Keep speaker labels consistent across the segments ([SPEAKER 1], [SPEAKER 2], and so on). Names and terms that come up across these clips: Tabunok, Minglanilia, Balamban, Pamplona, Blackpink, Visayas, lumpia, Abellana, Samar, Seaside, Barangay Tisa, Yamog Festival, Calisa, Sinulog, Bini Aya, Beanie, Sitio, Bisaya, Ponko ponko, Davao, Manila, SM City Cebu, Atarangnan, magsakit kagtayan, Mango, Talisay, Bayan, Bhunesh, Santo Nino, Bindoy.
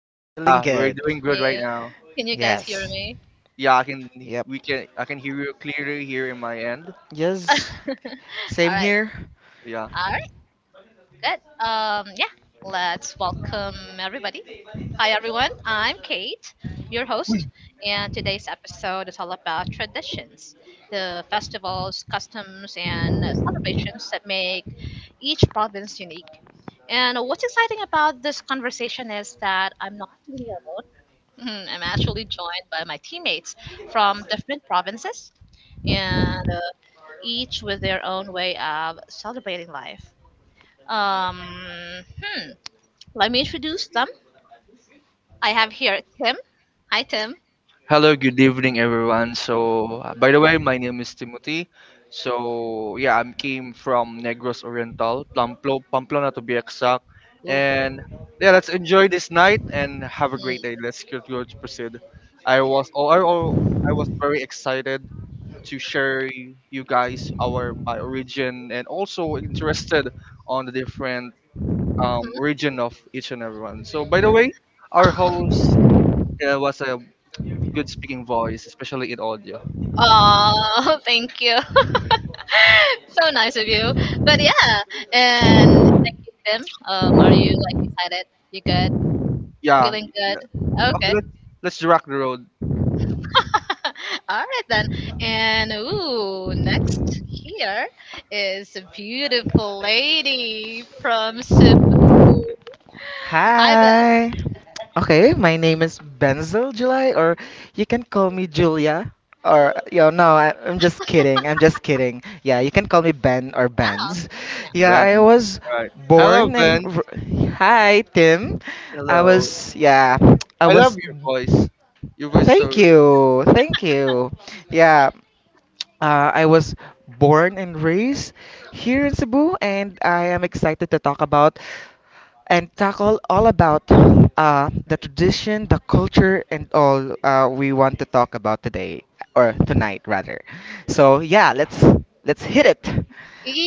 [SPEAKER 1] All good?
[SPEAKER 2] feeling
[SPEAKER 3] Yeah, we're
[SPEAKER 2] good.
[SPEAKER 3] doing good right
[SPEAKER 1] You?
[SPEAKER 3] now.
[SPEAKER 1] Can you guys hear
[SPEAKER 2] Yes.
[SPEAKER 1] me?
[SPEAKER 3] Yeah, I can
[SPEAKER 2] Yep.
[SPEAKER 3] we can I can hear you clearly here in my end.
[SPEAKER 2] Yes.
[SPEAKER 1] All
[SPEAKER 2] Same
[SPEAKER 1] right.
[SPEAKER 2] here.
[SPEAKER 3] Yeah.
[SPEAKER 1] All right. Good. Yeah. Let's welcome everybody. Hi everyone. I'm Kate, your host, and today's episode is all about traditions, the festivals, customs, and celebrations that make each province unique. And what's exciting about this conversation is that I'm not feeling alone. Mhm, I'm actually joined by my teammates from different provinces, and each with their own way of celebrating life. Um, hmm, let me introduce them. I have here Tim. Hi, Tim.
[SPEAKER 3] Hello, good evening everyone. So, by the way, my name is Timothy. So, yeah, I'm came from Negros Oriental, Pamplona to be exact. And yeah, let's enjoy this night and have a great day.
[SPEAKER 1] Hmm.
[SPEAKER 3] Let's continue to proceed. I was oh, I was very excited to share you guys our my origin and also interested on the different region of each and everyone. So, by the way, our host was a good speaking voice, especially in audio.
[SPEAKER 1] Oh, thank you. So nice of you. But yeah, and Tim, are you like excited? You good?
[SPEAKER 3] Yeah.
[SPEAKER 1] Feeling good?
[SPEAKER 3] Okay,
[SPEAKER 1] Okay.
[SPEAKER 3] let's rock the road,
[SPEAKER 1] All right then. And ooh, next here is a beautiful lady from Cebu. Hi, Beth.
[SPEAKER 2] Hi. Okay, my name is Benzel July, or you can call me Julia. Or yo, no, I'm just kidding. I'm just kidding. Yeah, you can call me Ben or
[SPEAKER 1] Now,
[SPEAKER 2] Benz. Yeah,
[SPEAKER 3] Ben.
[SPEAKER 2] I was
[SPEAKER 3] All right. Hello,
[SPEAKER 2] born and
[SPEAKER 3] Ben.
[SPEAKER 2] hi Tim. I
[SPEAKER 3] Hello.
[SPEAKER 2] was yeah, I
[SPEAKER 3] I love
[SPEAKER 2] was.
[SPEAKER 3] your voice. Your voice is so
[SPEAKER 2] Thank
[SPEAKER 3] great.
[SPEAKER 2] you, thank you. Yeah, I was born and raised here in Cebu, and I am excited to talk about and tackle all about the tradition, the culture, and all we want to talk about today or tonight rather. So yeah, let's hit it.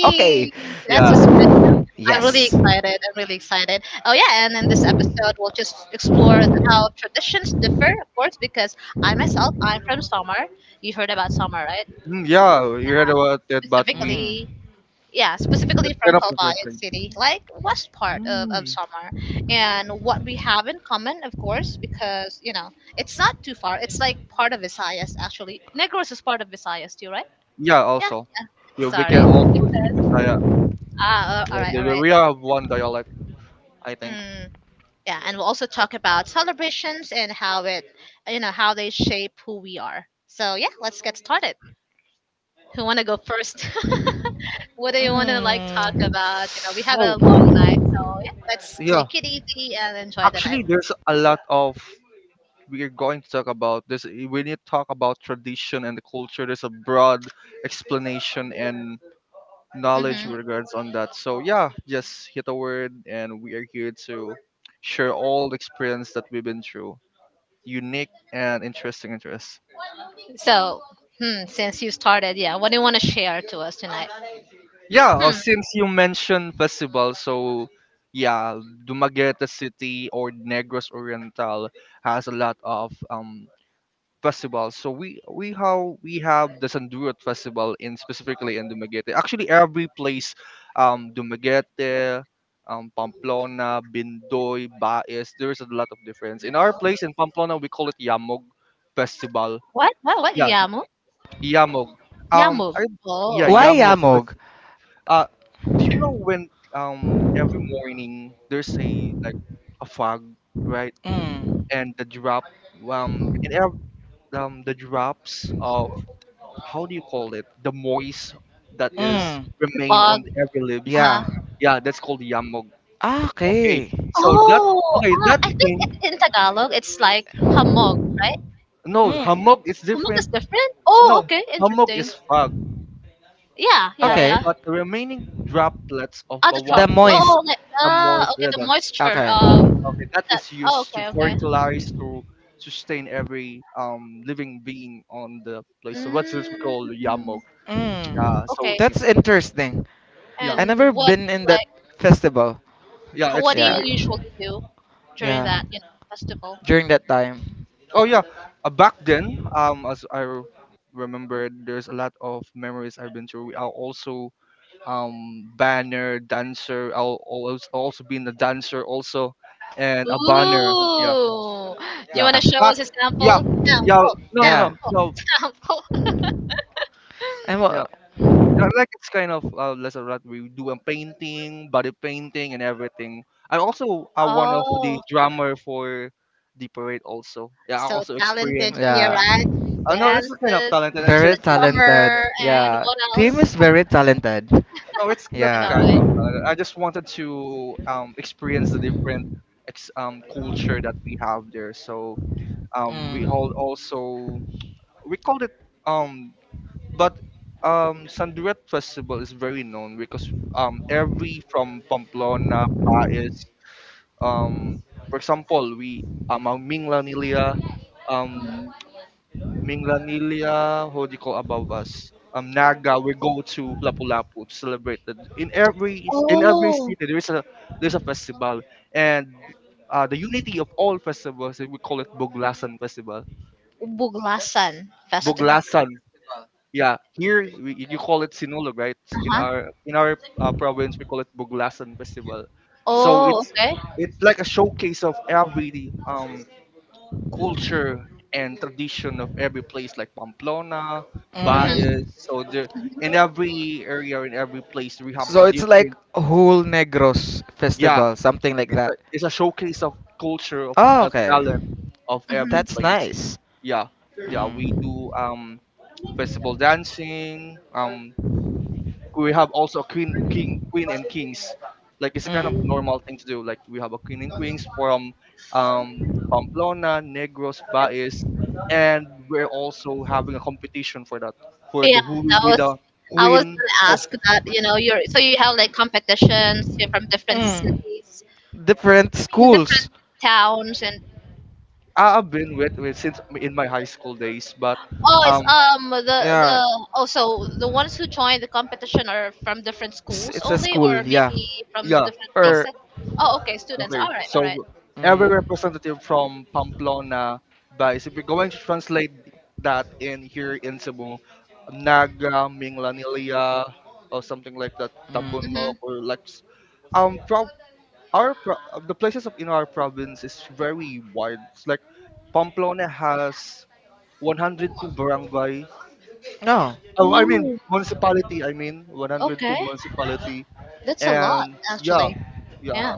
[SPEAKER 2] Okay.
[SPEAKER 1] that's
[SPEAKER 3] Yeah.
[SPEAKER 1] just, I'm really
[SPEAKER 2] Yes.
[SPEAKER 1] excited. I'm really excited. Oh yeah, and in this episode, we'll just explore how traditions differ, of course, because I myself, I'm from Samar. You heard about Samar, right?
[SPEAKER 3] Mm, yeah, you heard about that, but we that's
[SPEAKER 2] Mm.
[SPEAKER 1] Specifically, yeah, specifically
[SPEAKER 3] kind
[SPEAKER 1] from
[SPEAKER 3] of
[SPEAKER 1] Kalbayog
[SPEAKER 3] interesting.
[SPEAKER 1] City, like west part of
[SPEAKER 3] Mm.
[SPEAKER 1] Samar. And what we have in common, of course, because, you know, it's not too far. It's like part of Visayas, actually. Negros is part of Visayas too, right?
[SPEAKER 3] Yeah,
[SPEAKER 1] Yeah,
[SPEAKER 3] also. Yeah, we can
[SPEAKER 1] sorry.
[SPEAKER 3] also Bisaya.
[SPEAKER 1] Ah, all right, all right.
[SPEAKER 3] We have one dialect, I think.
[SPEAKER 1] Mm, yeah, and we'll also talk about celebrations and how it, you know, how they shape who we are. So yeah, let's get started. Who want to go first? What do you want to like talk
[SPEAKER 2] Mm.
[SPEAKER 1] about? You know, we have a
[SPEAKER 3] Oh,
[SPEAKER 1] long night, so yeah, let's
[SPEAKER 3] yeah.
[SPEAKER 1] take it easy and enjoy the night.
[SPEAKER 3] Actually, there's a lot of we're going to talk about this. When you talk about tradition and the culture, there's a broad explanation and knowledge
[SPEAKER 1] Hmm.
[SPEAKER 3] with regards on that. So yeah, just hit a word and we are here to share all the experience that we've been through, unique and interesting interests.
[SPEAKER 1] So, hmm, since you started, yeah, what do you want to share to us tonight?
[SPEAKER 3] Yeah, since you mentioned festival, so yeah, Dumaguete City or Negros Oriental has a lot of festivals. So we have the Sandurat Festival in specifically in Dumaguete. Actually, every place, Dumaguete, Pamplona, Bindoy, Baez. There's a lot of difference. In our place in Pamplona, we call it Yamog Festival.
[SPEAKER 1] What? What? What?
[SPEAKER 3] Yeah,
[SPEAKER 1] Yamu?
[SPEAKER 3] Yamog. Um,
[SPEAKER 1] Yamu?
[SPEAKER 3] I,
[SPEAKER 1] Oh,
[SPEAKER 3] yeah,
[SPEAKER 2] Why
[SPEAKER 1] okay.
[SPEAKER 3] Yamog.
[SPEAKER 2] yamog?
[SPEAKER 3] Uh, do you know when, every morning, there's a like a fog, right?
[SPEAKER 2] Mm.
[SPEAKER 3] And the drop um in ev- the drops of, how do you call it? The moist that is
[SPEAKER 2] Mm.
[SPEAKER 1] The
[SPEAKER 3] remain
[SPEAKER 1] fog.
[SPEAKER 3] on every lips.
[SPEAKER 1] Uh-huh.
[SPEAKER 2] Yeah.
[SPEAKER 3] Yeah, that's called yamog.
[SPEAKER 2] Ah,
[SPEAKER 3] Okay.
[SPEAKER 2] okay.
[SPEAKER 3] So that
[SPEAKER 1] Oh,
[SPEAKER 3] okay, that
[SPEAKER 1] I think
[SPEAKER 3] thing.
[SPEAKER 1] it's in Tagalog. It's like hamog.
[SPEAKER 3] No,
[SPEAKER 2] Mm.
[SPEAKER 3] hamog is
[SPEAKER 1] Hammock
[SPEAKER 3] different.
[SPEAKER 1] is different? Oh,
[SPEAKER 3] No,
[SPEAKER 1] okay,
[SPEAKER 3] hamog
[SPEAKER 1] interesting.
[SPEAKER 3] is fog.
[SPEAKER 1] Yeah, yeah,
[SPEAKER 3] Yeah.
[SPEAKER 2] Okay.
[SPEAKER 1] yeah.
[SPEAKER 3] But the remaining droplets of the
[SPEAKER 1] Other
[SPEAKER 2] The
[SPEAKER 1] tropic. Oh,
[SPEAKER 3] water,
[SPEAKER 2] moist.
[SPEAKER 1] oh, like,
[SPEAKER 3] the moist
[SPEAKER 1] ah, okay, the moisture.
[SPEAKER 2] Okay.
[SPEAKER 3] oh okay, that
[SPEAKER 1] That.
[SPEAKER 3] is
[SPEAKER 1] Oh,
[SPEAKER 3] used to
[SPEAKER 1] okay, okay.
[SPEAKER 3] fertilize to sustain every living being on the place. So what's this we call the
[SPEAKER 1] Mm,
[SPEAKER 3] yamog?
[SPEAKER 2] Mm.
[SPEAKER 3] Yeah, so
[SPEAKER 1] okay.
[SPEAKER 3] yeah,
[SPEAKER 2] That's interesting.
[SPEAKER 3] yeah,
[SPEAKER 2] I never
[SPEAKER 1] And what do
[SPEAKER 2] been in
[SPEAKER 1] you
[SPEAKER 2] that
[SPEAKER 1] like?
[SPEAKER 2] festival.
[SPEAKER 3] yeah. It's
[SPEAKER 1] What do you
[SPEAKER 2] Yeah.
[SPEAKER 1] usually do during
[SPEAKER 2] Yeah.
[SPEAKER 1] that, you know, festival?
[SPEAKER 2] During that time.
[SPEAKER 3] Oh yeah, back then, as I remember, there's a lot of memories I've been through. I also banner dancer. I'll always also been a dancer also, and a banner. Yeah,
[SPEAKER 1] Ooh, do you
[SPEAKER 3] yeah.
[SPEAKER 1] want to show
[SPEAKER 3] Back,
[SPEAKER 1] us a
[SPEAKER 3] yeah,
[SPEAKER 1] sample?
[SPEAKER 3] yeah.
[SPEAKER 1] Sample,
[SPEAKER 3] No, no,
[SPEAKER 1] sample,
[SPEAKER 2] Yeah.
[SPEAKER 3] no, no.
[SPEAKER 1] sample.
[SPEAKER 2] I'm
[SPEAKER 3] Yeah,
[SPEAKER 2] a-
[SPEAKER 3] yeah, like it's kind of less of that. We do a painting, body painting, and everything. I also one of the
[SPEAKER 1] Oh,
[SPEAKER 3] drummer for the parade also. Yeah, I
[SPEAKER 1] so
[SPEAKER 3] also
[SPEAKER 1] talented
[SPEAKER 3] experienced.
[SPEAKER 1] here,
[SPEAKER 2] yeah.
[SPEAKER 1] right? He
[SPEAKER 3] I know this is kind of
[SPEAKER 1] dances,
[SPEAKER 3] talented. I
[SPEAKER 2] Very
[SPEAKER 3] just wanted.
[SPEAKER 2] talented.
[SPEAKER 1] summer, and
[SPEAKER 2] Yeah.
[SPEAKER 1] what
[SPEAKER 2] Team
[SPEAKER 1] else?
[SPEAKER 2] is very talented.
[SPEAKER 3] No, it's that
[SPEAKER 1] Ano,
[SPEAKER 2] Yeah.
[SPEAKER 3] kind
[SPEAKER 1] right?
[SPEAKER 3] of. I just wanted to experience the different culture that we have there. So we hold
[SPEAKER 2] Mm.
[SPEAKER 3] also we called it um, but Sanduret Festival is very known because every from Pamplona, Baez, um, for example, we ang um, Minglanilia, how do you call above us? Naga, we go to Lapu-Lapu to celebrate. In every
[SPEAKER 1] Oh,
[SPEAKER 3] city, there is a there's a festival, and the unity of all festivals, we call it Buglasan Festival.
[SPEAKER 1] Buglasan Festival.
[SPEAKER 3] Buglasan, yeah. Here, you call it Sinulog, right? In
[SPEAKER 1] Uh-huh.
[SPEAKER 3] our in our uh, province, we call it Buglasan Festival. So
[SPEAKER 1] Oh,
[SPEAKER 3] it's
[SPEAKER 1] okay.
[SPEAKER 3] it's like a showcase of every culture and tradition of every place like Pamplona,
[SPEAKER 1] Hmm.
[SPEAKER 3] Baez.
[SPEAKER 2] Mm.
[SPEAKER 3] So there, in every area, in every place, we have a
[SPEAKER 2] So it's like
[SPEAKER 3] different.
[SPEAKER 2] whole Negros
[SPEAKER 3] Yeah,
[SPEAKER 2] festival, something like
[SPEAKER 3] it's a,
[SPEAKER 2] that.
[SPEAKER 3] it's a showcase of culture of,
[SPEAKER 2] Oh,
[SPEAKER 3] of
[SPEAKER 2] okay.
[SPEAKER 3] talent of every
[SPEAKER 1] Hmm.
[SPEAKER 2] That's
[SPEAKER 3] place.
[SPEAKER 2] nice.
[SPEAKER 3] Yeah, yeah, we
[SPEAKER 2] Mm.
[SPEAKER 3] do festival dancing. We have also a queen, king, queen and kings. Like it's a kind of
[SPEAKER 2] Mm.
[SPEAKER 3] normal thing to do. Like we have a queen and queens from Pamplona, Negros, Baez, and we're also having a competition for that. For the
[SPEAKER 1] Yeah,
[SPEAKER 3] who will
[SPEAKER 1] that
[SPEAKER 3] be
[SPEAKER 1] was.
[SPEAKER 3] the
[SPEAKER 1] I was
[SPEAKER 3] queen.
[SPEAKER 1] gonna ask that. You know, you're so you have like competitions you're from different
[SPEAKER 2] Mm.
[SPEAKER 1] cities,
[SPEAKER 2] Different
[SPEAKER 1] different
[SPEAKER 2] schools.
[SPEAKER 1] towns, and
[SPEAKER 3] I've been with, since in my high school days, but
[SPEAKER 1] oh, it's
[SPEAKER 3] um,
[SPEAKER 2] Yeah.
[SPEAKER 1] the also the ones who join the competition are from different
[SPEAKER 2] It's,
[SPEAKER 1] schools
[SPEAKER 2] it's a
[SPEAKER 1] only, or
[SPEAKER 2] school, yeah.
[SPEAKER 1] maybe from
[SPEAKER 3] yeah.
[SPEAKER 1] different.
[SPEAKER 3] So
[SPEAKER 2] Or
[SPEAKER 1] Oh, okay, students.
[SPEAKER 3] Okay,
[SPEAKER 1] All right, all right.
[SPEAKER 3] so every
[SPEAKER 2] mm.
[SPEAKER 3] representative from Pamplona, guys, if you're going to translate that in here in Cebu, Naga, Minglanilia, or something like that,
[SPEAKER 2] Mm.
[SPEAKER 1] Mm-hmm.
[SPEAKER 3] Tabunok, or like, um, pro- the places of in our province is very wide. It's like Pamplona has 102 barangay.
[SPEAKER 2] No.
[SPEAKER 3] Oh, I mean
[SPEAKER 1] Wow.
[SPEAKER 3] municipality. I mean 102
[SPEAKER 1] Okay.
[SPEAKER 3] municipality,
[SPEAKER 1] That's a lot,
[SPEAKER 3] and yeah,
[SPEAKER 1] actually.
[SPEAKER 3] yeah.
[SPEAKER 1] Yeah.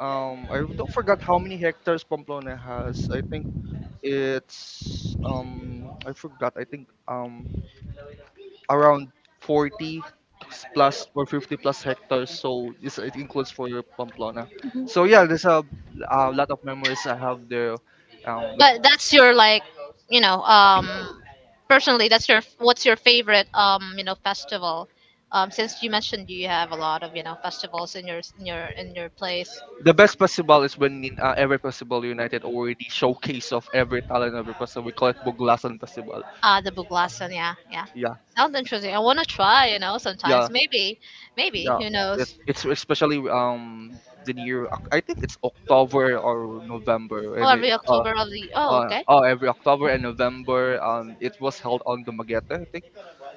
[SPEAKER 3] I don't forgot how many hectares Pamplona has. I think it's I forgot. I think around 40 plus or 50 plus hectares. So this it includes for your Pamplona. So yeah, there's a lot of memories I have there. Um, we, c-
[SPEAKER 1] But that's your like, you know, personally, that's your what's your favorite, you know, festival? Since you mentioned you have a lot of you know festivals in your place.
[SPEAKER 3] the best festival is when every festival united or the showcase of every talent every person. We call it Buglasan Festival.
[SPEAKER 1] Ah, the Buglasan, yeah, yeah.
[SPEAKER 3] Yeah,
[SPEAKER 1] Sounds interesting. I want to try, you know,
[SPEAKER 3] yeah,
[SPEAKER 1] sometimes. Maybe, maybe,
[SPEAKER 3] yeah,
[SPEAKER 1] who
[SPEAKER 3] it's,
[SPEAKER 1] knows?
[SPEAKER 3] it's especially the near I think it's October or November,
[SPEAKER 1] Oh,
[SPEAKER 3] and
[SPEAKER 1] every October of the, oh, okay.
[SPEAKER 3] oh, every October and November, it was held on Dumaguete, I think.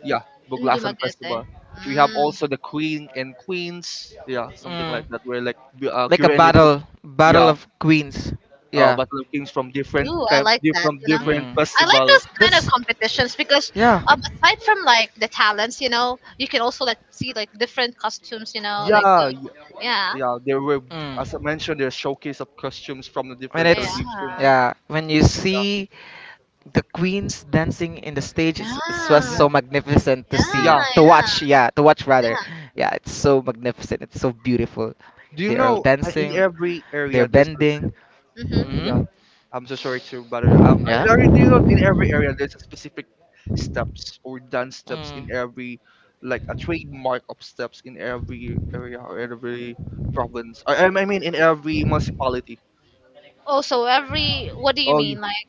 [SPEAKER 3] Yeah, Buglasan
[SPEAKER 1] Ndumagete.
[SPEAKER 3] Festival. We have
[SPEAKER 1] Mm,
[SPEAKER 3] also the queen and queens, yeah, something like
[SPEAKER 2] Mm.
[SPEAKER 3] that, where like
[SPEAKER 2] Like a
[SPEAKER 3] Q&A,
[SPEAKER 2] battle.
[SPEAKER 3] yeah,
[SPEAKER 2] Battle of Queens. Yeah.
[SPEAKER 3] battle of kings from different
[SPEAKER 1] ooh, I
[SPEAKER 3] kind,
[SPEAKER 1] like that,
[SPEAKER 3] different
[SPEAKER 1] you know.
[SPEAKER 3] different
[SPEAKER 2] Mm.
[SPEAKER 1] I like
[SPEAKER 3] festival.
[SPEAKER 1] those kind of
[SPEAKER 2] That's
[SPEAKER 1] competitions because
[SPEAKER 2] yeah.
[SPEAKER 1] um, aside from like the talents, you know, you can also like see like different costumes, you know, like
[SPEAKER 3] Yeah, yeah,
[SPEAKER 1] yeah,
[SPEAKER 3] yeah, there were, as I
[SPEAKER 2] Mm.
[SPEAKER 3] mentioned, there's showcase of costumes from the
[SPEAKER 2] When
[SPEAKER 3] different
[SPEAKER 1] yeah,
[SPEAKER 2] it's
[SPEAKER 3] tradition.
[SPEAKER 2] yeah, when you see the queens dancing in the stage, it's just
[SPEAKER 1] yeah,
[SPEAKER 2] so
[SPEAKER 3] Yeah,
[SPEAKER 2] magnificent to see,
[SPEAKER 3] yeah.
[SPEAKER 1] yeah,
[SPEAKER 2] to
[SPEAKER 1] yeah.
[SPEAKER 2] watch. Yeah, to watch rather.
[SPEAKER 1] Yeah.
[SPEAKER 2] Yeah, it's so magnificent. It's so beautiful.
[SPEAKER 3] Do you
[SPEAKER 2] They are all
[SPEAKER 3] know, in
[SPEAKER 2] dancing, like,
[SPEAKER 3] every
[SPEAKER 2] they're
[SPEAKER 3] area there's
[SPEAKER 2] bending.
[SPEAKER 3] a,
[SPEAKER 1] Mm-hmm.
[SPEAKER 3] yeah,
[SPEAKER 2] Hmm
[SPEAKER 3] I'm so sorry to bother you.
[SPEAKER 2] Yeah.
[SPEAKER 3] I already, do you know in every area there's a specific steps or dance steps in
[SPEAKER 2] Mm.
[SPEAKER 3] every, like a trademark of steps in every area or every province. I mean in every municipality.
[SPEAKER 1] Also, every what do you
[SPEAKER 3] Oh yeah,
[SPEAKER 1] mean? Like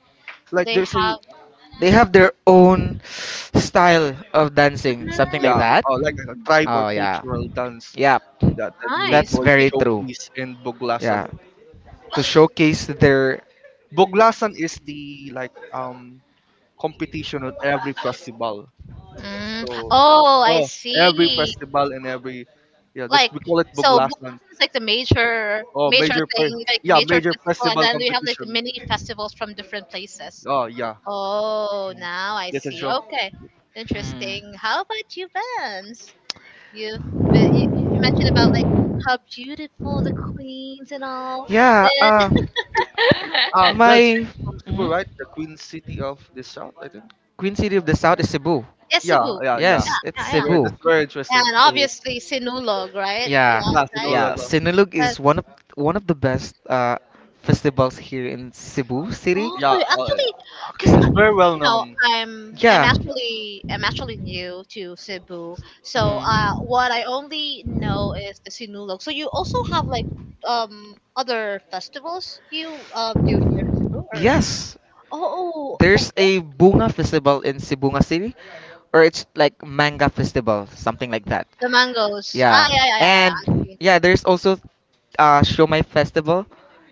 [SPEAKER 3] like
[SPEAKER 1] they
[SPEAKER 3] there's
[SPEAKER 1] have
[SPEAKER 3] a,
[SPEAKER 2] They have their own style of dancing, something like
[SPEAKER 3] yeah,
[SPEAKER 2] that.
[SPEAKER 1] mm,
[SPEAKER 3] like a tribe or
[SPEAKER 2] Oh yeah,
[SPEAKER 3] cultural dance
[SPEAKER 2] yeah,
[SPEAKER 3] that we're
[SPEAKER 2] that's
[SPEAKER 1] nice.
[SPEAKER 3] going to
[SPEAKER 2] very true.
[SPEAKER 3] showcase in
[SPEAKER 2] Yeah,
[SPEAKER 3] Buglasan.
[SPEAKER 2] to showcase their
[SPEAKER 3] Buglasan is the like competition at every festival.
[SPEAKER 1] Mm.
[SPEAKER 3] So,
[SPEAKER 1] Oh, I
[SPEAKER 3] oh, every
[SPEAKER 1] see.
[SPEAKER 3] festival and every, yeah, that's
[SPEAKER 1] Like
[SPEAKER 3] we call it
[SPEAKER 1] so,
[SPEAKER 3] Buglasan.
[SPEAKER 1] it's like the major
[SPEAKER 3] Oh,
[SPEAKER 1] major thing, like the
[SPEAKER 3] yeah,
[SPEAKER 1] major
[SPEAKER 3] major
[SPEAKER 1] festival, and
[SPEAKER 3] festival
[SPEAKER 1] then we have like the
[SPEAKER 3] competition.
[SPEAKER 1] mini festivals from different places.
[SPEAKER 3] Oh, yeah.
[SPEAKER 1] Oh,
[SPEAKER 3] Mm.
[SPEAKER 1] now I
[SPEAKER 3] Yes, it's
[SPEAKER 1] see.
[SPEAKER 3] sure.
[SPEAKER 1] Okay,
[SPEAKER 2] mm,
[SPEAKER 1] interesting. How about you, Vance? You've been, you mentioned about like how beautiful the queens and all,
[SPEAKER 2] yeah.
[SPEAKER 1] and
[SPEAKER 3] Yeah, you, are that's
[SPEAKER 2] My
[SPEAKER 3] from Cebu,
[SPEAKER 2] mhm.
[SPEAKER 3] right? The Queen City of the South, I think.
[SPEAKER 2] Queen City of the South is Cebu.
[SPEAKER 1] yes,
[SPEAKER 3] Yeah,
[SPEAKER 1] Cebu.
[SPEAKER 3] yeah, yeah.
[SPEAKER 2] Yes, it's
[SPEAKER 1] Yeah, yeah.
[SPEAKER 2] Cebu.
[SPEAKER 3] That's very interesting.
[SPEAKER 1] And
[SPEAKER 3] So here,
[SPEAKER 1] obviously Sinulog, right? Yeah,
[SPEAKER 2] Yeah,
[SPEAKER 3] yeah,
[SPEAKER 1] right.
[SPEAKER 2] yeah.
[SPEAKER 3] Sinulog.
[SPEAKER 2] Sinulog
[SPEAKER 1] 'Cause-
[SPEAKER 2] is one of the best festivals here in Cebu City.
[SPEAKER 1] oh,
[SPEAKER 3] Yeah,
[SPEAKER 1] so you actually,
[SPEAKER 3] actually,
[SPEAKER 1] because
[SPEAKER 3] it's very well
[SPEAKER 1] you know
[SPEAKER 3] known.
[SPEAKER 1] I'm yeah.
[SPEAKER 3] Mm,
[SPEAKER 2] Yeah.
[SPEAKER 1] Actually, I'm actually new to Cebu, so
[SPEAKER 2] Mhm.
[SPEAKER 1] what I only know is the Sinulog, so you also have like other festivals you do here in Cebu or yes.
[SPEAKER 2] Yes,
[SPEAKER 1] Oh, oh there's
[SPEAKER 2] there's
[SPEAKER 1] okay.
[SPEAKER 2] a bunga festival in Sibunga City, or it's like manga festival, something like that.
[SPEAKER 1] The mangoes yeah.
[SPEAKER 2] Yeah,
[SPEAKER 1] Ah yeah yeah yeah yeah, yeah.
[SPEAKER 2] and
[SPEAKER 1] I've
[SPEAKER 2] yeah, there's also Shomai festival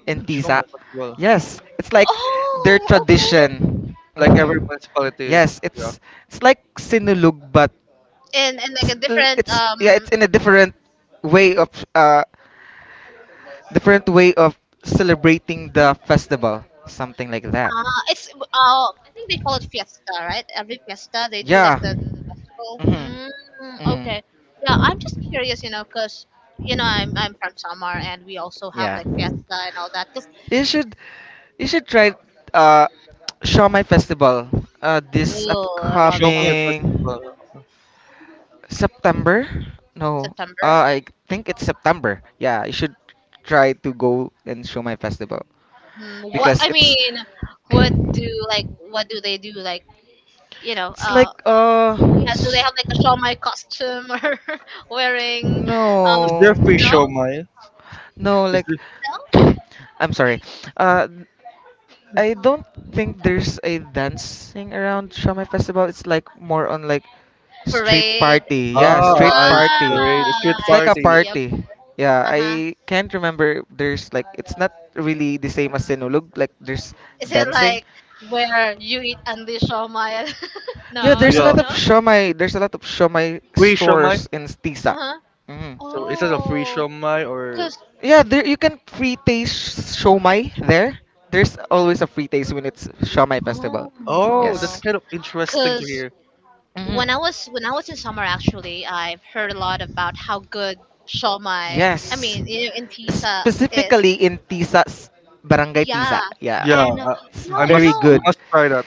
[SPEAKER 3] yeah.
[SPEAKER 2] in
[SPEAKER 3] Mm,
[SPEAKER 2] Tisa.
[SPEAKER 3] Siomai Festival,
[SPEAKER 2] Yes, it's
[SPEAKER 1] like
[SPEAKER 2] like
[SPEAKER 1] there's
[SPEAKER 2] their
[SPEAKER 1] oh there's a okay
[SPEAKER 2] tradition.
[SPEAKER 3] like every
[SPEAKER 2] Hmm
[SPEAKER 3] municipality.
[SPEAKER 2] Yes,
[SPEAKER 3] Yeah,
[SPEAKER 2] it's like sinulog, but
[SPEAKER 1] and like a
[SPEAKER 2] it's,
[SPEAKER 1] different
[SPEAKER 2] it's yeah, it's in a way of uh, different way of celebrating
[SPEAKER 1] like
[SPEAKER 2] the
[SPEAKER 1] mm,
[SPEAKER 2] festival, something like that.
[SPEAKER 1] ah, it's I think they call it fiesta, right? Every fiesta they do yeah. Like
[SPEAKER 2] Yeah.
[SPEAKER 1] the festival.
[SPEAKER 2] Mhm.
[SPEAKER 1] Mm. Mm,
[SPEAKER 2] Mhm.
[SPEAKER 1] okay. Yeah, I'm just curious, you know, because you know I'm from Samar and we also have
[SPEAKER 2] Yeah.
[SPEAKER 1] like fiesta and all that. Cause
[SPEAKER 2] You should you should try uh Shawmai Festival this
[SPEAKER 1] oh, I love shop
[SPEAKER 3] Siomai
[SPEAKER 2] upcoming
[SPEAKER 3] Festival.
[SPEAKER 2] September? No.
[SPEAKER 1] September.
[SPEAKER 2] I think it's September. Yeah, you should try to go and show my festival.
[SPEAKER 1] Mm, what
[SPEAKER 2] Because
[SPEAKER 1] I
[SPEAKER 2] it's
[SPEAKER 1] mean, what do like what do they do like you know
[SPEAKER 2] it's like
[SPEAKER 1] yeah do they
[SPEAKER 2] s-
[SPEAKER 1] have like a shawmai costume or wearing um
[SPEAKER 3] Is
[SPEAKER 2] no,
[SPEAKER 3] there free
[SPEAKER 1] no
[SPEAKER 3] Siomai?
[SPEAKER 2] no,
[SPEAKER 3] Is
[SPEAKER 2] like
[SPEAKER 1] no
[SPEAKER 2] I'm sorry, uh I don't think there's a dancing around Shamai Festival. It's like more on like street
[SPEAKER 1] parade
[SPEAKER 2] party, yeah,
[SPEAKER 3] Ah,
[SPEAKER 2] street
[SPEAKER 3] ah, I see.
[SPEAKER 2] party.
[SPEAKER 3] Right. The street
[SPEAKER 2] It's
[SPEAKER 1] ah I
[SPEAKER 2] like a
[SPEAKER 3] party.
[SPEAKER 1] see okay.
[SPEAKER 2] party. Yeah,
[SPEAKER 1] Uh-huh.
[SPEAKER 2] I can't remember. There's like it's not really the same as Sinulog. Like, there's
[SPEAKER 1] Is it
[SPEAKER 2] dancing.
[SPEAKER 1] like where you eat only shawmai?
[SPEAKER 2] Yeah,
[SPEAKER 1] No,
[SPEAKER 2] there's a
[SPEAKER 1] no,
[SPEAKER 3] Yeah.
[SPEAKER 2] lot of
[SPEAKER 1] no.
[SPEAKER 2] shomai. There's a lot of shomai
[SPEAKER 3] Free shomai.
[SPEAKER 2] stores in Tisa.
[SPEAKER 1] Uh-huh.
[SPEAKER 2] Mhm.
[SPEAKER 3] So is it a free
[SPEAKER 1] Oh,
[SPEAKER 3] shomai or?
[SPEAKER 1] cause,
[SPEAKER 2] Yeah, there you can free taste shomai there. There's always a free taste when it's shomai festival.
[SPEAKER 3] Oh, that's
[SPEAKER 1] oh,
[SPEAKER 2] Yes.
[SPEAKER 3] kind of interesting to
[SPEAKER 1] cause
[SPEAKER 3] hear.
[SPEAKER 2] Mhm.
[SPEAKER 1] when I was in summer, actually, I've heard a lot about how good shawmai. I
[SPEAKER 2] Yes.
[SPEAKER 1] mean,
[SPEAKER 3] Mm.
[SPEAKER 1] in Tisa is.
[SPEAKER 2] Specifically in Tisa, Barangay Tisa.
[SPEAKER 1] Yeah,
[SPEAKER 2] Yeah.
[SPEAKER 3] Yeah,
[SPEAKER 1] and
[SPEAKER 2] It's
[SPEAKER 1] you
[SPEAKER 3] I
[SPEAKER 1] know, you
[SPEAKER 2] very
[SPEAKER 3] must. You
[SPEAKER 1] know.
[SPEAKER 2] good.
[SPEAKER 3] must try that.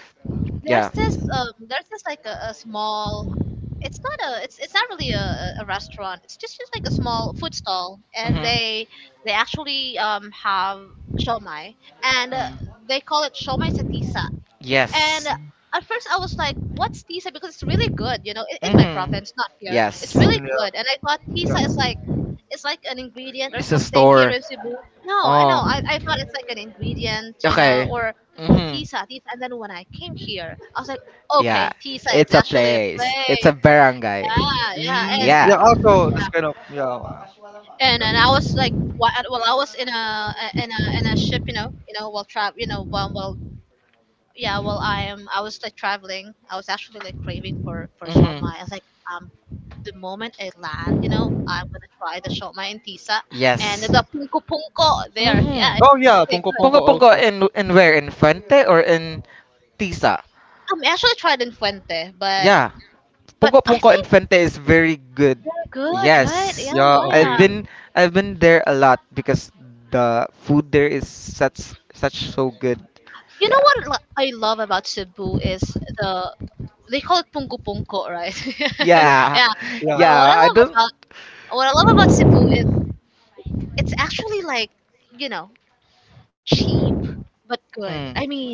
[SPEAKER 1] There's
[SPEAKER 2] Yeah.
[SPEAKER 1] this there's this like a small it's not a it's not really a restaurant it's just like a small food stall and
[SPEAKER 2] Mm-hmm.
[SPEAKER 1] they actually have shomai and
[SPEAKER 2] Mm.
[SPEAKER 1] they call it shomai sa tisa and
[SPEAKER 2] Yes.
[SPEAKER 3] Mm,
[SPEAKER 1] at first I was like what's tisa because it's really good you know in my
[SPEAKER 2] Mm-hmm.
[SPEAKER 1] province not here it's
[SPEAKER 2] Yes.
[SPEAKER 1] really
[SPEAKER 3] yeah,
[SPEAKER 1] good and I thought
[SPEAKER 3] yeah.
[SPEAKER 1] tisa is like it's like an ingredient or
[SPEAKER 2] It's a
[SPEAKER 1] something here
[SPEAKER 2] store.
[SPEAKER 1] in Cebu no I know
[SPEAKER 2] Oh.
[SPEAKER 1] I thought it's like an ingredient you know
[SPEAKER 2] Okay.
[SPEAKER 1] or
[SPEAKER 2] Mm-hmm.
[SPEAKER 1] Tisa, Tisa. And then when I came here, I was like,
[SPEAKER 2] Yeah.
[SPEAKER 1] okay, Tisa
[SPEAKER 2] It's
[SPEAKER 1] is
[SPEAKER 2] a
[SPEAKER 1] actually a
[SPEAKER 2] place. It's
[SPEAKER 1] place.
[SPEAKER 2] a barangay.
[SPEAKER 1] Yeah, yeah.
[SPEAKER 3] Mm,
[SPEAKER 1] And
[SPEAKER 2] Yeah.
[SPEAKER 3] yeah. Also, this
[SPEAKER 1] yeah,
[SPEAKER 3] kind of. Yeah. Wow.
[SPEAKER 1] and I was like, wha- well, I was in a ship, you know, while travel, you know, while yeah, while I am, I was like traveling. I was actually like craving for
[SPEAKER 2] Mm-hmm.
[SPEAKER 1] shawmai. I was like, um, the moment I land, you know, I'm gonna try the shawmai in Tisa and
[SPEAKER 2] Yes.
[SPEAKER 1] the punko punko there. Yeah,
[SPEAKER 2] Mhm.
[SPEAKER 1] it's
[SPEAKER 3] Oh yeah,
[SPEAKER 1] really
[SPEAKER 3] ponko
[SPEAKER 1] good.
[SPEAKER 3] ponko
[SPEAKER 2] Pongo Pongo
[SPEAKER 3] also.
[SPEAKER 2] in where in Fuente or in Tisa?
[SPEAKER 1] I'm actually tried in Fuente,
[SPEAKER 2] Yeah,
[SPEAKER 1] but I
[SPEAKER 2] Punko in
[SPEAKER 1] think
[SPEAKER 2] Infante is very good.
[SPEAKER 1] good, yes. Right? Yeah,
[SPEAKER 2] Yes,
[SPEAKER 3] Yeah.
[SPEAKER 1] yeah,
[SPEAKER 2] I've
[SPEAKER 1] yeah.
[SPEAKER 3] Okay.
[SPEAKER 2] been I've been there a lot because the food there is such so good.
[SPEAKER 1] You know
[SPEAKER 2] Yeah.
[SPEAKER 1] what lo- I love about Cebu is the they call it punko punko, right? Yeah.
[SPEAKER 3] Yeah.
[SPEAKER 2] Yeah,
[SPEAKER 1] Yeah.
[SPEAKER 3] Yeah.
[SPEAKER 1] Yeah.
[SPEAKER 2] yeah.
[SPEAKER 1] What I
[SPEAKER 2] I
[SPEAKER 1] love
[SPEAKER 2] don't.
[SPEAKER 1] about what I love about Cebu is it's actually like you know cheap but good. Mm.
[SPEAKER 2] Mm.
[SPEAKER 1] I mean,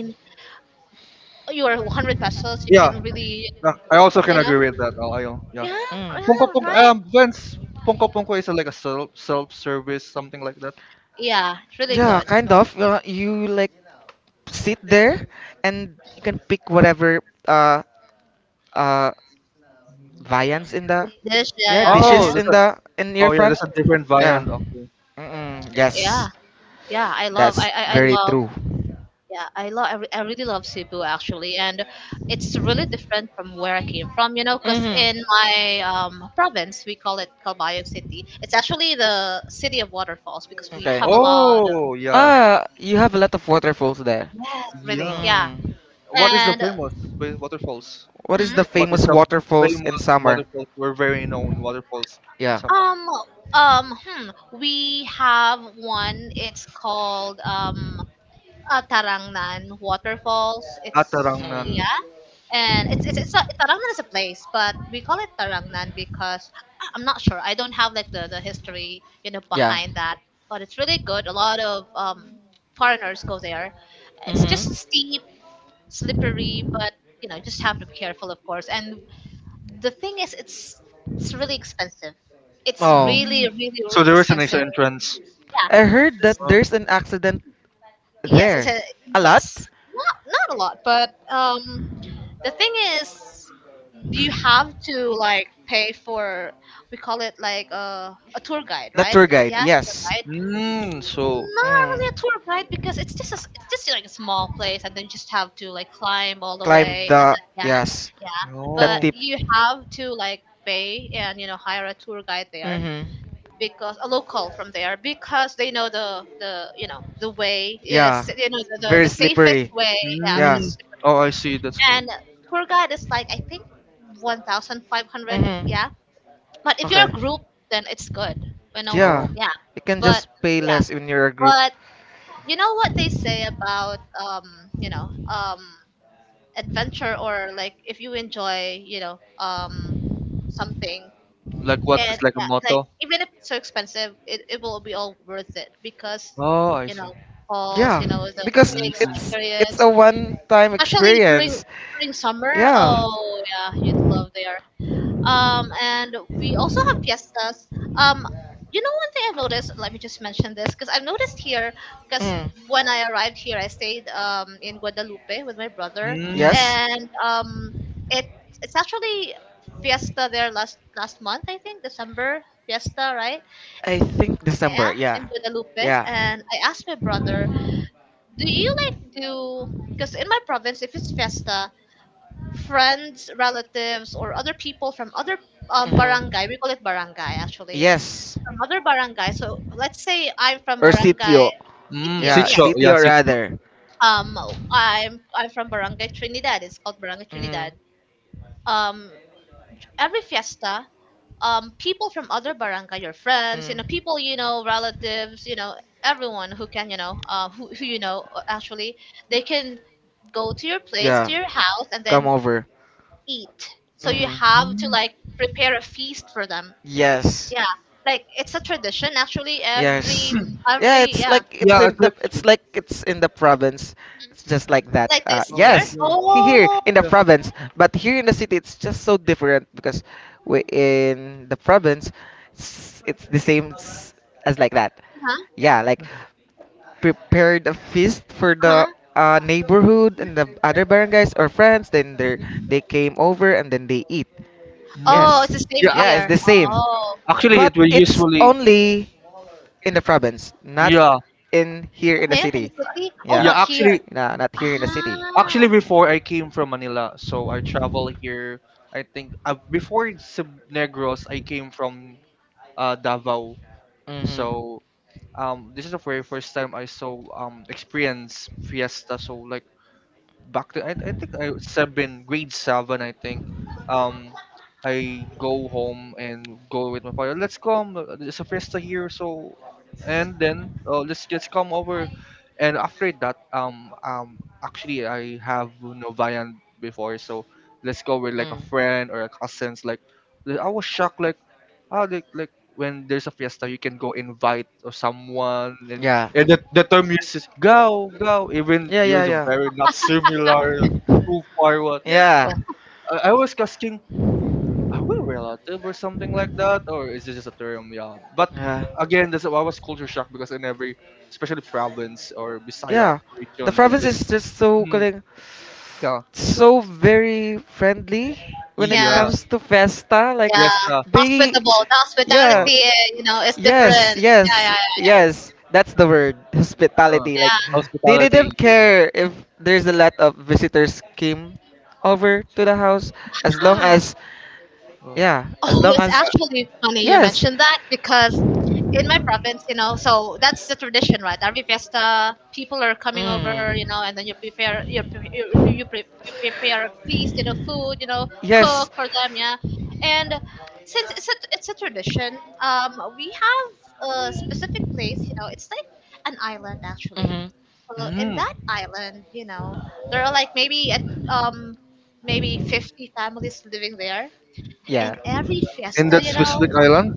[SPEAKER 1] you are 100 pesos, you yeah.
[SPEAKER 3] Yeah.
[SPEAKER 1] Can really
[SPEAKER 3] I also can
[SPEAKER 1] you know
[SPEAKER 3] agree with that. Oh, I don't- yeah.
[SPEAKER 1] yeah
[SPEAKER 2] Mm.
[SPEAKER 3] Ponko
[SPEAKER 1] yeah
[SPEAKER 3] ponko.
[SPEAKER 1] right
[SPEAKER 3] Vince. Ponko ponko is like a self service, something like that.
[SPEAKER 1] yeah it's really yeah,
[SPEAKER 2] Yeah, kind
[SPEAKER 1] good.
[SPEAKER 2] of. You like sit there and you can pick whatever uh uh viands in the,
[SPEAKER 1] Dish yeah
[SPEAKER 2] yeah,
[SPEAKER 1] yeah yeah
[SPEAKER 3] Oh.
[SPEAKER 2] dishes in your
[SPEAKER 3] Oh yeah,
[SPEAKER 2] front,
[SPEAKER 3] there's a different
[SPEAKER 1] yeah
[SPEAKER 2] yeah.
[SPEAKER 3] variant. Okay.
[SPEAKER 1] mhm.
[SPEAKER 2] Mm-mm,
[SPEAKER 1] Yes. Yeah
[SPEAKER 2] yes,
[SPEAKER 1] yeah I love
[SPEAKER 2] that's
[SPEAKER 1] yes. I
[SPEAKER 2] very
[SPEAKER 1] love
[SPEAKER 2] true.
[SPEAKER 1] yeah, I love. I really love Cebu actually, and it's really different from where I came from. You know, because in
[SPEAKER 2] Mm-hmm.
[SPEAKER 1] my province we call it Calbayog City. It's actually the city of waterfalls because we
[SPEAKER 2] Okay.
[SPEAKER 1] have a lot of.
[SPEAKER 3] Oh yeah,
[SPEAKER 2] Ah, you have a lot of waterfalls there.
[SPEAKER 1] Yes, really,
[SPEAKER 3] yeah.
[SPEAKER 1] yeah.
[SPEAKER 2] Mm.
[SPEAKER 3] What is the
[SPEAKER 1] And
[SPEAKER 3] famous waterfalls?
[SPEAKER 2] What is the
[SPEAKER 3] What
[SPEAKER 1] hmm,
[SPEAKER 3] is
[SPEAKER 2] famous
[SPEAKER 3] the
[SPEAKER 2] waterfalls in
[SPEAKER 3] famous
[SPEAKER 2] summer?
[SPEAKER 3] waterfalls? We're very known waterfalls in
[SPEAKER 2] Yeah.
[SPEAKER 3] Samoa.
[SPEAKER 1] um um hmm, we have one. It's called Tarangnan Waterfalls. It's
[SPEAKER 3] Atarangnan.
[SPEAKER 2] Mm.
[SPEAKER 1] yeah, and it's a, Tarangnan is a place, but we call it Tarangnan because I- I'm not sure. I don't have like the history, you know,
[SPEAKER 2] Yeah.
[SPEAKER 1] behind that. But it's really good. A lot of foreigners go there. It's just
[SPEAKER 2] Mm-hmm.
[SPEAKER 1] steep, slippery, but you know, just have to be careful, of course. And the thing is, it's really expensive. It's
[SPEAKER 2] Oh,
[SPEAKER 1] really,
[SPEAKER 3] Mm.
[SPEAKER 1] really,
[SPEAKER 3] So
[SPEAKER 1] really
[SPEAKER 3] there is an extra
[SPEAKER 1] expensive.
[SPEAKER 3] entrance.
[SPEAKER 2] I heard that
[SPEAKER 3] Oh,
[SPEAKER 2] there's an accident
[SPEAKER 1] Yes, it's
[SPEAKER 2] there.
[SPEAKER 1] a
[SPEAKER 2] A lot?
[SPEAKER 1] yes. Not not a lot, but the thing is you have to like pay for we call it like a tour guide
[SPEAKER 2] The
[SPEAKER 1] right tour
[SPEAKER 2] tour
[SPEAKER 1] guide, yeah
[SPEAKER 2] guide,
[SPEAKER 1] yeah. Tour
[SPEAKER 2] yes.
[SPEAKER 1] guide
[SPEAKER 3] mm, so,
[SPEAKER 1] not
[SPEAKER 2] Mm.
[SPEAKER 1] really a tour guide because it's just a, s- it's just like a small place and then you just have to like climb all the right,
[SPEAKER 2] Climb
[SPEAKER 1] way and
[SPEAKER 2] the,
[SPEAKER 1] then yeah
[SPEAKER 2] yes,
[SPEAKER 1] yeah
[SPEAKER 2] the
[SPEAKER 1] but
[SPEAKER 3] oh,
[SPEAKER 2] tip.
[SPEAKER 1] you have to like pay and you know hire a tour guide there
[SPEAKER 2] Mhm.
[SPEAKER 1] mhm. Because a local from there because they know the you know the way
[SPEAKER 2] Yeah.
[SPEAKER 1] yes you know the, the,
[SPEAKER 2] Very
[SPEAKER 1] the safest
[SPEAKER 2] slippery.
[SPEAKER 1] way yeah
[SPEAKER 2] Yeah.
[SPEAKER 3] mm,
[SPEAKER 1] because
[SPEAKER 3] oh, I see. That's good.
[SPEAKER 1] and tour guide is like I think 1,500.
[SPEAKER 2] Mhm.
[SPEAKER 1] Yeah, but if you're
[SPEAKER 2] Okay.
[SPEAKER 1] a group, then it's good. You know,
[SPEAKER 2] Yeah.
[SPEAKER 3] Oh,
[SPEAKER 1] yeah.
[SPEAKER 2] You can
[SPEAKER 1] But
[SPEAKER 2] just pay
[SPEAKER 1] yeah,
[SPEAKER 2] less when you're a group.
[SPEAKER 1] but you know what they say about you know, um, adventure or like if you enjoy, you know, something
[SPEAKER 3] like what?
[SPEAKER 1] and
[SPEAKER 3] It's like a
[SPEAKER 1] yeah, like
[SPEAKER 3] motto.
[SPEAKER 1] even if it's so expensive, it will be all worth it because
[SPEAKER 3] Oh, I
[SPEAKER 1] you
[SPEAKER 3] see.
[SPEAKER 1] know falls,
[SPEAKER 2] Yeah,
[SPEAKER 1] you know
[SPEAKER 2] because
[SPEAKER 1] the
[SPEAKER 3] Mm,
[SPEAKER 2] it's
[SPEAKER 1] experience,
[SPEAKER 2] a one-time
[SPEAKER 1] especially during
[SPEAKER 2] experience.
[SPEAKER 1] during summer.
[SPEAKER 2] Yeah.
[SPEAKER 1] Oh yeah, you'd love there. Um and we also have fiestas um you know one thing I've noticed let me just mention this because I've noticed here because
[SPEAKER 2] Mm.
[SPEAKER 1] when I arrived here I stayed in Guadalupe with my brother
[SPEAKER 3] mm,
[SPEAKER 2] Yes.
[SPEAKER 1] and it it's actually fiesta there last month I think December fiesta right
[SPEAKER 2] I think December.
[SPEAKER 1] yeah
[SPEAKER 2] Yeah.
[SPEAKER 1] in Guadalupe
[SPEAKER 2] Yeah.
[SPEAKER 1] and I asked my brother
[SPEAKER 2] Mhm.
[SPEAKER 1] do you like do because in my province if it's fiesta friends, relatives, or other people from other barangay. We call it barangay actually.
[SPEAKER 2] Yes.
[SPEAKER 1] From other barangay. So let's say I'm from
[SPEAKER 2] Or
[SPEAKER 1] barangay
[SPEAKER 2] sitio.
[SPEAKER 1] B
[SPEAKER 3] mm.
[SPEAKER 1] P O. Itio.
[SPEAKER 2] Yeah,
[SPEAKER 3] Sitio,
[SPEAKER 1] Yes.
[SPEAKER 3] yeah,
[SPEAKER 2] sitio
[SPEAKER 3] sitio.
[SPEAKER 2] rather.
[SPEAKER 1] Um, I'm from barangay Trinidad. It's called barangay
[SPEAKER 2] Mhm.
[SPEAKER 1] Trinidad. Um, every fiesta, people from other barangay, your friends, you know,
[SPEAKER 2] Mm.
[SPEAKER 1] people you know, relatives, you know, everyone who can, who you know, actually, they can go to your place, to
[SPEAKER 2] Yeah.
[SPEAKER 1] your house, and
[SPEAKER 2] Come
[SPEAKER 1] then
[SPEAKER 2] over.
[SPEAKER 1] eat. So you
[SPEAKER 2] Mhm.
[SPEAKER 1] have to
[SPEAKER 3] Mm.
[SPEAKER 1] like prepare a feast for them.
[SPEAKER 2] Yes.
[SPEAKER 1] Yeah. Like it's a tradition, actually, every
[SPEAKER 2] Yes. Yeah,
[SPEAKER 1] every
[SPEAKER 2] it's
[SPEAKER 1] yeah.
[SPEAKER 2] like it's
[SPEAKER 3] Yeah, I
[SPEAKER 2] in the,
[SPEAKER 3] get
[SPEAKER 2] it's
[SPEAKER 3] you.
[SPEAKER 2] like it's in the province. It's just like that.
[SPEAKER 1] Like this
[SPEAKER 3] Oh,
[SPEAKER 1] here.
[SPEAKER 2] Yes,
[SPEAKER 3] yeah.
[SPEAKER 2] here
[SPEAKER 1] Oh,
[SPEAKER 2] in the
[SPEAKER 3] Yeah.
[SPEAKER 2] province, but here in the city, it's just so different because we in the province, it's the same as like that.
[SPEAKER 1] uh-huh,
[SPEAKER 2] Yeah, like prepared a feast for the
[SPEAKER 1] uh-huh.
[SPEAKER 2] neighborhood and the other barangays or friends. Then they came over and then they eat.
[SPEAKER 3] Mm.
[SPEAKER 1] Oh,
[SPEAKER 2] Yes.
[SPEAKER 1] it's the same
[SPEAKER 3] Yeah,
[SPEAKER 2] Yeah, it's
[SPEAKER 1] here.
[SPEAKER 2] the same.
[SPEAKER 1] Oh.
[SPEAKER 3] actually,
[SPEAKER 2] But
[SPEAKER 3] it will
[SPEAKER 2] it's
[SPEAKER 3] usually.
[SPEAKER 2] only in the province, not
[SPEAKER 3] Yeah,
[SPEAKER 2] in here in the
[SPEAKER 1] Here in
[SPEAKER 2] city.
[SPEAKER 1] the city? Oh,
[SPEAKER 2] Yeah.
[SPEAKER 1] not
[SPEAKER 3] yeah.
[SPEAKER 1] here.
[SPEAKER 3] Actually,
[SPEAKER 2] Nah, not here in the city.
[SPEAKER 3] actually,
[SPEAKER 1] Ah,
[SPEAKER 3] before I came from Manila, so I travel here. I think before Negros, I came from Davao.
[SPEAKER 2] Mhm.
[SPEAKER 3] So this is the very first time I saw experience fiesta. So like. Back to I think I seven, grade seven, I think, um I go home and go with my father. Let's come, there's a fiesta here, so and then, let's just come over. And after that, actually I have no Novayan before, so let's go with like a
[SPEAKER 2] Mm.
[SPEAKER 3] friend or a cousins, like I was shocked, like, ah, like when there's a fiesta, you can go invite or someone, and
[SPEAKER 2] Yeah.
[SPEAKER 3] the term used is "go go," even
[SPEAKER 2] Yeah, yeah,
[SPEAKER 3] yours is
[SPEAKER 2] yeah.
[SPEAKER 3] very not similar, too far. What?
[SPEAKER 2] Yeah.
[SPEAKER 3] Oh, I was asking, are we relative or something like that, or is this just a term? Yeah, but again, that's why I was culture shock because in every,
[SPEAKER 2] Yeah.
[SPEAKER 3] especially province or Bisaya
[SPEAKER 2] Yeah, the
[SPEAKER 3] region, the
[SPEAKER 2] province is just so
[SPEAKER 3] Hmm,
[SPEAKER 2] calling,
[SPEAKER 3] yeah,
[SPEAKER 2] so very friendly when it
[SPEAKER 1] yeah.
[SPEAKER 3] yeah,
[SPEAKER 2] comes to festa. Like
[SPEAKER 1] Yeah.
[SPEAKER 3] fiesta,
[SPEAKER 2] they,
[SPEAKER 1] Hospitable. The
[SPEAKER 2] yeah,
[SPEAKER 3] uh,
[SPEAKER 1] hospitality, eh, you know, is different.
[SPEAKER 2] yes,
[SPEAKER 1] Yeah,
[SPEAKER 2] yes,
[SPEAKER 1] yeah,
[SPEAKER 2] yes. That's the word,
[SPEAKER 3] uh,
[SPEAKER 2] hospitality. Like
[SPEAKER 1] yeah.
[SPEAKER 2] they
[SPEAKER 3] hospitality.
[SPEAKER 2] didn't
[SPEAKER 3] Yeah.
[SPEAKER 2] care if there's a lot of visitors came over to the house, as long
[SPEAKER 1] Ah.
[SPEAKER 2] as,
[SPEAKER 3] Uh.
[SPEAKER 2] yeah, as
[SPEAKER 1] Oh,
[SPEAKER 2] long
[SPEAKER 1] it's
[SPEAKER 2] as,
[SPEAKER 1] actually funny you
[SPEAKER 2] yes.
[SPEAKER 1] mentioned that because in my province, you know, so that's the tradition, right? Every fiesta, people are coming over, you
[SPEAKER 2] Mm.
[SPEAKER 1] know, and then you prepare a feast, you know, food, you know, cook
[SPEAKER 2] Yes.
[SPEAKER 1] for them, yeah. And since it's a tradition, we have a specific place, you know, it's like an island, actually.
[SPEAKER 2] hmm
[SPEAKER 1] So in
[SPEAKER 3] Mm.
[SPEAKER 1] that island, you know, there are like, maybe at um maybe 50 families living there in
[SPEAKER 2] Yeah.
[SPEAKER 1] every
[SPEAKER 2] Mm.
[SPEAKER 3] In
[SPEAKER 1] fiesta,
[SPEAKER 3] that
[SPEAKER 1] you know.
[SPEAKER 3] specific island,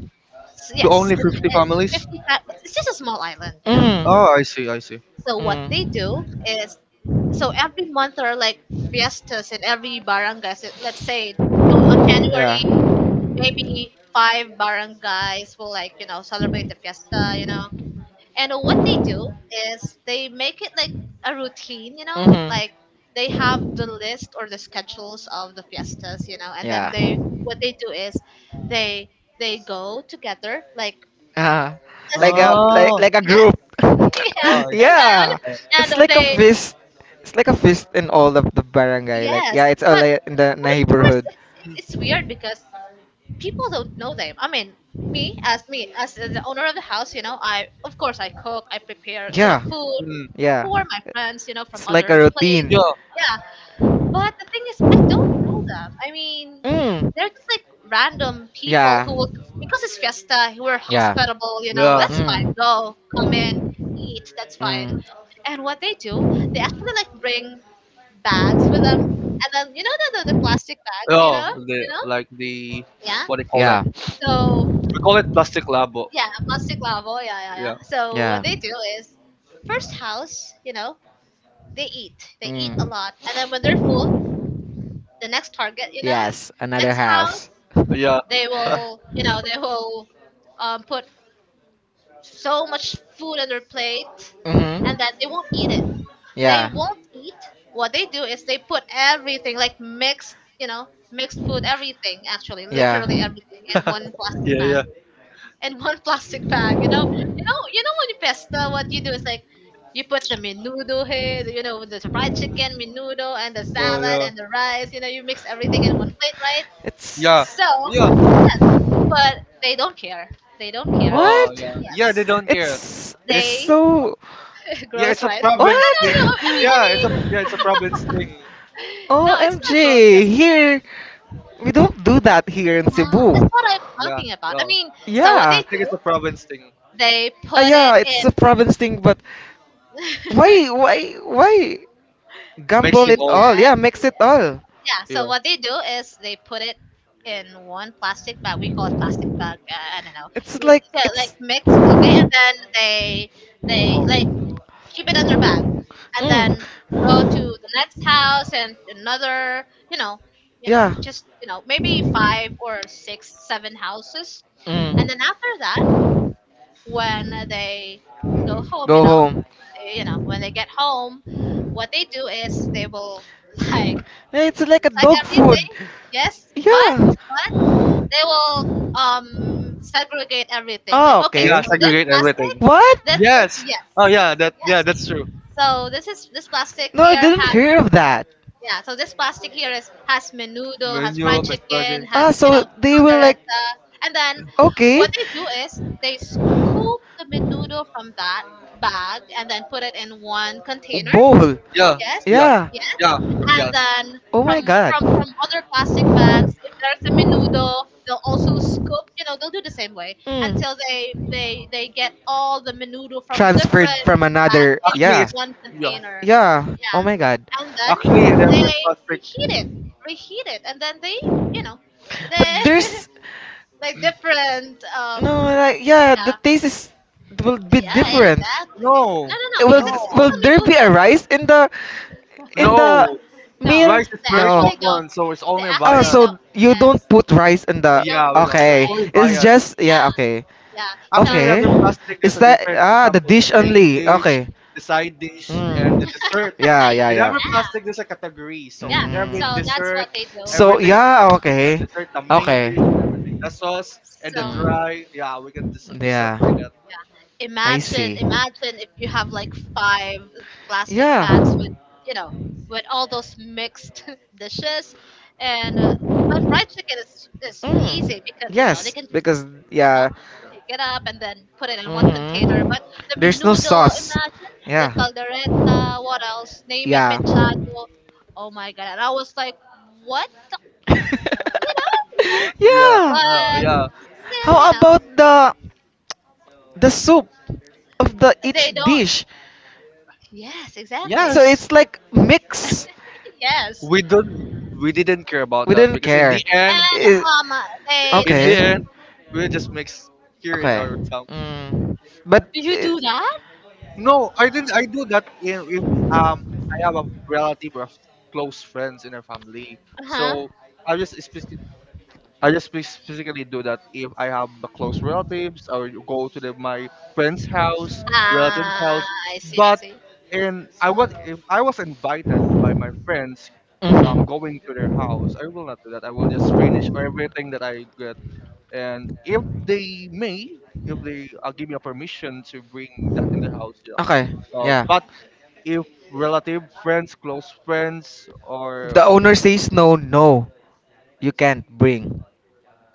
[SPEAKER 3] to
[SPEAKER 1] Yes,
[SPEAKER 3] only
[SPEAKER 1] in
[SPEAKER 3] 50 families.
[SPEAKER 1] 50, it's just a small island, you know.
[SPEAKER 3] Oh, I see. I see.
[SPEAKER 1] So what they do
[SPEAKER 2] Mm.
[SPEAKER 1] is, so every month there are like fiestas in every barangay. So let's say on
[SPEAKER 2] Yeah.
[SPEAKER 1] January, maybe five barangays will, like, you know, celebrate the fiesta, you know.
[SPEAKER 2] hmm
[SPEAKER 1] And what they do is they make it like a routine, you know. Mhm. Like they have the list or the schedules of the fiestas, you know, and yeah, then
[SPEAKER 2] Yeah.
[SPEAKER 1] they, what they do is they they go together like
[SPEAKER 2] Uh,
[SPEAKER 1] as a group.
[SPEAKER 3] Oh,
[SPEAKER 2] like a
[SPEAKER 1] Yes,
[SPEAKER 2] group.
[SPEAKER 1] yes,
[SPEAKER 3] oh I
[SPEAKER 1] yeah.
[SPEAKER 3] see.
[SPEAKER 1] and
[SPEAKER 2] Yeah, it's
[SPEAKER 1] and
[SPEAKER 2] like a
[SPEAKER 1] they,
[SPEAKER 2] feast. It's like a feast in all of the barangay. Like
[SPEAKER 1] yes,
[SPEAKER 2] yeah, it's all like, in the
[SPEAKER 1] but of course
[SPEAKER 2] neighborhood.
[SPEAKER 1] it's, it's weird because people don't know them. I mean, me as the owner of the house, you know, I, of course, I cook, I prepare, you yeah, know,
[SPEAKER 2] Yeah,
[SPEAKER 1] food
[SPEAKER 3] Mm,
[SPEAKER 2] yeah.
[SPEAKER 1] for my friends, you know, from
[SPEAKER 2] It's
[SPEAKER 1] like
[SPEAKER 2] like
[SPEAKER 1] other
[SPEAKER 2] a
[SPEAKER 1] a
[SPEAKER 2] routine.
[SPEAKER 3] yeah,
[SPEAKER 1] yeah. But the thing is, I don't know them. I mean,
[SPEAKER 2] Mm.
[SPEAKER 1] they're just like random people
[SPEAKER 2] Yeah.
[SPEAKER 1] who will, because it's fiesta, we're
[SPEAKER 2] Yeah.
[SPEAKER 1] hospitable, you know,
[SPEAKER 3] yeah,
[SPEAKER 1] that's fine.
[SPEAKER 2] Mm.
[SPEAKER 1] Go, come in, eat, that's fine.
[SPEAKER 2] Mm.
[SPEAKER 1] And what they do, they actually like bring bags with them, and then you know the plastic bags,
[SPEAKER 3] yeah.
[SPEAKER 1] you
[SPEAKER 3] The
[SPEAKER 1] know,
[SPEAKER 3] like the
[SPEAKER 1] yeah.
[SPEAKER 3] what do you call that?
[SPEAKER 2] Yeah.
[SPEAKER 1] So
[SPEAKER 3] We call it plastic labo.
[SPEAKER 1] yeah, plastic lavo, yeah, yeah,
[SPEAKER 3] Yeah,
[SPEAKER 1] yeah. So what
[SPEAKER 2] Yeah.
[SPEAKER 1] they do is, first house, you know, they eat a
[SPEAKER 2] Mm.
[SPEAKER 1] lot, and then when they're full, the next target, you know,
[SPEAKER 2] Yes, another
[SPEAKER 1] next house.
[SPEAKER 2] house.
[SPEAKER 3] yeah,
[SPEAKER 1] They will, you know, they will put so much food on their plate
[SPEAKER 2] Mhm.
[SPEAKER 1] and that they won't eat it. They
[SPEAKER 2] Yeah.
[SPEAKER 1] won't eat. What they do is they put everything, like mixed, you know, mixed food, everything, actually,
[SPEAKER 2] Yeah.
[SPEAKER 1] literally everything, in one plastic
[SPEAKER 3] yeah,
[SPEAKER 1] bag.
[SPEAKER 3] yeah.
[SPEAKER 1] In one plastic bag, you know, you know, you know, when you pesta, what you do is like you put the menudo here, you know, the fried chicken, menudo, and the
[SPEAKER 3] Oh
[SPEAKER 1] salad
[SPEAKER 3] yeah.
[SPEAKER 1] and the rice. You know, you mix everything in one plate, right?
[SPEAKER 2] It's
[SPEAKER 3] Yeah,
[SPEAKER 1] So
[SPEAKER 3] yeah,
[SPEAKER 1] but they don't care. They don't care.
[SPEAKER 3] oh
[SPEAKER 2] what?
[SPEAKER 3] yeah, yeah. They
[SPEAKER 1] Yes,
[SPEAKER 3] don't care.
[SPEAKER 2] It's
[SPEAKER 3] It's
[SPEAKER 1] they,
[SPEAKER 2] so
[SPEAKER 3] Yeah,
[SPEAKER 1] gross,
[SPEAKER 3] it's a
[SPEAKER 1] right? Oh, no,
[SPEAKER 3] province
[SPEAKER 1] no, no.
[SPEAKER 3] thing.
[SPEAKER 2] what?
[SPEAKER 1] I
[SPEAKER 3] Yeah, it's
[SPEAKER 1] mean,
[SPEAKER 3] a yeah, it's a province thing.
[SPEAKER 1] no, it's not gross.
[SPEAKER 2] OMG! Here we don't do that here in
[SPEAKER 1] Yeah, that's
[SPEAKER 2] Cebu.
[SPEAKER 1] what I'm
[SPEAKER 3] Yeah,
[SPEAKER 1] talking about.
[SPEAKER 3] yeah.
[SPEAKER 1] I mean, so what they
[SPEAKER 3] I
[SPEAKER 2] Yeah.
[SPEAKER 3] think it's
[SPEAKER 1] do,
[SPEAKER 3] a province thing.
[SPEAKER 1] they
[SPEAKER 2] Ah
[SPEAKER 1] put it
[SPEAKER 2] yeah, it's
[SPEAKER 1] in.
[SPEAKER 2] a province thing, but why gamble
[SPEAKER 3] Mixing
[SPEAKER 2] it
[SPEAKER 3] all,
[SPEAKER 2] all? Yeah,
[SPEAKER 1] Exact.
[SPEAKER 2] mix it all.
[SPEAKER 1] Yeah.
[SPEAKER 3] yeah.
[SPEAKER 1] So what they do is they put it in one plastic bag. We call it plastic bag. I don't know.
[SPEAKER 2] It's
[SPEAKER 1] Like,
[SPEAKER 2] like
[SPEAKER 1] yeah, like
[SPEAKER 2] it's.
[SPEAKER 1] mixed. Okay, and
[SPEAKER 2] Mm.
[SPEAKER 1] then they they
[SPEAKER 3] Oh,
[SPEAKER 1] like keep it in their bag, and then go to the next house and another. You know, you know,
[SPEAKER 2] Yeah.
[SPEAKER 1] just, you know, maybe five
[SPEAKER 2] Mm.
[SPEAKER 1] or six, seven houses, and then after that, when they go home,
[SPEAKER 2] Go home.
[SPEAKER 1] you know, when they get home, what they do is they will like,
[SPEAKER 2] Yeah, it's like a
[SPEAKER 1] like
[SPEAKER 2] dog food.
[SPEAKER 1] everything, yes, but
[SPEAKER 2] Yeah.
[SPEAKER 1] but they will segregate everything.
[SPEAKER 2] Oh,
[SPEAKER 1] Like, okay,
[SPEAKER 3] yeah,
[SPEAKER 2] okay.
[SPEAKER 1] so this
[SPEAKER 3] segregate
[SPEAKER 1] plastic,
[SPEAKER 3] everything.
[SPEAKER 2] What?
[SPEAKER 1] this is,
[SPEAKER 3] Yes.
[SPEAKER 1] yes,
[SPEAKER 3] Oh yeah,
[SPEAKER 1] yes.
[SPEAKER 3] that's true.
[SPEAKER 1] So this is, this plastic
[SPEAKER 2] No, I
[SPEAKER 1] here
[SPEAKER 2] didn't
[SPEAKER 1] has,
[SPEAKER 2] hear of that.
[SPEAKER 1] yeah, so this plastic here is has menudo, has
[SPEAKER 3] Menu,
[SPEAKER 1] fried chicken,
[SPEAKER 3] misbranding.
[SPEAKER 2] Ah,
[SPEAKER 1] has, you know,
[SPEAKER 2] so they will like.
[SPEAKER 1] caldereta, and then
[SPEAKER 2] Okay.
[SPEAKER 1] what they do is they scoop the menudo from that bag and then put it in one container.
[SPEAKER 2] Bowl.
[SPEAKER 3] Yeah,
[SPEAKER 1] Yes,
[SPEAKER 3] yeah,
[SPEAKER 2] Yeah.
[SPEAKER 1] yeah,
[SPEAKER 3] yeah,
[SPEAKER 1] and
[SPEAKER 3] yes.
[SPEAKER 1] then
[SPEAKER 2] Oh my
[SPEAKER 1] from
[SPEAKER 2] god.
[SPEAKER 1] from from other plastic bags, if there's a menudo, they'll also scoop. You know, they'll do the same way until they get all the menudo from
[SPEAKER 2] Transferred
[SPEAKER 1] different
[SPEAKER 2] from
[SPEAKER 1] bags
[SPEAKER 2] another,
[SPEAKER 1] into
[SPEAKER 3] Actually,
[SPEAKER 2] yeah,
[SPEAKER 3] it's
[SPEAKER 1] one
[SPEAKER 3] yeah.
[SPEAKER 1] container,
[SPEAKER 2] yeah. Oh my god.
[SPEAKER 1] and then
[SPEAKER 3] Actually, in every
[SPEAKER 1] they
[SPEAKER 3] plastic.
[SPEAKER 1] reheat it, reheat it, and then they, you know,
[SPEAKER 2] But
[SPEAKER 1] they
[SPEAKER 2] there's
[SPEAKER 1] like different.
[SPEAKER 2] no, like, yeah, the
[SPEAKER 1] Yeah,
[SPEAKER 2] taste is will be
[SPEAKER 1] yeah,
[SPEAKER 2] different.
[SPEAKER 1] exactly.
[SPEAKER 3] No,
[SPEAKER 1] No, no, no,
[SPEAKER 2] will
[SPEAKER 1] because
[SPEAKER 3] no,
[SPEAKER 1] it's
[SPEAKER 2] will
[SPEAKER 1] still
[SPEAKER 2] there be
[SPEAKER 1] menudo.
[SPEAKER 2] a rice in the in the
[SPEAKER 3] no.
[SPEAKER 1] No,
[SPEAKER 2] meal?
[SPEAKER 3] Rice is
[SPEAKER 1] they
[SPEAKER 3] very
[SPEAKER 2] No.
[SPEAKER 1] actually don't.
[SPEAKER 3] common, so it's
[SPEAKER 1] They
[SPEAKER 3] only
[SPEAKER 2] Oh
[SPEAKER 1] actually
[SPEAKER 3] Bayan.
[SPEAKER 1] don't.
[SPEAKER 2] so you don't put rice in
[SPEAKER 1] They
[SPEAKER 2] the.
[SPEAKER 3] Yeah, we don't.
[SPEAKER 1] don't,
[SPEAKER 3] It's
[SPEAKER 2] Okay,
[SPEAKER 1] right.
[SPEAKER 3] only
[SPEAKER 2] it's
[SPEAKER 3] Bayan.
[SPEAKER 2] just, yeah.
[SPEAKER 1] Yeah.
[SPEAKER 2] Okay.
[SPEAKER 1] Yeah.
[SPEAKER 3] Actually, in
[SPEAKER 1] So
[SPEAKER 2] Okay.
[SPEAKER 3] every plastic, there's
[SPEAKER 2] Is
[SPEAKER 3] a
[SPEAKER 2] that
[SPEAKER 3] different. For
[SPEAKER 2] the
[SPEAKER 3] example, the
[SPEAKER 2] dish
[SPEAKER 3] main
[SPEAKER 2] only?
[SPEAKER 3] dish,
[SPEAKER 2] Okay.
[SPEAKER 3] the side dish, and the
[SPEAKER 2] Mm.
[SPEAKER 3] dessert.
[SPEAKER 2] Yeah, yeah,
[SPEAKER 3] In every
[SPEAKER 2] yeah.
[SPEAKER 3] plastic, there's a category. So
[SPEAKER 1] yeah.
[SPEAKER 3] every
[SPEAKER 1] So
[SPEAKER 2] Mm.
[SPEAKER 1] that's
[SPEAKER 3] dessert,
[SPEAKER 1] what they do.
[SPEAKER 2] So
[SPEAKER 3] everything,
[SPEAKER 2] yeah,
[SPEAKER 3] yeah,
[SPEAKER 2] okay.
[SPEAKER 3] dessert, the main
[SPEAKER 2] Okay.
[SPEAKER 3] dish, and everything, the sauce and the
[SPEAKER 1] So
[SPEAKER 2] Mm.
[SPEAKER 3] dry. Yeah, we can just
[SPEAKER 2] Yeah.
[SPEAKER 3] separate it.
[SPEAKER 1] yeah.
[SPEAKER 2] I
[SPEAKER 1] Imagine,
[SPEAKER 2] see.
[SPEAKER 1] imagine if you have like five plastic
[SPEAKER 2] Yeah.
[SPEAKER 1] bags, you know, with all those mixed dishes. And but fried chicken is
[SPEAKER 2] Mm.
[SPEAKER 1] easy because you know they
[SPEAKER 2] Yes,
[SPEAKER 1] can,
[SPEAKER 2] because
[SPEAKER 1] you know,
[SPEAKER 2] yeah.
[SPEAKER 1] pick it up and then put it in one container.
[SPEAKER 2] hmm
[SPEAKER 1] But the
[SPEAKER 2] There's no
[SPEAKER 1] menudo,
[SPEAKER 2] sauce.
[SPEAKER 1] imagine, the
[SPEAKER 2] Yeah.
[SPEAKER 1] caldereta, what else? Name it,
[SPEAKER 2] Yeah.
[SPEAKER 1] mechado. Oh my god! And I was like, what? You know,
[SPEAKER 3] Yeah,
[SPEAKER 2] Yeah.
[SPEAKER 3] yeah.
[SPEAKER 1] but.
[SPEAKER 3] Yeah.
[SPEAKER 1] Still, you
[SPEAKER 2] How
[SPEAKER 1] know,
[SPEAKER 2] about the soup of the
[SPEAKER 1] they
[SPEAKER 2] each
[SPEAKER 1] don't.
[SPEAKER 2] dish?
[SPEAKER 1] Yes, exactly.
[SPEAKER 2] So
[SPEAKER 3] Yes,
[SPEAKER 2] it's like mix.
[SPEAKER 1] Yes,
[SPEAKER 3] we don't. We didn't care about
[SPEAKER 2] We
[SPEAKER 3] that
[SPEAKER 2] didn't
[SPEAKER 3] because in the
[SPEAKER 2] care.
[SPEAKER 3] end.
[SPEAKER 2] It,
[SPEAKER 1] and they.
[SPEAKER 3] In the
[SPEAKER 2] okay.
[SPEAKER 3] end, we just mix here in
[SPEAKER 2] Okay.
[SPEAKER 3] our town.
[SPEAKER 2] Mm. But
[SPEAKER 1] Do you
[SPEAKER 2] it,
[SPEAKER 1] do that?
[SPEAKER 3] No, I didn't. I do that in if um I have a relative or close friends in our family.
[SPEAKER 1] Uh huh.
[SPEAKER 3] So I just speci- I just spec- specifically do that if I have a close relatives or you go to my friend's house, relative's
[SPEAKER 1] Ah,
[SPEAKER 3] house.
[SPEAKER 1] I see, I
[SPEAKER 3] But
[SPEAKER 1] see.
[SPEAKER 3] in I was if I was invited by my friends going to their
[SPEAKER 2] mhm.
[SPEAKER 3] house, I will not do that. I will just finish everything that I get, and if they give me a permission to bring that in the house, yeah.
[SPEAKER 2] Okay. Yeah.
[SPEAKER 3] But if relative friends, close friends, or
[SPEAKER 2] The owner says no, no. You can't bring.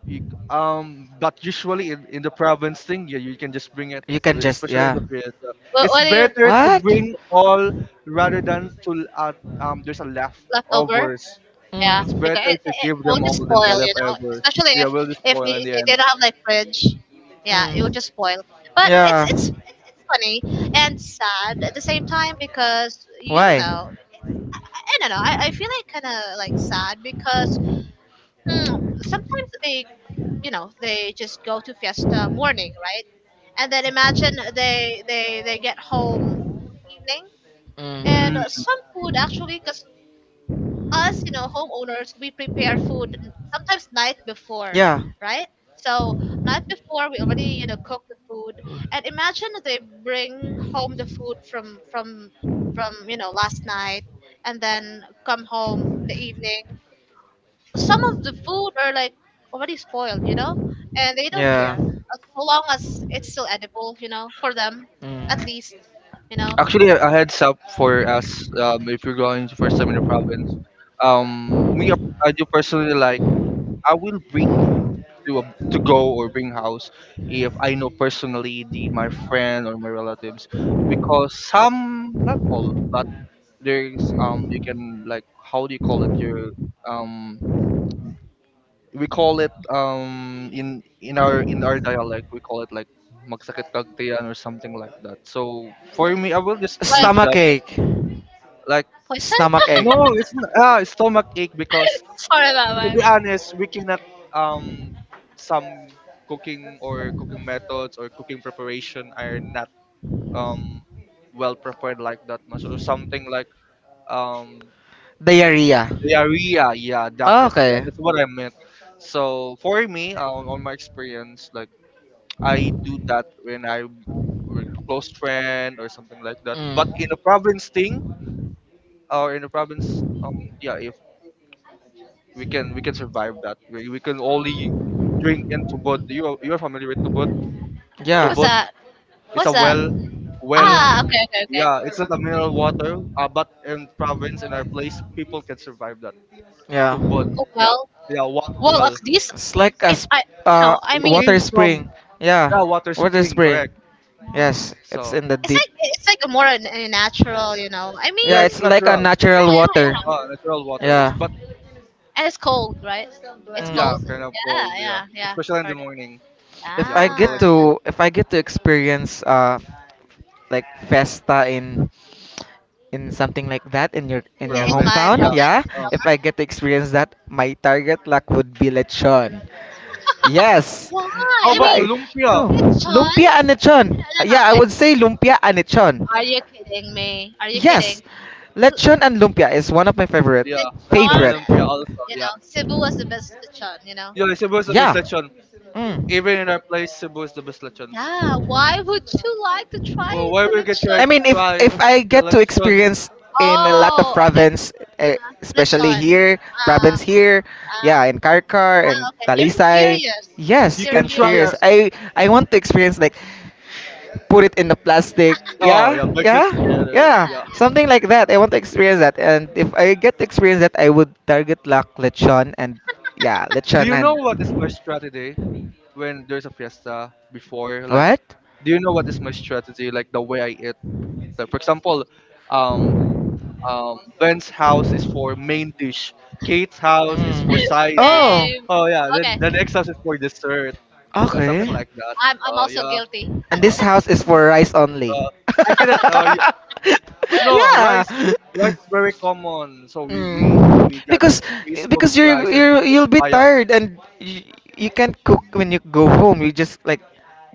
[SPEAKER 3] but usually in the province thing, yeah, you can just bring it,
[SPEAKER 2] You can just
[SPEAKER 3] especially in
[SPEAKER 2] yeah.
[SPEAKER 3] the fiesta. It's
[SPEAKER 1] What do you,
[SPEAKER 3] better to
[SPEAKER 2] What?
[SPEAKER 3] bring all rather than to there's a
[SPEAKER 1] left over?
[SPEAKER 3] leftovers.
[SPEAKER 1] Yeah,
[SPEAKER 3] It's
[SPEAKER 2] Mm.
[SPEAKER 1] because
[SPEAKER 3] better
[SPEAKER 1] it,
[SPEAKER 3] to
[SPEAKER 1] it, it
[SPEAKER 3] give
[SPEAKER 1] will
[SPEAKER 3] them all
[SPEAKER 1] just
[SPEAKER 3] than the
[SPEAKER 1] spoil, you know.
[SPEAKER 3] leftovers,
[SPEAKER 1] Especially
[SPEAKER 3] yeah,
[SPEAKER 1] if
[SPEAKER 3] we'll just
[SPEAKER 1] if
[SPEAKER 3] spoil in
[SPEAKER 1] we,
[SPEAKER 3] the
[SPEAKER 1] they
[SPEAKER 3] end.
[SPEAKER 1] don't have like fridge, yeah, it will
[SPEAKER 2] Mm.
[SPEAKER 1] just spoil. But it's
[SPEAKER 2] Yeah.
[SPEAKER 1] it's funny and sad at the same time because, you
[SPEAKER 2] Why?
[SPEAKER 1] know, I don't know, I feel like kind of like sad because, sometimes they, you know, they just go to fiesta morning, right? And then imagine they get home evening,
[SPEAKER 2] Mm.
[SPEAKER 1] and
[SPEAKER 3] Mm.
[SPEAKER 1] some food, actually, because us, you know, homeowners, we prepare food, sometimes night before. Yeah,
[SPEAKER 2] Yeah.
[SPEAKER 1] right. So night before we already, you know, cook the food, and imagine they bring home the food from you know last night, and then come home in the evening, some of the food are like already spoiled, you know, and they don't
[SPEAKER 2] Yeah.
[SPEAKER 1] care as long as it's still edible, you know, for them, at
[SPEAKER 2] Mm.
[SPEAKER 1] least, you know,
[SPEAKER 3] Actually, a heads up for us, if you're going for some Summer Province. Um, me, uh, I do personally like. I will bring to to go or bring house if I know personally the my friend or my relatives, because some not all, but there's you can like how do you call it, your um we call it in our dialect we call it like magsakit kagtayan or something like that. So for me, I will just
[SPEAKER 1] like
[SPEAKER 3] do that.
[SPEAKER 2] Stomachache.
[SPEAKER 3] Like,
[SPEAKER 1] poison.
[SPEAKER 2] Stomachache.
[SPEAKER 3] no, it's stomach ache, because
[SPEAKER 1] Sorry about
[SPEAKER 3] to be
[SPEAKER 1] that.
[SPEAKER 3] honest, we cannot um some cooking or cooking methods or cooking preparation are not um well prepared like that much or something like um
[SPEAKER 2] Diarrhea.
[SPEAKER 3] diarrhea. Yeah,
[SPEAKER 2] Ah,
[SPEAKER 3] yeah,
[SPEAKER 2] okay.
[SPEAKER 3] that's what I meant. So for me, on my experience, like I do that when I'm with a close friend or something like that. But
[SPEAKER 2] Mm.
[SPEAKER 3] in a province thing or in a province, yeah, if we can survive that. We can only drink in tubod. You are familiar with tubod?
[SPEAKER 2] Yeah.
[SPEAKER 1] What's
[SPEAKER 3] Tubod,
[SPEAKER 1] that?
[SPEAKER 3] it's
[SPEAKER 1] What's
[SPEAKER 3] a
[SPEAKER 1] that?
[SPEAKER 3] well,
[SPEAKER 1] Ah,
[SPEAKER 2] Mm.
[SPEAKER 1] okay, okay,
[SPEAKER 3] yeah, it's not
[SPEAKER 1] okay.
[SPEAKER 3] a mineral water. But in province in our place, people can survive that.
[SPEAKER 2] Yeah.
[SPEAKER 3] Tubod,
[SPEAKER 1] Oh,
[SPEAKER 3] yeah,
[SPEAKER 1] well,
[SPEAKER 3] yeah, water
[SPEAKER 1] well, at
[SPEAKER 3] well.
[SPEAKER 1] least
[SPEAKER 2] It's like a
[SPEAKER 1] if I, you
[SPEAKER 2] uh,
[SPEAKER 1] know, I
[SPEAKER 3] It
[SPEAKER 1] mean,
[SPEAKER 2] water
[SPEAKER 3] came from
[SPEAKER 2] spring. Yeah.
[SPEAKER 3] the water
[SPEAKER 2] Water
[SPEAKER 3] spring,
[SPEAKER 2] spring.
[SPEAKER 3] correct?
[SPEAKER 2] Yes, it's
[SPEAKER 3] So
[SPEAKER 2] in the
[SPEAKER 1] it's
[SPEAKER 2] deep.
[SPEAKER 1] like, it's like a more a natural, you know. I
[SPEAKER 3] yeah,
[SPEAKER 2] Yeah,
[SPEAKER 1] mean,
[SPEAKER 3] it's
[SPEAKER 2] it's
[SPEAKER 1] yeah,
[SPEAKER 2] like a
[SPEAKER 3] natural.
[SPEAKER 2] natural water.
[SPEAKER 1] yeah,
[SPEAKER 3] Natural
[SPEAKER 1] yeah,
[SPEAKER 3] water. It's
[SPEAKER 2] Yeah.
[SPEAKER 1] yeah.
[SPEAKER 3] but
[SPEAKER 1] And it's cold, right? It's
[SPEAKER 3] yeah,
[SPEAKER 1] cold.
[SPEAKER 2] Mm.
[SPEAKER 3] kind of
[SPEAKER 1] Yeah,
[SPEAKER 3] cold. Yeah,
[SPEAKER 1] yeah, yeah.
[SPEAKER 3] especially in the
[SPEAKER 1] Heard it.
[SPEAKER 3] morning. Yeah, we call it
[SPEAKER 1] Ah,
[SPEAKER 3] food
[SPEAKER 2] If I get to experience like festa in something like that in your
[SPEAKER 1] in my
[SPEAKER 3] province. Yeah.
[SPEAKER 2] hometown, yeah,
[SPEAKER 1] province.
[SPEAKER 3] Uh,
[SPEAKER 2] if I get to experience that, my target luck would be lechon. Yes.
[SPEAKER 1] Why?
[SPEAKER 3] how
[SPEAKER 1] I
[SPEAKER 3] about the
[SPEAKER 1] mean,
[SPEAKER 2] Why?
[SPEAKER 3] lumpia?
[SPEAKER 2] No.
[SPEAKER 1] Sean,
[SPEAKER 2] Lumpia and
[SPEAKER 1] no,
[SPEAKER 2] lechon.
[SPEAKER 1] no, no,
[SPEAKER 2] Yeah, I would say lumpia and lechon.
[SPEAKER 1] are you kidding me? Are you
[SPEAKER 2] Yes,
[SPEAKER 1] kidding?
[SPEAKER 2] lechon and lumpia is one of my favorite
[SPEAKER 3] Yeah, lechon
[SPEAKER 1] Lechon,
[SPEAKER 3] and
[SPEAKER 2] favorite
[SPEAKER 3] lumpia also.
[SPEAKER 1] you
[SPEAKER 3] Yeah.
[SPEAKER 1] know, Cebu was the best lechon, you know.
[SPEAKER 3] Yeah, Cebu is the best
[SPEAKER 2] Yeah.
[SPEAKER 3] lechon.
[SPEAKER 2] Mm.
[SPEAKER 3] Even in our place, Cebu is the best lechon.
[SPEAKER 1] Yeah, why would you like to
[SPEAKER 3] Oh,
[SPEAKER 1] try
[SPEAKER 3] why
[SPEAKER 1] the
[SPEAKER 3] we get
[SPEAKER 1] lechon?
[SPEAKER 2] I mean, if
[SPEAKER 3] try
[SPEAKER 2] if I
[SPEAKER 3] the
[SPEAKER 2] get to
[SPEAKER 3] lechon?
[SPEAKER 2] experience in a lot of
[SPEAKER 1] Oh, okay,
[SPEAKER 2] province, eh, especially
[SPEAKER 1] lechon.
[SPEAKER 2] here,
[SPEAKER 1] Ah,
[SPEAKER 2] province here,
[SPEAKER 1] ah,
[SPEAKER 2] yeah, in Karkar and
[SPEAKER 1] ah, okay. You're just
[SPEAKER 2] Talisay,
[SPEAKER 1] curious.
[SPEAKER 3] You
[SPEAKER 2] yes,
[SPEAKER 1] You're
[SPEAKER 3] can
[SPEAKER 2] I'm
[SPEAKER 3] try.
[SPEAKER 2] curious.
[SPEAKER 3] Our,
[SPEAKER 1] curious.
[SPEAKER 2] I want to experience like put it in the plastic,
[SPEAKER 3] oh
[SPEAKER 2] yeah,
[SPEAKER 3] yeah, mix it
[SPEAKER 2] yeah,
[SPEAKER 3] together.
[SPEAKER 2] yeah,
[SPEAKER 3] Yeah.
[SPEAKER 2] something like that. I want to experience that, and if I get to experience that, I would target Lac Lechon and yeah,
[SPEAKER 3] Do
[SPEAKER 2] Lechon
[SPEAKER 3] you know what is my
[SPEAKER 2] and
[SPEAKER 3] strategy when there's a fiesta before? Like,
[SPEAKER 2] what?
[SPEAKER 3] do you know what is my strategy? Like the way I eat.
[SPEAKER 2] Mm.
[SPEAKER 3] Like for example, um, Ben's house is for main dish. Kate's house is for side dish.
[SPEAKER 2] Oh,
[SPEAKER 1] Same.
[SPEAKER 3] Oh yeah, then
[SPEAKER 1] Okay.
[SPEAKER 3] the next house is for dessert. Yeah, something
[SPEAKER 2] okay.
[SPEAKER 1] Yeah.
[SPEAKER 3] like that.
[SPEAKER 1] I'm
[SPEAKER 3] Uh,
[SPEAKER 1] also
[SPEAKER 3] yeah.
[SPEAKER 1] guilty.
[SPEAKER 2] And
[SPEAKER 3] Uh,
[SPEAKER 2] this house is for rice only.
[SPEAKER 3] uh, I get it. No
[SPEAKER 2] Yeah.
[SPEAKER 3] rice. Rice is very common, so we we
[SPEAKER 2] Mm.
[SPEAKER 3] we got this
[SPEAKER 2] Because
[SPEAKER 3] three scoop
[SPEAKER 2] because
[SPEAKER 3] of
[SPEAKER 2] you're
[SPEAKER 3] rice and
[SPEAKER 2] you're
[SPEAKER 3] the
[SPEAKER 2] you'll be
[SPEAKER 3] papaya.
[SPEAKER 2] tired and you can't cook when you go home. You just like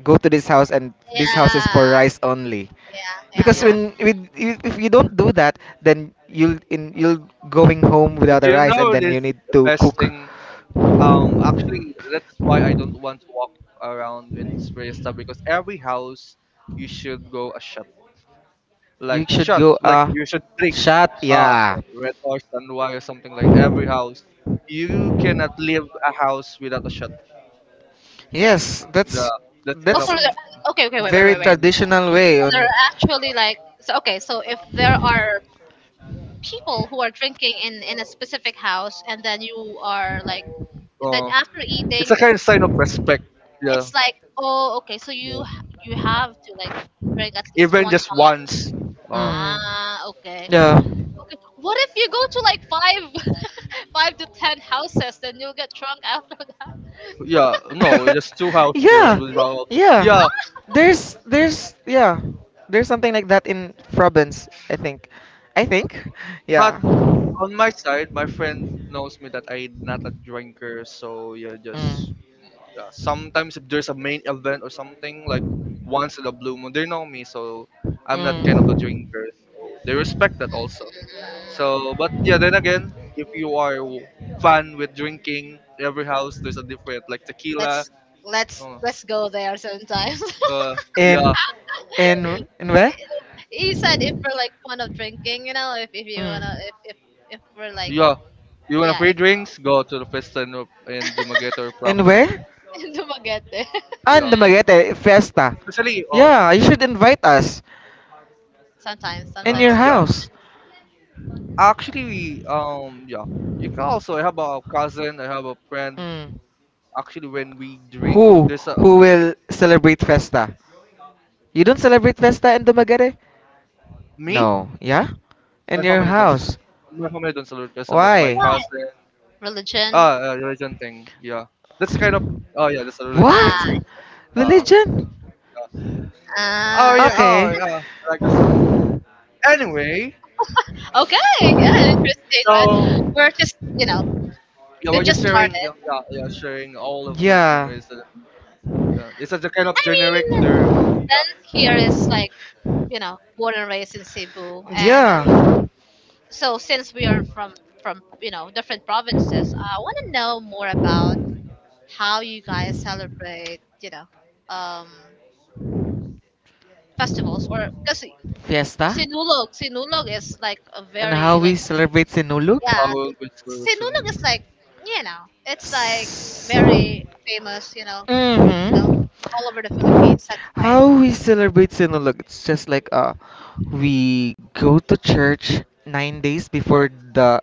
[SPEAKER 2] go to this house and this house is for
[SPEAKER 1] Yeah,
[SPEAKER 2] rice only.
[SPEAKER 1] yeah, yeah,
[SPEAKER 2] Because
[SPEAKER 3] Yeah.
[SPEAKER 1] yeah.
[SPEAKER 2] when with if you don't do that, then you'll going home
[SPEAKER 3] Do
[SPEAKER 2] without a
[SPEAKER 3] you
[SPEAKER 2] rice, and
[SPEAKER 3] know
[SPEAKER 2] then
[SPEAKER 3] this
[SPEAKER 2] you need
[SPEAKER 3] the
[SPEAKER 2] to
[SPEAKER 3] best
[SPEAKER 2] cook.
[SPEAKER 3] thing? Actually, that is why I don't want to walk around when it's very stuff, because every house you should go a shot. Like
[SPEAKER 2] You should
[SPEAKER 3] shot,
[SPEAKER 2] go
[SPEAKER 3] like you should drink
[SPEAKER 2] shot.
[SPEAKER 3] uh
[SPEAKER 2] Yeah,
[SPEAKER 3] red horse and why or something, like every house you cannot leave a house without a shot.
[SPEAKER 2] yes,
[SPEAKER 3] The
[SPEAKER 2] that's
[SPEAKER 3] that
[SPEAKER 1] Oh,
[SPEAKER 3] kind of.
[SPEAKER 1] so
[SPEAKER 2] that's a
[SPEAKER 1] there, okay, okay, wait, wait,
[SPEAKER 2] very
[SPEAKER 1] wait, wait.
[SPEAKER 3] Mm,
[SPEAKER 2] traditional way
[SPEAKER 1] So there
[SPEAKER 2] on.
[SPEAKER 1] are actually like, so okay, so if there are people who are drinking in a specific house, and then you are like, then
[SPEAKER 3] uh,
[SPEAKER 1] after
[SPEAKER 3] it's
[SPEAKER 1] eating,
[SPEAKER 3] a kind of sign of respect, yeah,
[SPEAKER 1] it's like, oh, okay, so
[SPEAKER 3] yeah.
[SPEAKER 1] you you have to like drink at least
[SPEAKER 3] Even
[SPEAKER 1] one
[SPEAKER 3] just
[SPEAKER 1] shot.
[SPEAKER 3] once, uh,
[SPEAKER 2] Mm,
[SPEAKER 1] Ah, okay.
[SPEAKER 2] yeah.
[SPEAKER 1] Okay. What if you go to like five five to 10 houses, then you'll get drunk after that?
[SPEAKER 3] yeah, no, just two houses, that's
[SPEAKER 2] Yeah,
[SPEAKER 3] what about- yeah,
[SPEAKER 2] yeah. There's yeah, there's something like that in Province. I think,
[SPEAKER 3] but
[SPEAKER 2] yeah. Mm.
[SPEAKER 3] on my side, my friend knows me that I'm not a drinker, so yeah, just sometimes if there's a main event or something like once in a blue moon, they know me, so I'm not kind of a
[SPEAKER 2] Mm.
[SPEAKER 3] drinker. So they respect that also.
[SPEAKER 1] Mm,
[SPEAKER 3] So, but yeah, then again, if you are fun with drinking, every house there's a different, like tequila.
[SPEAKER 1] let's let's
[SPEAKER 3] Uh,
[SPEAKER 1] let's go there sometime.
[SPEAKER 3] uh, yeah,
[SPEAKER 2] In in where?
[SPEAKER 1] He said if we're like fond of drinking, you know, if you wanna,
[SPEAKER 2] Mm.
[SPEAKER 1] if we're like,
[SPEAKER 3] yeah. You want a
[SPEAKER 1] yeah,
[SPEAKER 3] free
[SPEAKER 1] if
[SPEAKER 3] drinks? Go to the Fiesta in Dumaguete or
[SPEAKER 2] And
[SPEAKER 3] province.
[SPEAKER 2] where?
[SPEAKER 1] Dumaguete.
[SPEAKER 2] And
[SPEAKER 3] Yeah,
[SPEAKER 2] the Magete Fiesta.
[SPEAKER 3] especially oh
[SPEAKER 2] Yeah, you should invite us
[SPEAKER 1] Sometimes,
[SPEAKER 2] in your
[SPEAKER 1] sometimes so,
[SPEAKER 3] yeah.
[SPEAKER 2] house.
[SPEAKER 3] Actually, we yeah. You can also. I have a cousin. I have a friend
[SPEAKER 2] Mm.
[SPEAKER 3] actually when we drink,
[SPEAKER 2] Who
[SPEAKER 3] there's a
[SPEAKER 2] who will celebrate Festa? You don't celebrate Festa in Dumaguete?
[SPEAKER 3] me.
[SPEAKER 2] No. Yeah? In
[SPEAKER 3] My
[SPEAKER 2] your
[SPEAKER 3] family don't s-
[SPEAKER 2] house.
[SPEAKER 3] my family don't celebrate Quezon, but my
[SPEAKER 2] Why?
[SPEAKER 1] what,
[SPEAKER 3] cousin.
[SPEAKER 1] religion?
[SPEAKER 3] Ah, religion thing. Yeah, that's kind of. Oh yeah, that's a religion
[SPEAKER 1] Ah,
[SPEAKER 3] thing.
[SPEAKER 2] What?
[SPEAKER 3] Uh,
[SPEAKER 2] Religion?
[SPEAKER 3] oh
[SPEAKER 1] ah,
[SPEAKER 3] yeah,
[SPEAKER 2] Okay.
[SPEAKER 3] oh yeah. Like a some. Anyway,
[SPEAKER 1] okay, yeah, interesting,
[SPEAKER 3] so
[SPEAKER 1] right? We're just, you know,
[SPEAKER 3] yeah,
[SPEAKER 1] we've
[SPEAKER 3] we're just
[SPEAKER 1] just started.
[SPEAKER 3] sharing. Yeah, yeah, yeah, sharing all of those
[SPEAKER 2] Yeah.
[SPEAKER 3] memories. It's such a kind of
[SPEAKER 1] I mean,
[SPEAKER 3] generic term.
[SPEAKER 1] dance here is like, you know, born and raised in Cebu, and
[SPEAKER 3] Yeah,
[SPEAKER 2] Yeah,
[SPEAKER 3] yeah.
[SPEAKER 1] so since we are from you know different provinces, I want to know more about how you guys celebrate, you know, um, festivals or because
[SPEAKER 2] fiesta
[SPEAKER 1] Sinulog, Sinulog is like a
[SPEAKER 2] and how
[SPEAKER 1] very
[SPEAKER 2] we
[SPEAKER 1] like,
[SPEAKER 2] celebrate Sinulog.
[SPEAKER 1] yeah,
[SPEAKER 3] How with salutes
[SPEAKER 1] Sinulog
[SPEAKER 3] and-
[SPEAKER 1] is like, you know, it's like very famous, you know,
[SPEAKER 2] Mm-hmm.
[SPEAKER 1] all over the Philippines. That's
[SPEAKER 2] How
[SPEAKER 1] fine.
[SPEAKER 2] we celebrate Sinulog? It's just like we go to church 9 days before the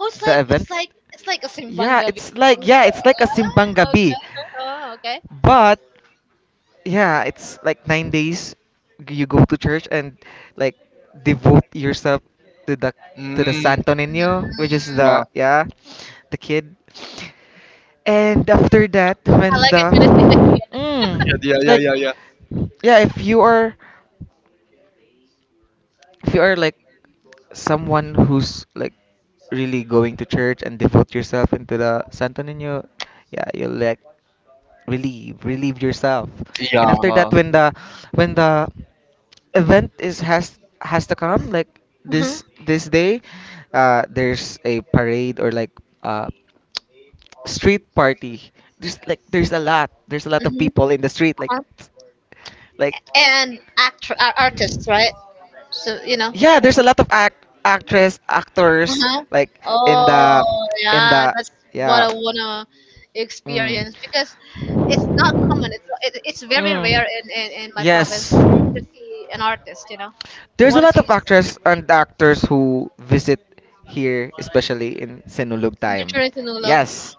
[SPEAKER 1] Oh, it's
[SPEAKER 2] the
[SPEAKER 1] like,
[SPEAKER 2] event.
[SPEAKER 1] it's like a simbang gabi.
[SPEAKER 2] Yeah,
[SPEAKER 1] Ah,
[SPEAKER 2] it's like a simpang gabi,
[SPEAKER 1] okay. Oh, okay.
[SPEAKER 2] but yeah, it's like 9 days you go to church and like devote yourself to the to the
[SPEAKER 3] Mm,
[SPEAKER 2] Santo
[SPEAKER 1] Mm,
[SPEAKER 2] Nino, which is
[SPEAKER 3] yeah, yeah,
[SPEAKER 2] the yeah, the kid. And after that,
[SPEAKER 1] I
[SPEAKER 2] when
[SPEAKER 1] like it
[SPEAKER 2] the
[SPEAKER 1] when it's,
[SPEAKER 2] mm,
[SPEAKER 3] yeah, yeah,
[SPEAKER 2] like
[SPEAKER 3] yeah, yeah.
[SPEAKER 2] yeah, if you are like someone who's like really going to church and devote yourself into the Santo Nino, yeah, you'll like relieve yourself. And
[SPEAKER 1] mhm,
[SPEAKER 2] after that,
[SPEAKER 3] Yeah.
[SPEAKER 2] when the event is has to come, like
[SPEAKER 1] mhm,
[SPEAKER 2] this day, there's a parade, or like uh street party. There's like there's a lot there's a lot of
[SPEAKER 1] mhm,
[SPEAKER 2] people in the street, like
[SPEAKER 1] uh-huh.
[SPEAKER 2] like
[SPEAKER 1] And actor, artists, right? So you know.
[SPEAKER 2] Yeah, there's a lot of actors,
[SPEAKER 1] Uh-huh.
[SPEAKER 2] like in the
[SPEAKER 1] Oh
[SPEAKER 2] in
[SPEAKER 1] yeah,
[SPEAKER 2] the
[SPEAKER 1] that's what
[SPEAKER 2] yeah.
[SPEAKER 1] I wanna
[SPEAKER 2] Mm.
[SPEAKER 1] experience because it's not common. It's, it's very
[SPEAKER 2] Mm.
[SPEAKER 1] rare in, in my yes, province
[SPEAKER 2] Yes.
[SPEAKER 1] to see an artist. You know, the, there's
[SPEAKER 2] There's a
[SPEAKER 1] one, not a
[SPEAKER 2] lot
[SPEAKER 1] see
[SPEAKER 2] of actors and actors who visit here, especially in Senulog
[SPEAKER 1] in
[SPEAKER 2] time.
[SPEAKER 1] Turin, yes. Yes.
[SPEAKER 2] Yes,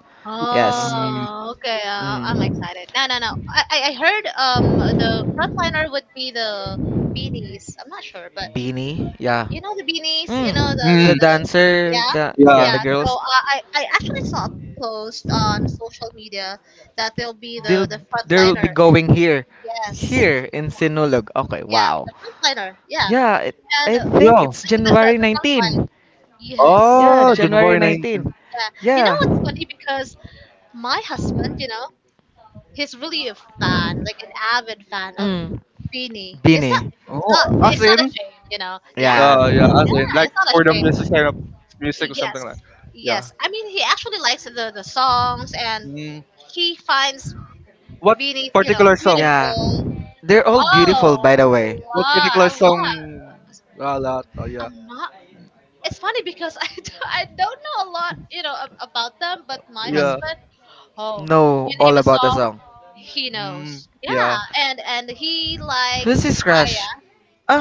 [SPEAKER 2] yes.
[SPEAKER 3] Mm.
[SPEAKER 1] Oh, okay. I'm
[SPEAKER 2] Mm.
[SPEAKER 1] excited. No, no, no. I heard the frontliner would be the beanies. I'm not sure, but
[SPEAKER 2] Beanie, yeah.
[SPEAKER 1] you know the beanies. Mm. You know
[SPEAKER 2] Mm.
[SPEAKER 1] the the,
[SPEAKER 2] The
[SPEAKER 3] Mm,
[SPEAKER 1] the
[SPEAKER 2] dancer,
[SPEAKER 1] yeah,
[SPEAKER 2] the, yeah,
[SPEAKER 3] yeah,
[SPEAKER 2] the
[SPEAKER 1] yeah. So
[SPEAKER 2] girls.
[SPEAKER 1] I actually saw a post on social media that they'll be the
[SPEAKER 2] They'll
[SPEAKER 1] the
[SPEAKER 2] they'll be
[SPEAKER 1] frontliner.
[SPEAKER 2] going here,
[SPEAKER 1] Yes.
[SPEAKER 2] in Sinulog. Okay,
[SPEAKER 1] Yeah,
[SPEAKER 2] wow.
[SPEAKER 1] the frontliner. Yeah,
[SPEAKER 2] Yeah,
[SPEAKER 1] yeah. And
[SPEAKER 2] I think
[SPEAKER 3] yeah.
[SPEAKER 2] it's
[SPEAKER 1] right?
[SPEAKER 2] January
[SPEAKER 1] The front line.
[SPEAKER 2] 19.
[SPEAKER 1] Yes,
[SPEAKER 2] Yeah,
[SPEAKER 3] Oh,
[SPEAKER 2] January
[SPEAKER 3] January
[SPEAKER 2] 19.
[SPEAKER 3] 19th.
[SPEAKER 1] yeah. You yeah, know
[SPEAKER 2] Yeah.
[SPEAKER 1] yeah, what's funny? Because my husband, you know, he's really a fan, like an avid fan of
[SPEAKER 2] Mm.
[SPEAKER 1] Beanie. It's Beanie, not,
[SPEAKER 2] Bini.
[SPEAKER 1] it's not,
[SPEAKER 3] Oh, as
[SPEAKER 1] it's not a
[SPEAKER 3] in?
[SPEAKER 1] shame, you know. Yeah, yeah,
[SPEAKER 2] Yeah.
[SPEAKER 3] Yeah, as in,
[SPEAKER 1] yeah,
[SPEAKER 3] like
[SPEAKER 1] it's not a
[SPEAKER 3] for the
[SPEAKER 1] shame.
[SPEAKER 3] music kind of music or
[SPEAKER 1] Yes,
[SPEAKER 3] something like. Yeah.
[SPEAKER 1] yes. I mean, he actually likes the songs, and
[SPEAKER 3] Mm,
[SPEAKER 1] he finds
[SPEAKER 3] what
[SPEAKER 1] Beanie's, you know,
[SPEAKER 3] particular song?
[SPEAKER 2] Yeah.
[SPEAKER 1] beautiful.
[SPEAKER 2] They're all beautiful,
[SPEAKER 1] Oh,
[SPEAKER 2] by the way.
[SPEAKER 3] What
[SPEAKER 1] wow,
[SPEAKER 3] particular
[SPEAKER 1] a lot.
[SPEAKER 3] song? Ah, lot. Oh, yeah.
[SPEAKER 1] I'm not It's funny because I, I don't know a lot, you know, about them, but my
[SPEAKER 2] Mm.
[SPEAKER 3] Yeah.
[SPEAKER 1] husband— oh,
[SPEAKER 2] Know
[SPEAKER 1] you name
[SPEAKER 2] all
[SPEAKER 1] a
[SPEAKER 2] about the
[SPEAKER 1] song,
[SPEAKER 2] song.
[SPEAKER 1] he
[SPEAKER 3] Mm,
[SPEAKER 1] knows.
[SPEAKER 3] yeah.
[SPEAKER 1] Yeah, and he
[SPEAKER 2] Who's
[SPEAKER 1] likes
[SPEAKER 2] his
[SPEAKER 1] Aya.
[SPEAKER 2] crush?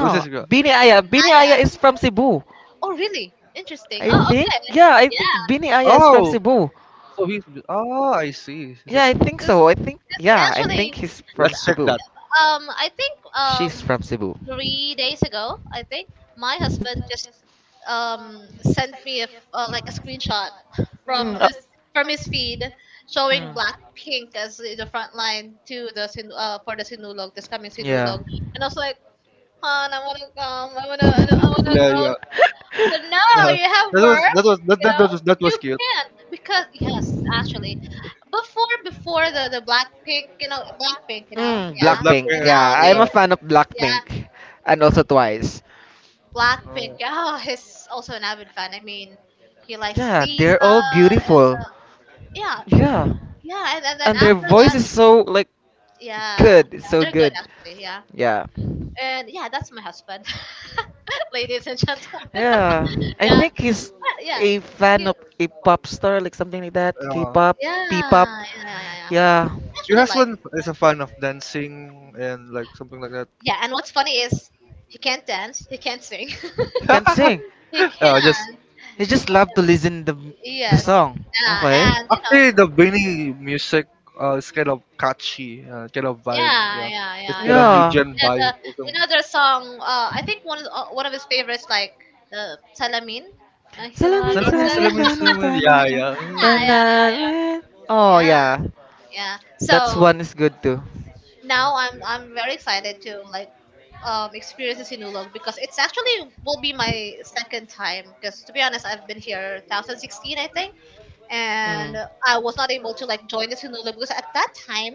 [SPEAKER 3] Who's this girl?
[SPEAKER 2] Bini Aya. Bini
[SPEAKER 1] Aya.
[SPEAKER 2] Aya is from Cebu.
[SPEAKER 1] Oh, really? Interesting.
[SPEAKER 2] I
[SPEAKER 1] Oh,
[SPEAKER 2] think,
[SPEAKER 1] okay.
[SPEAKER 2] yeah, I think
[SPEAKER 1] Yeah,
[SPEAKER 2] Bini Aya is from
[SPEAKER 3] Oh,
[SPEAKER 2] Cebu.
[SPEAKER 3] so he's. Oh, I see. He's
[SPEAKER 2] Yeah,
[SPEAKER 3] a,
[SPEAKER 2] I think
[SPEAKER 1] because
[SPEAKER 2] so. I think, yeah, I think
[SPEAKER 1] actually,
[SPEAKER 2] he's from
[SPEAKER 3] let's check
[SPEAKER 2] Cebu.
[SPEAKER 3] that.
[SPEAKER 1] I think
[SPEAKER 2] She's from Cebu.
[SPEAKER 1] 3 days ago, I think my husband just sent me a like a screenshot
[SPEAKER 2] Mm,
[SPEAKER 1] from his from his feed showing
[SPEAKER 2] mm.
[SPEAKER 1] Blackpink as the front line to the for the Sinulog, this coming
[SPEAKER 2] Yeah.
[SPEAKER 1] Sinulog, and I was like, Han, I wanna come, I wanna, I wanna, I wanna
[SPEAKER 3] Yeah,
[SPEAKER 1] go.
[SPEAKER 3] yeah.
[SPEAKER 1] But no,
[SPEAKER 3] that
[SPEAKER 1] you have work,
[SPEAKER 3] was that was that,
[SPEAKER 1] you
[SPEAKER 3] that,
[SPEAKER 1] know?
[SPEAKER 3] that was
[SPEAKER 1] You
[SPEAKER 3] cute.
[SPEAKER 1] can't, because yes, actually, before the Blackpink, you know, Blackpink, you know. Mm,
[SPEAKER 2] Mm,
[SPEAKER 3] Oh,
[SPEAKER 1] yeah,
[SPEAKER 3] black
[SPEAKER 2] Blackpink.
[SPEAKER 1] and
[SPEAKER 3] hair.
[SPEAKER 1] now
[SPEAKER 2] I'm
[SPEAKER 1] they—
[SPEAKER 3] Yeah.
[SPEAKER 2] a fan of, yeah,
[SPEAKER 1] yeah,
[SPEAKER 2] Blackpink and also Twice.
[SPEAKER 1] Blackpink.
[SPEAKER 3] Oh.
[SPEAKER 1] Oh, he's also an avid fan. I mean, he likes Lisa. And yeah,
[SPEAKER 2] Yeah. Yeah, and,
[SPEAKER 1] yeah, and then after that,
[SPEAKER 2] is so like.
[SPEAKER 1] yeah, yeah, they're good actually. Yeah,
[SPEAKER 2] Yeah. And.
[SPEAKER 1] and yeah, that's my husband, ladies and gentlemen.
[SPEAKER 2] Yeah, I
[SPEAKER 1] Yeah,
[SPEAKER 2] think he's
[SPEAKER 1] but yeah,
[SPEAKER 2] a fan
[SPEAKER 1] cute.
[SPEAKER 2] of a pop star, like something like that,
[SPEAKER 3] Yeah.
[SPEAKER 2] K-pop,
[SPEAKER 1] Yeah,
[SPEAKER 2] P-pop.
[SPEAKER 1] yeah, yeah, yeah, yeah. I
[SPEAKER 2] Yeah,
[SPEAKER 3] Your
[SPEAKER 1] actually like—
[SPEAKER 3] husband is a fan of dancing and like something like that.
[SPEAKER 1] yeah, and what's funny is he can't dance, he can't sing,
[SPEAKER 2] he can't sing.
[SPEAKER 1] he
[SPEAKER 3] Yeah, just
[SPEAKER 1] can.
[SPEAKER 2] He just love to listen the
[SPEAKER 1] Yes. So,
[SPEAKER 2] song.
[SPEAKER 1] yeah,
[SPEAKER 2] Okay.
[SPEAKER 1] and you know,
[SPEAKER 3] actually the Benny music is kind of catchy, kind of vibe.
[SPEAKER 1] yeah,
[SPEAKER 3] Yeah,
[SPEAKER 1] yeah,
[SPEAKER 3] it's
[SPEAKER 1] yeah,
[SPEAKER 3] kind of
[SPEAKER 1] yeah, yeah.
[SPEAKER 3] new
[SPEAKER 2] Yeah.
[SPEAKER 3] gen vibe.
[SPEAKER 1] You
[SPEAKER 3] Some-
[SPEAKER 1] know their song. I think one of his favorites, like the Salamin. He was
[SPEAKER 2] Salamin,
[SPEAKER 1] a
[SPEAKER 3] Salamin,
[SPEAKER 1] sala-
[SPEAKER 2] salamin,
[SPEAKER 3] salamin,
[SPEAKER 2] da na
[SPEAKER 3] salamin.
[SPEAKER 2] da na
[SPEAKER 3] Yeah,
[SPEAKER 2] na na
[SPEAKER 1] yeah,
[SPEAKER 3] yeah.
[SPEAKER 1] yeah.
[SPEAKER 2] na.
[SPEAKER 1] Oh,
[SPEAKER 2] Eh.
[SPEAKER 1] yeah,
[SPEAKER 2] Oh
[SPEAKER 1] yeah, yeah,
[SPEAKER 2] yeah,
[SPEAKER 1] yeah.
[SPEAKER 2] that's
[SPEAKER 1] So
[SPEAKER 2] one is good too.
[SPEAKER 1] now I'm very excited to like experience the Sinulog, because it's actually will be my second time. Because to be honest, I've been here 2016, I think, and I was not able to like join the Sinula because at that time,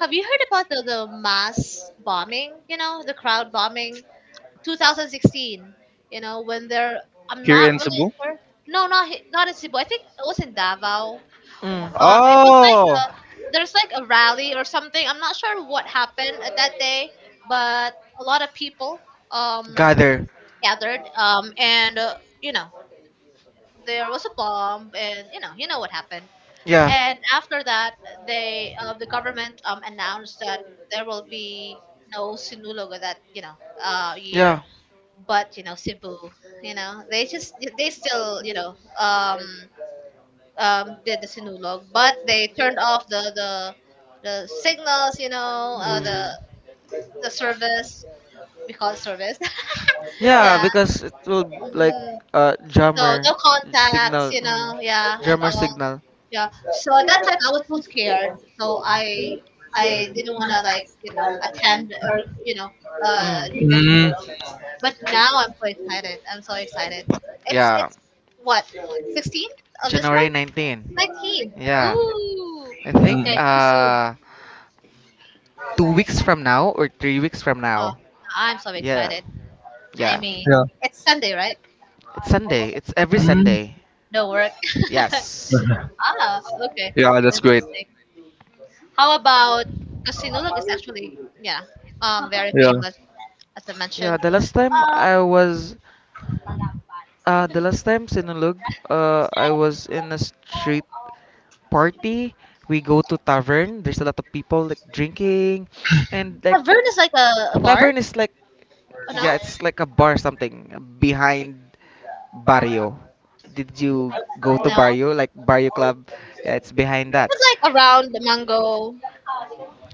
[SPEAKER 1] have you
[SPEAKER 2] Mm.
[SPEAKER 1] heard about the mass bombing? You know, the crowd bombing, 2016. You know, when they're— I'm
[SPEAKER 3] Here
[SPEAKER 1] not
[SPEAKER 3] in
[SPEAKER 1] really
[SPEAKER 3] Cebu.
[SPEAKER 1] sure. No, not in Cebu. I think it was in Davao.
[SPEAKER 2] Mm.
[SPEAKER 1] It was like
[SPEAKER 3] Oh,
[SPEAKER 1] there's like a rally or something. I'm not sure what happened at that day, but a lot of people um
[SPEAKER 2] Gather.
[SPEAKER 1] gathered, and you know, there was a bomb and you know, you know what happened.
[SPEAKER 2] Yeah.
[SPEAKER 1] And after that, they, the government, announced that there will be no sinulog that, you know, year.
[SPEAKER 2] Yeah.
[SPEAKER 1] But you know, cebu, you know, they still, you know, um, did the sinulog, but they turned off the signals, you know, the service, we
[SPEAKER 2] Mm.
[SPEAKER 1] call it service.
[SPEAKER 2] Yeah,
[SPEAKER 1] Yeah,
[SPEAKER 2] because it will like
[SPEAKER 1] mm, so
[SPEAKER 2] no.
[SPEAKER 1] no contacts, you know, yeah, and all. Yeah. So at that time I was so scared. So I didn't want to like, you know,
[SPEAKER 3] uh,
[SPEAKER 1] attend or, you know, do the
[SPEAKER 3] mm,
[SPEAKER 1] noodle. But now I'm so excited. I'm so excited.
[SPEAKER 2] Yeah,
[SPEAKER 1] It's what? 16th of this
[SPEAKER 2] January
[SPEAKER 1] month?
[SPEAKER 2] 19.
[SPEAKER 1] 19th.
[SPEAKER 2] Yeah.
[SPEAKER 1] Ooh.
[SPEAKER 2] I think
[SPEAKER 1] Okay,
[SPEAKER 3] mm,
[SPEAKER 1] too soon.
[SPEAKER 2] 2 weeks from now or 3 weeks from now.
[SPEAKER 1] Oh,
[SPEAKER 2] Something
[SPEAKER 1] I'm so
[SPEAKER 2] like. Yeah.
[SPEAKER 1] excited. I
[SPEAKER 2] Yeah,
[SPEAKER 1] mean,
[SPEAKER 3] yeah.
[SPEAKER 1] Sunday, right?
[SPEAKER 2] it's Sunday. It's every
[SPEAKER 1] Okay.
[SPEAKER 3] Mm,
[SPEAKER 2] Sunday.
[SPEAKER 1] No work.
[SPEAKER 2] Yes.
[SPEAKER 1] Ah, okay.
[SPEAKER 3] yeah, that's great.
[SPEAKER 1] How about sinulog is actually, yeah, very
[SPEAKER 3] Yeah.
[SPEAKER 1] famous, as I
[SPEAKER 2] Yeah,
[SPEAKER 1] mentioned.
[SPEAKER 2] the last time I was, the last time Sinulog, I was in a street party. We go to tavern. There's a lot of people like drinking, and like
[SPEAKER 1] Tavern is like a bar?
[SPEAKER 2] tavern is like,
[SPEAKER 1] Oh, no?
[SPEAKER 2] yeah, it's like a bar, something behind barrio. Did you go to
[SPEAKER 1] No.
[SPEAKER 2] barrio, like barrio club? Yeah, it's behind that.
[SPEAKER 1] It's like around the mango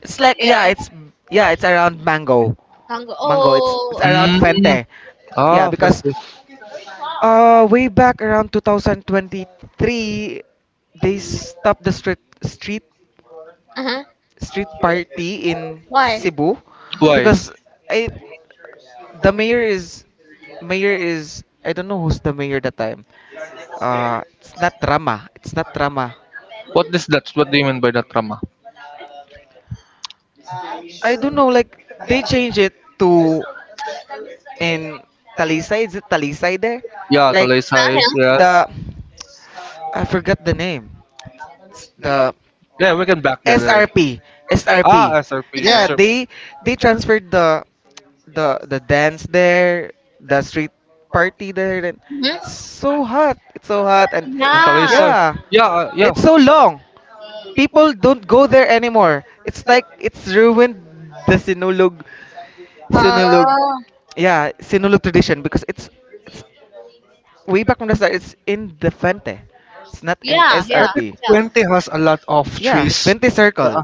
[SPEAKER 2] It's like, yeah,
[SPEAKER 1] area.
[SPEAKER 2] it's around mango.
[SPEAKER 1] Mango.
[SPEAKER 2] Mango. It's
[SPEAKER 1] Oh,
[SPEAKER 2] it's
[SPEAKER 1] okay.
[SPEAKER 2] around
[SPEAKER 3] Mm,
[SPEAKER 2] Fente. Yeah,
[SPEAKER 1] Mm-hmm.
[SPEAKER 3] ah,
[SPEAKER 2] because
[SPEAKER 3] fancy.
[SPEAKER 2] way back around 2023 they stopped the street street
[SPEAKER 1] Uh-huh.
[SPEAKER 2] street party in
[SPEAKER 1] Why?
[SPEAKER 2] Cebu,
[SPEAKER 1] Uh-huh.
[SPEAKER 3] Why?
[SPEAKER 2] because I the mayor is, I don't know who's the mayor that time. It's not Rama. It's not Rama.
[SPEAKER 3] What is that? What do you mean by that drama?
[SPEAKER 2] I don't know, like they change it to, in Talisay. Is it Talisay there?
[SPEAKER 3] Yeah,
[SPEAKER 2] Like,
[SPEAKER 3] Talisay, yes.
[SPEAKER 1] Uh-huh.
[SPEAKER 2] the I forgot the name. The
[SPEAKER 3] Yeah, we can back that in.
[SPEAKER 2] SRP,
[SPEAKER 3] Ah,
[SPEAKER 2] SRP.
[SPEAKER 3] SRP, the
[SPEAKER 2] Yeah,
[SPEAKER 3] SRP.
[SPEAKER 2] they transferred the dance there, the street party there. And it's
[SPEAKER 1] Hmm.
[SPEAKER 2] so hot. It's so hot, and
[SPEAKER 1] Yeah.
[SPEAKER 3] Talisay.
[SPEAKER 2] yeah,
[SPEAKER 3] Yeah, yeah.
[SPEAKER 2] it's so long. People don't go there anymore. It's like it's ruined the Sinulog Sinulog
[SPEAKER 1] Oh.
[SPEAKER 2] yeah, Sinulog tradition, because it's way back. From the start, it's in the Fente. It's not in
[SPEAKER 1] Yeah,
[SPEAKER 3] I
[SPEAKER 1] yeah,
[SPEAKER 3] think
[SPEAKER 2] SRP.
[SPEAKER 1] yeah.
[SPEAKER 3] 20 has a lot of
[SPEAKER 2] Yeah,
[SPEAKER 3] trees.
[SPEAKER 2] Fente Circle.
[SPEAKER 3] uh,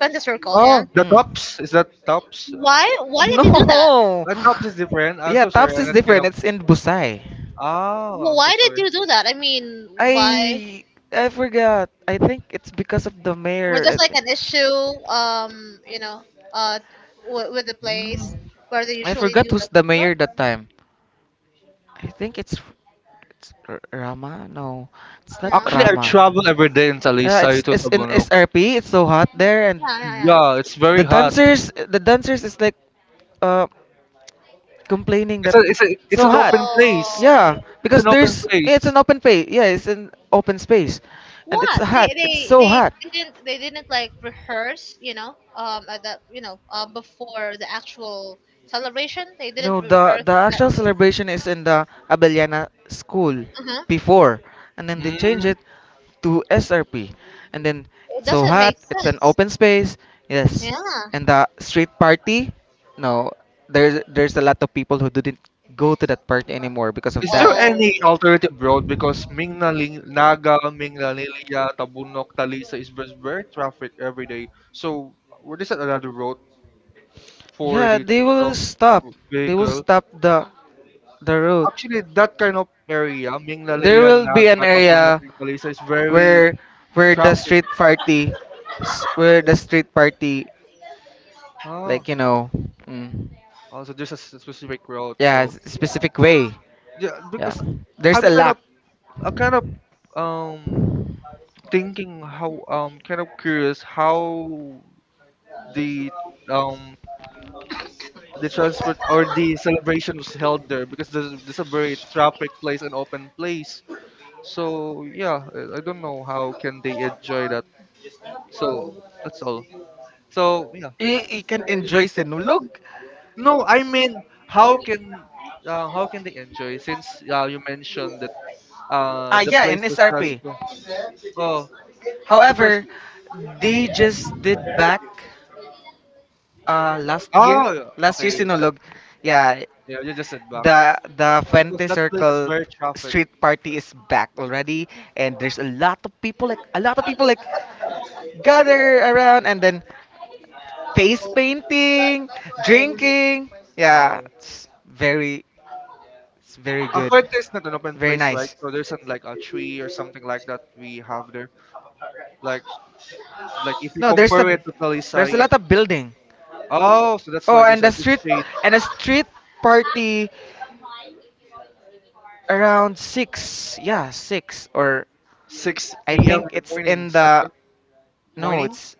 [SPEAKER 1] Fanta Circle, yeah.
[SPEAKER 3] Oh, the
[SPEAKER 2] Mm.
[SPEAKER 3] tops is that tops?
[SPEAKER 1] Why? Why did you do that?
[SPEAKER 2] No.
[SPEAKER 3] The tops is different. I'm
[SPEAKER 2] Yeah,
[SPEAKER 3] so sorry.
[SPEAKER 2] Taps
[SPEAKER 3] I'm
[SPEAKER 2] is
[SPEAKER 3] not kind
[SPEAKER 2] different.
[SPEAKER 3] of.
[SPEAKER 2] It's in Busai.
[SPEAKER 3] Oh,
[SPEAKER 1] Well,
[SPEAKER 3] I'm so
[SPEAKER 1] why did
[SPEAKER 3] sorry.
[SPEAKER 1] you do that? I mean, why?
[SPEAKER 2] I I forgot. I think it's because of the
[SPEAKER 1] Was
[SPEAKER 2] mayor.
[SPEAKER 1] this like an issue? You know, uh, with the
[SPEAKER 3] Mm.
[SPEAKER 1] place where they
[SPEAKER 2] I
[SPEAKER 1] usually
[SPEAKER 2] forgot
[SPEAKER 1] do
[SPEAKER 2] who's the
[SPEAKER 1] that?
[SPEAKER 2] mayor that time. I think it's Rama. No, it's not
[SPEAKER 1] Yeah.
[SPEAKER 3] Actually, I
[SPEAKER 2] Rama.
[SPEAKER 3] travel every day in
[SPEAKER 2] Yeah,
[SPEAKER 3] Talisay
[SPEAKER 2] it's
[SPEAKER 3] to
[SPEAKER 2] it's in
[SPEAKER 3] Tobunog.
[SPEAKER 2] SRP. It's so hot there, and
[SPEAKER 1] Yeah. Yeah. Yeah.
[SPEAKER 3] Yeah, it's very
[SPEAKER 2] the
[SPEAKER 3] hot.
[SPEAKER 2] dancers is like uh complaining that.
[SPEAKER 3] It's
[SPEAKER 2] So
[SPEAKER 3] an
[SPEAKER 2] hot.
[SPEAKER 3] open place.
[SPEAKER 1] Oh,
[SPEAKER 2] Yeah,
[SPEAKER 1] yeah.
[SPEAKER 3] It's
[SPEAKER 2] because
[SPEAKER 3] an open
[SPEAKER 2] it's
[SPEAKER 3] place.
[SPEAKER 2] an open space. Yeah, it's an open space, and it's
[SPEAKER 1] What? They
[SPEAKER 2] hot. It's
[SPEAKER 1] they
[SPEAKER 2] so
[SPEAKER 1] they
[SPEAKER 2] hot.
[SPEAKER 1] didn't they didn't like rehearse, you know, at the, you know, before the actual celebration. They didn't
[SPEAKER 2] No, the
[SPEAKER 1] rehearse.
[SPEAKER 2] actual celebration is in the Abellana school
[SPEAKER 1] Uh-huh.
[SPEAKER 2] before, and then they change
[SPEAKER 3] Mm.
[SPEAKER 2] it to SRP, and then,
[SPEAKER 1] It
[SPEAKER 2] so
[SPEAKER 1] doesn't
[SPEAKER 2] hot.
[SPEAKER 1] make
[SPEAKER 2] It's an
[SPEAKER 1] sense.
[SPEAKER 2] open space. Yes,
[SPEAKER 1] Yeah.
[SPEAKER 2] and the street party. No, there's a lot of people who didn't go to that party anymore because of
[SPEAKER 3] Is
[SPEAKER 2] that.
[SPEAKER 3] there
[SPEAKER 1] Oh.
[SPEAKER 3] any alternative road? Because Mingnaling, Naga, Mingnalilia, Tabunok, Talisa is very, very traffic every day. So, what is that another road for
[SPEAKER 2] Yeah,
[SPEAKER 3] the
[SPEAKER 2] they
[SPEAKER 3] uh,
[SPEAKER 2] will stop. They will
[SPEAKER 3] vehicle?
[SPEAKER 2] stop the route.
[SPEAKER 3] Actually, that kind of area,
[SPEAKER 2] There
[SPEAKER 3] Minglalilan,
[SPEAKER 2] will be an
[SPEAKER 3] Nagkatapuno,
[SPEAKER 2] area
[SPEAKER 3] and Calisa is very
[SPEAKER 2] where the
[SPEAKER 3] traffic.
[SPEAKER 2] street party,
[SPEAKER 3] Oh,
[SPEAKER 2] like, mm,
[SPEAKER 3] also just a specific road.
[SPEAKER 2] yeah,
[SPEAKER 3] So
[SPEAKER 2] specific way.
[SPEAKER 3] yeah,
[SPEAKER 2] Yeah,
[SPEAKER 3] because
[SPEAKER 2] there's
[SPEAKER 3] I'm
[SPEAKER 2] a
[SPEAKER 3] kind
[SPEAKER 2] lack.
[SPEAKER 3] of, I kind of, um, thinking how, kind of curious how the, um, the transport or the celebration was held there, because there's a very traffic place and open place. So yeah, I don't know how can they enjoy that. So that's all. So yeah.
[SPEAKER 2] You can enjoy sinulog.
[SPEAKER 3] No, I mean, how can how can they enjoy since you mentioned that
[SPEAKER 2] Ah,
[SPEAKER 3] the
[SPEAKER 2] yeah,
[SPEAKER 3] place
[SPEAKER 2] in
[SPEAKER 3] was
[SPEAKER 2] SRP.
[SPEAKER 3] stressful? Oh, because
[SPEAKER 2] However, they just did back last year.
[SPEAKER 3] oh,
[SPEAKER 2] Last year
[SPEAKER 3] okay,
[SPEAKER 2] sinulog. Yeah.
[SPEAKER 3] yeah, you just said back
[SPEAKER 2] The
[SPEAKER 3] because
[SPEAKER 2] Fuente
[SPEAKER 3] that place is
[SPEAKER 2] Circle
[SPEAKER 3] very traffic.
[SPEAKER 2] street party
[SPEAKER 3] uh,
[SPEAKER 2] is back already, and there's a lot of people, like, gather around, and then face painting, drinking. Yeah,
[SPEAKER 3] Oh,
[SPEAKER 2] it's very,
[SPEAKER 3] a
[SPEAKER 2] good,
[SPEAKER 3] fuente is not an open
[SPEAKER 2] very
[SPEAKER 3] place, right?
[SPEAKER 2] nice.
[SPEAKER 3] So there's an, like a tree or something like that we have there. Like, if you
[SPEAKER 2] No,
[SPEAKER 3] compare it to
[SPEAKER 2] there's a
[SPEAKER 3] Talisay,
[SPEAKER 2] lot of building.
[SPEAKER 3] oh, so that's
[SPEAKER 2] Oh,
[SPEAKER 3] why there's
[SPEAKER 2] and the
[SPEAKER 3] a
[SPEAKER 2] street,
[SPEAKER 3] difference.
[SPEAKER 2] and the street party around six. Yeah, six, or
[SPEAKER 3] 6
[SPEAKER 2] I
[SPEAKER 3] a.m.
[SPEAKER 2] think
[SPEAKER 3] in the
[SPEAKER 2] it's
[SPEAKER 3] morning.
[SPEAKER 2] in
[SPEAKER 3] Is that
[SPEAKER 2] the,
[SPEAKER 3] correct?
[SPEAKER 2] no,
[SPEAKER 3] Morning?
[SPEAKER 2] it's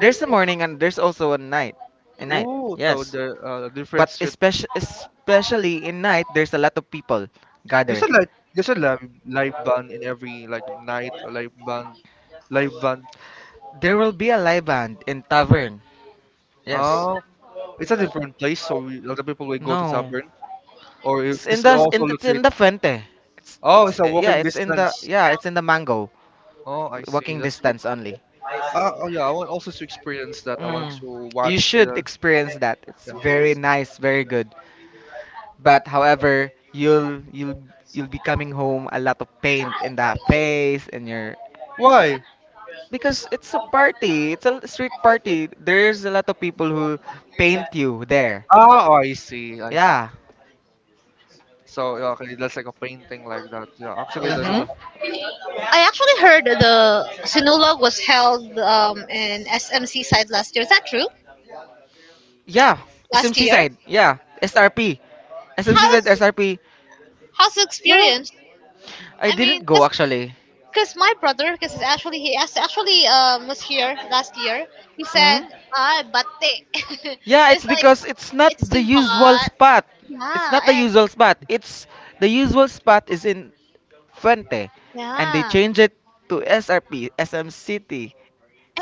[SPEAKER 2] there's a morning and there's also a night. A night,
[SPEAKER 3] Oh, so
[SPEAKER 2] yes.
[SPEAKER 3] the
[SPEAKER 2] But
[SPEAKER 3] difference.
[SPEAKER 2] especially in night, there's a lot of people
[SPEAKER 3] There's
[SPEAKER 2] gather.
[SPEAKER 3] a live, there's a live band in every, like, night, or live band.
[SPEAKER 2] There will be a live band in tavern. Yes.
[SPEAKER 3] Oh, it's a different place, so we, a lot of people will go to
[SPEAKER 2] No.
[SPEAKER 3] tavern or you
[SPEAKER 2] It's in
[SPEAKER 3] just
[SPEAKER 2] the,
[SPEAKER 3] also locate.
[SPEAKER 2] in the Fuente. It's
[SPEAKER 3] Oh, it's a
[SPEAKER 2] yeah,
[SPEAKER 3] walking
[SPEAKER 2] it's in the
[SPEAKER 3] distance.
[SPEAKER 2] yeah, it's in the Mango.
[SPEAKER 3] Oh, I see.
[SPEAKER 2] Walking
[SPEAKER 3] That's good.
[SPEAKER 2] distance only.
[SPEAKER 3] Oh yeah, I want also to experience that. I want
[SPEAKER 2] Mm.
[SPEAKER 3] to
[SPEAKER 2] You
[SPEAKER 3] watch
[SPEAKER 2] should
[SPEAKER 3] the,
[SPEAKER 2] experience that. It's
[SPEAKER 3] yeah.
[SPEAKER 2] very nice, very good. But however, you'll be coming home a lot of paint in the face and your,
[SPEAKER 3] Why?
[SPEAKER 2] because it's a party, it's a street party. There's a lot of people who paint you there.
[SPEAKER 3] Ah, oh, I see. I see.
[SPEAKER 2] Yeah.
[SPEAKER 3] So yeah, okay, that's like a painting like that. Yeah, actually, there's a
[SPEAKER 2] Mhm.
[SPEAKER 3] lot.
[SPEAKER 1] I actually heard the Sinulog was held in SMC side last year. Is that true?
[SPEAKER 2] Yeah.
[SPEAKER 1] Last
[SPEAKER 2] SMC
[SPEAKER 1] year?
[SPEAKER 2] side. Yeah. SRP. SMC side
[SPEAKER 1] How's
[SPEAKER 2] SRP.
[SPEAKER 1] how's the experience?
[SPEAKER 2] I
[SPEAKER 1] I mean,
[SPEAKER 2] didn't go
[SPEAKER 1] 'cause
[SPEAKER 2] actually.
[SPEAKER 1] because my brother, because he's actually he actually was here last year. He
[SPEAKER 2] Mm?
[SPEAKER 1] said, "Ah, batte."
[SPEAKER 2] Yeah,
[SPEAKER 1] It's
[SPEAKER 2] it's
[SPEAKER 1] like
[SPEAKER 2] because it's not
[SPEAKER 1] it's
[SPEAKER 2] the
[SPEAKER 1] too
[SPEAKER 2] usual
[SPEAKER 1] hot.
[SPEAKER 2] spot. It's not the
[SPEAKER 1] Yeah, and
[SPEAKER 2] usual spot. It's the usual spot is in Fuente, and they
[SPEAKER 1] yeah,
[SPEAKER 2] change it to SRP, SM City,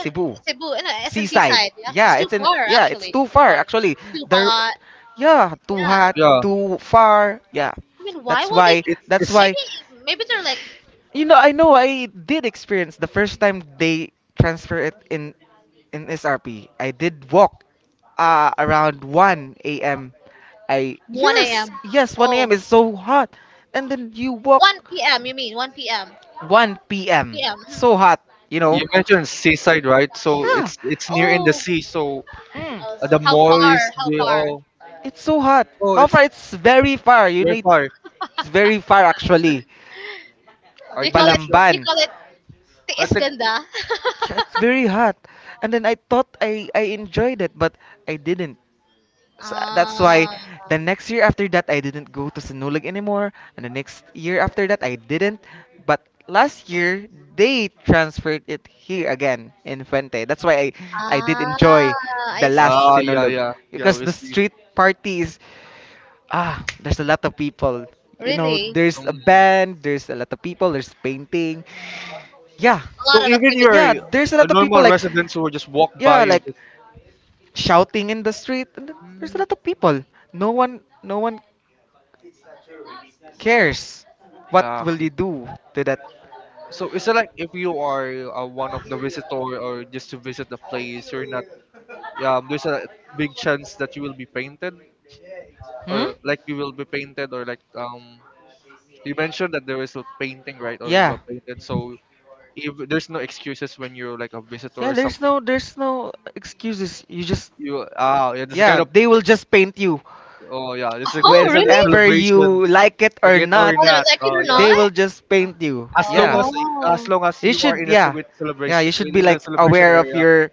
[SPEAKER 1] and Cebu and, SMC
[SPEAKER 2] Seaside.
[SPEAKER 1] side. Yeah, it's
[SPEAKER 2] Yeah,
[SPEAKER 1] too
[SPEAKER 2] it's in.
[SPEAKER 1] far
[SPEAKER 2] Yeah, it's
[SPEAKER 1] actually. It's
[SPEAKER 2] too
[SPEAKER 1] too
[SPEAKER 2] far
[SPEAKER 1] far.
[SPEAKER 2] actually.
[SPEAKER 1] It's too
[SPEAKER 2] There.
[SPEAKER 1] hot.
[SPEAKER 2] Yeah, too
[SPEAKER 1] Yeah. I
[SPEAKER 2] hot,
[SPEAKER 3] Yeah,
[SPEAKER 2] too far. Yeah,
[SPEAKER 1] mean, why
[SPEAKER 2] that's
[SPEAKER 1] will they?
[SPEAKER 2] why. That's
[SPEAKER 3] it's.
[SPEAKER 1] Maybe
[SPEAKER 2] why.
[SPEAKER 1] maybe they're like
[SPEAKER 2] You know I did experience the first time they transfer it in SRP. I did walk around 1 a.m. I
[SPEAKER 1] 1 a.m.
[SPEAKER 2] Yes, yes, 1
[SPEAKER 1] Oh,
[SPEAKER 2] a.m. is so hot. And then you walk
[SPEAKER 1] 1 p.m. You mean 1 p.m.
[SPEAKER 2] 1 p.m.
[SPEAKER 1] p.m.
[SPEAKER 2] It's so hot, you
[SPEAKER 3] You
[SPEAKER 2] know.
[SPEAKER 3] mentioned seaside, right? So
[SPEAKER 2] Yeah.
[SPEAKER 3] it's near in the
[SPEAKER 1] Oh,
[SPEAKER 3] sea. So
[SPEAKER 2] Mm,
[SPEAKER 3] the
[SPEAKER 1] how far?
[SPEAKER 3] moist,
[SPEAKER 1] How
[SPEAKER 3] they
[SPEAKER 1] far?
[SPEAKER 3] all
[SPEAKER 2] it's so hot.
[SPEAKER 3] oh,
[SPEAKER 2] How
[SPEAKER 3] it's
[SPEAKER 2] far? It's very far. You
[SPEAKER 3] very
[SPEAKER 2] need
[SPEAKER 3] far.
[SPEAKER 2] it's very far actually.
[SPEAKER 3] I
[SPEAKER 1] You
[SPEAKER 3] think
[SPEAKER 1] call it
[SPEAKER 3] that's
[SPEAKER 2] Balamban.
[SPEAKER 1] you call it
[SPEAKER 3] I
[SPEAKER 1] tiis
[SPEAKER 3] think,
[SPEAKER 1] ganda?
[SPEAKER 2] Yeah, it's very hot. And then I thought I enjoyed it, but I didn't. So that's why
[SPEAKER 1] Ah.
[SPEAKER 2] the next year after that I didn't go to Sinulog anymore, and the next year after that I didn't. But last year they transferred it here again in Fuente. That's why I did
[SPEAKER 1] Ah,
[SPEAKER 2] enjoy the
[SPEAKER 1] I
[SPEAKER 2] last
[SPEAKER 3] ah,
[SPEAKER 1] see.
[SPEAKER 3] yeah,
[SPEAKER 2] Sinulog,
[SPEAKER 3] yeah, yeah,
[SPEAKER 2] because
[SPEAKER 3] we
[SPEAKER 2] the
[SPEAKER 3] see.
[SPEAKER 2] street parties, there's a lot of people. You know,
[SPEAKER 1] Really?
[SPEAKER 2] there's
[SPEAKER 3] Um,
[SPEAKER 2] a band, there's a lot of people, there's painting. Yeah.
[SPEAKER 1] A lot
[SPEAKER 3] so
[SPEAKER 1] of
[SPEAKER 3] even
[SPEAKER 1] activity.
[SPEAKER 2] Yeah,
[SPEAKER 3] your
[SPEAKER 2] there's a lot of people,
[SPEAKER 3] normal residents who just walk by
[SPEAKER 2] yeah,
[SPEAKER 3] you.
[SPEAKER 2] like shouting in the street. And there's a
[SPEAKER 3] Mm,
[SPEAKER 2] lot of people. No one, no one cares. What
[SPEAKER 3] ah,
[SPEAKER 2] will
[SPEAKER 3] okay.
[SPEAKER 2] you do to that?
[SPEAKER 3] So is it like if you are one of the visitor or just to visit the place, you're not. Yeah, there's a big chance that you will be painted
[SPEAKER 2] Hmm?
[SPEAKER 3] or like you will be painted or like you mentioned that there is a painting, right, or you
[SPEAKER 2] Yeah.
[SPEAKER 3] were painted. So if there's no excuses when you're like a
[SPEAKER 2] Yeah,
[SPEAKER 3] visitor or
[SPEAKER 2] there's
[SPEAKER 3] something,
[SPEAKER 2] no, excuses. You just
[SPEAKER 3] you ah yeah, this is
[SPEAKER 2] Yeah,
[SPEAKER 3] kind of
[SPEAKER 2] they will just paint you
[SPEAKER 3] oh yeah, it's a good,
[SPEAKER 1] Oh,
[SPEAKER 3] it's a
[SPEAKER 1] really?
[SPEAKER 2] whenever
[SPEAKER 3] celebration,
[SPEAKER 2] you like it
[SPEAKER 3] like
[SPEAKER 2] or
[SPEAKER 3] it
[SPEAKER 2] not.
[SPEAKER 3] or
[SPEAKER 1] Whether
[SPEAKER 3] not.
[SPEAKER 1] like it or
[SPEAKER 3] Yeah,
[SPEAKER 2] They
[SPEAKER 1] not?
[SPEAKER 2] will just paint you.
[SPEAKER 3] as long
[SPEAKER 2] Yeah.
[SPEAKER 3] as
[SPEAKER 1] Oh.
[SPEAKER 2] You
[SPEAKER 3] you are
[SPEAKER 2] should,
[SPEAKER 3] in the
[SPEAKER 2] yeah.
[SPEAKER 3] with
[SPEAKER 2] Yeah, you
[SPEAKER 3] celebration
[SPEAKER 2] should be
[SPEAKER 3] within
[SPEAKER 2] like
[SPEAKER 3] the celebration
[SPEAKER 2] aware of
[SPEAKER 3] area.
[SPEAKER 2] your,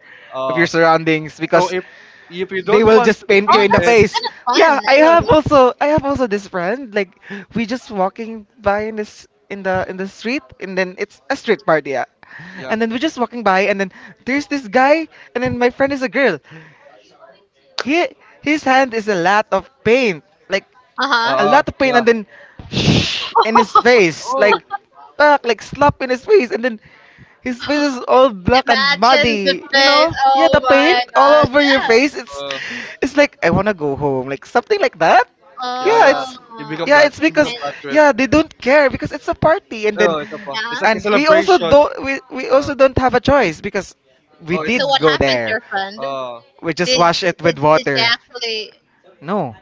[SPEAKER 3] Uh,
[SPEAKER 2] surroundings,
[SPEAKER 3] so
[SPEAKER 2] because
[SPEAKER 3] if you
[SPEAKER 2] they
[SPEAKER 3] don't
[SPEAKER 2] will
[SPEAKER 3] want to
[SPEAKER 2] just
[SPEAKER 3] be
[SPEAKER 2] paint you
[SPEAKER 1] Oh,
[SPEAKER 2] in the
[SPEAKER 3] painted,
[SPEAKER 1] that's
[SPEAKER 2] face.
[SPEAKER 1] kind of fun,
[SPEAKER 2] Yeah, I
[SPEAKER 3] yeah,
[SPEAKER 2] have
[SPEAKER 1] actually.
[SPEAKER 2] also, this friend. Like, we just walking by in this, in the street, and then it's a street party. Yeah.
[SPEAKER 3] yeah,
[SPEAKER 2] And then we're just walking by, and then there's this guy, and then my friend is a girl. He His hand is a lot of paint. Like, a
[SPEAKER 1] Uh-huh.
[SPEAKER 3] uh
[SPEAKER 2] lot of paint,
[SPEAKER 3] yeah,
[SPEAKER 2] and then shh in his face. Like
[SPEAKER 3] oh
[SPEAKER 2] back, like slap in his face, and then his face is all black and
[SPEAKER 1] Imagine the
[SPEAKER 2] muddy. You
[SPEAKER 1] face.
[SPEAKER 2] know? Yeah,
[SPEAKER 1] Oh
[SPEAKER 2] the paint
[SPEAKER 1] my
[SPEAKER 2] all
[SPEAKER 1] gosh.
[SPEAKER 2] over your
[SPEAKER 1] Yeah.
[SPEAKER 2] face. It's
[SPEAKER 3] uh
[SPEAKER 2] it's like, I wanna go home. Like something like that.
[SPEAKER 3] yeah
[SPEAKER 2] Yeah,
[SPEAKER 3] yeah,
[SPEAKER 1] Oh.
[SPEAKER 2] it's
[SPEAKER 3] you become
[SPEAKER 2] yeah, it's because,
[SPEAKER 3] bad trip.
[SPEAKER 2] yeah, they don't care because it's a party, and then,
[SPEAKER 3] Oh, it's a it's
[SPEAKER 1] Yeah.
[SPEAKER 3] like a
[SPEAKER 2] and we also
[SPEAKER 3] celebration.
[SPEAKER 2] don't, we also
[SPEAKER 3] Uh,
[SPEAKER 2] don't have a choice, because we
[SPEAKER 3] oh, it's
[SPEAKER 2] did
[SPEAKER 3] a
[SPEAKER 1] So what
[SPEAKER 2] go
[SPEAKER 1] happened to
[SPEAKER 2] there.
[SPEAKER 1] your friend?
[SPEAKER 3] uh
[SPEAKER 2] We just
[SPEAKER 1] Did
[SPEAKER 2] wash it with
[SPEAKER 1] did she
[SPEAKER 2] water.
[SPEAKER 1] actually?
[SPEAKER 2] No.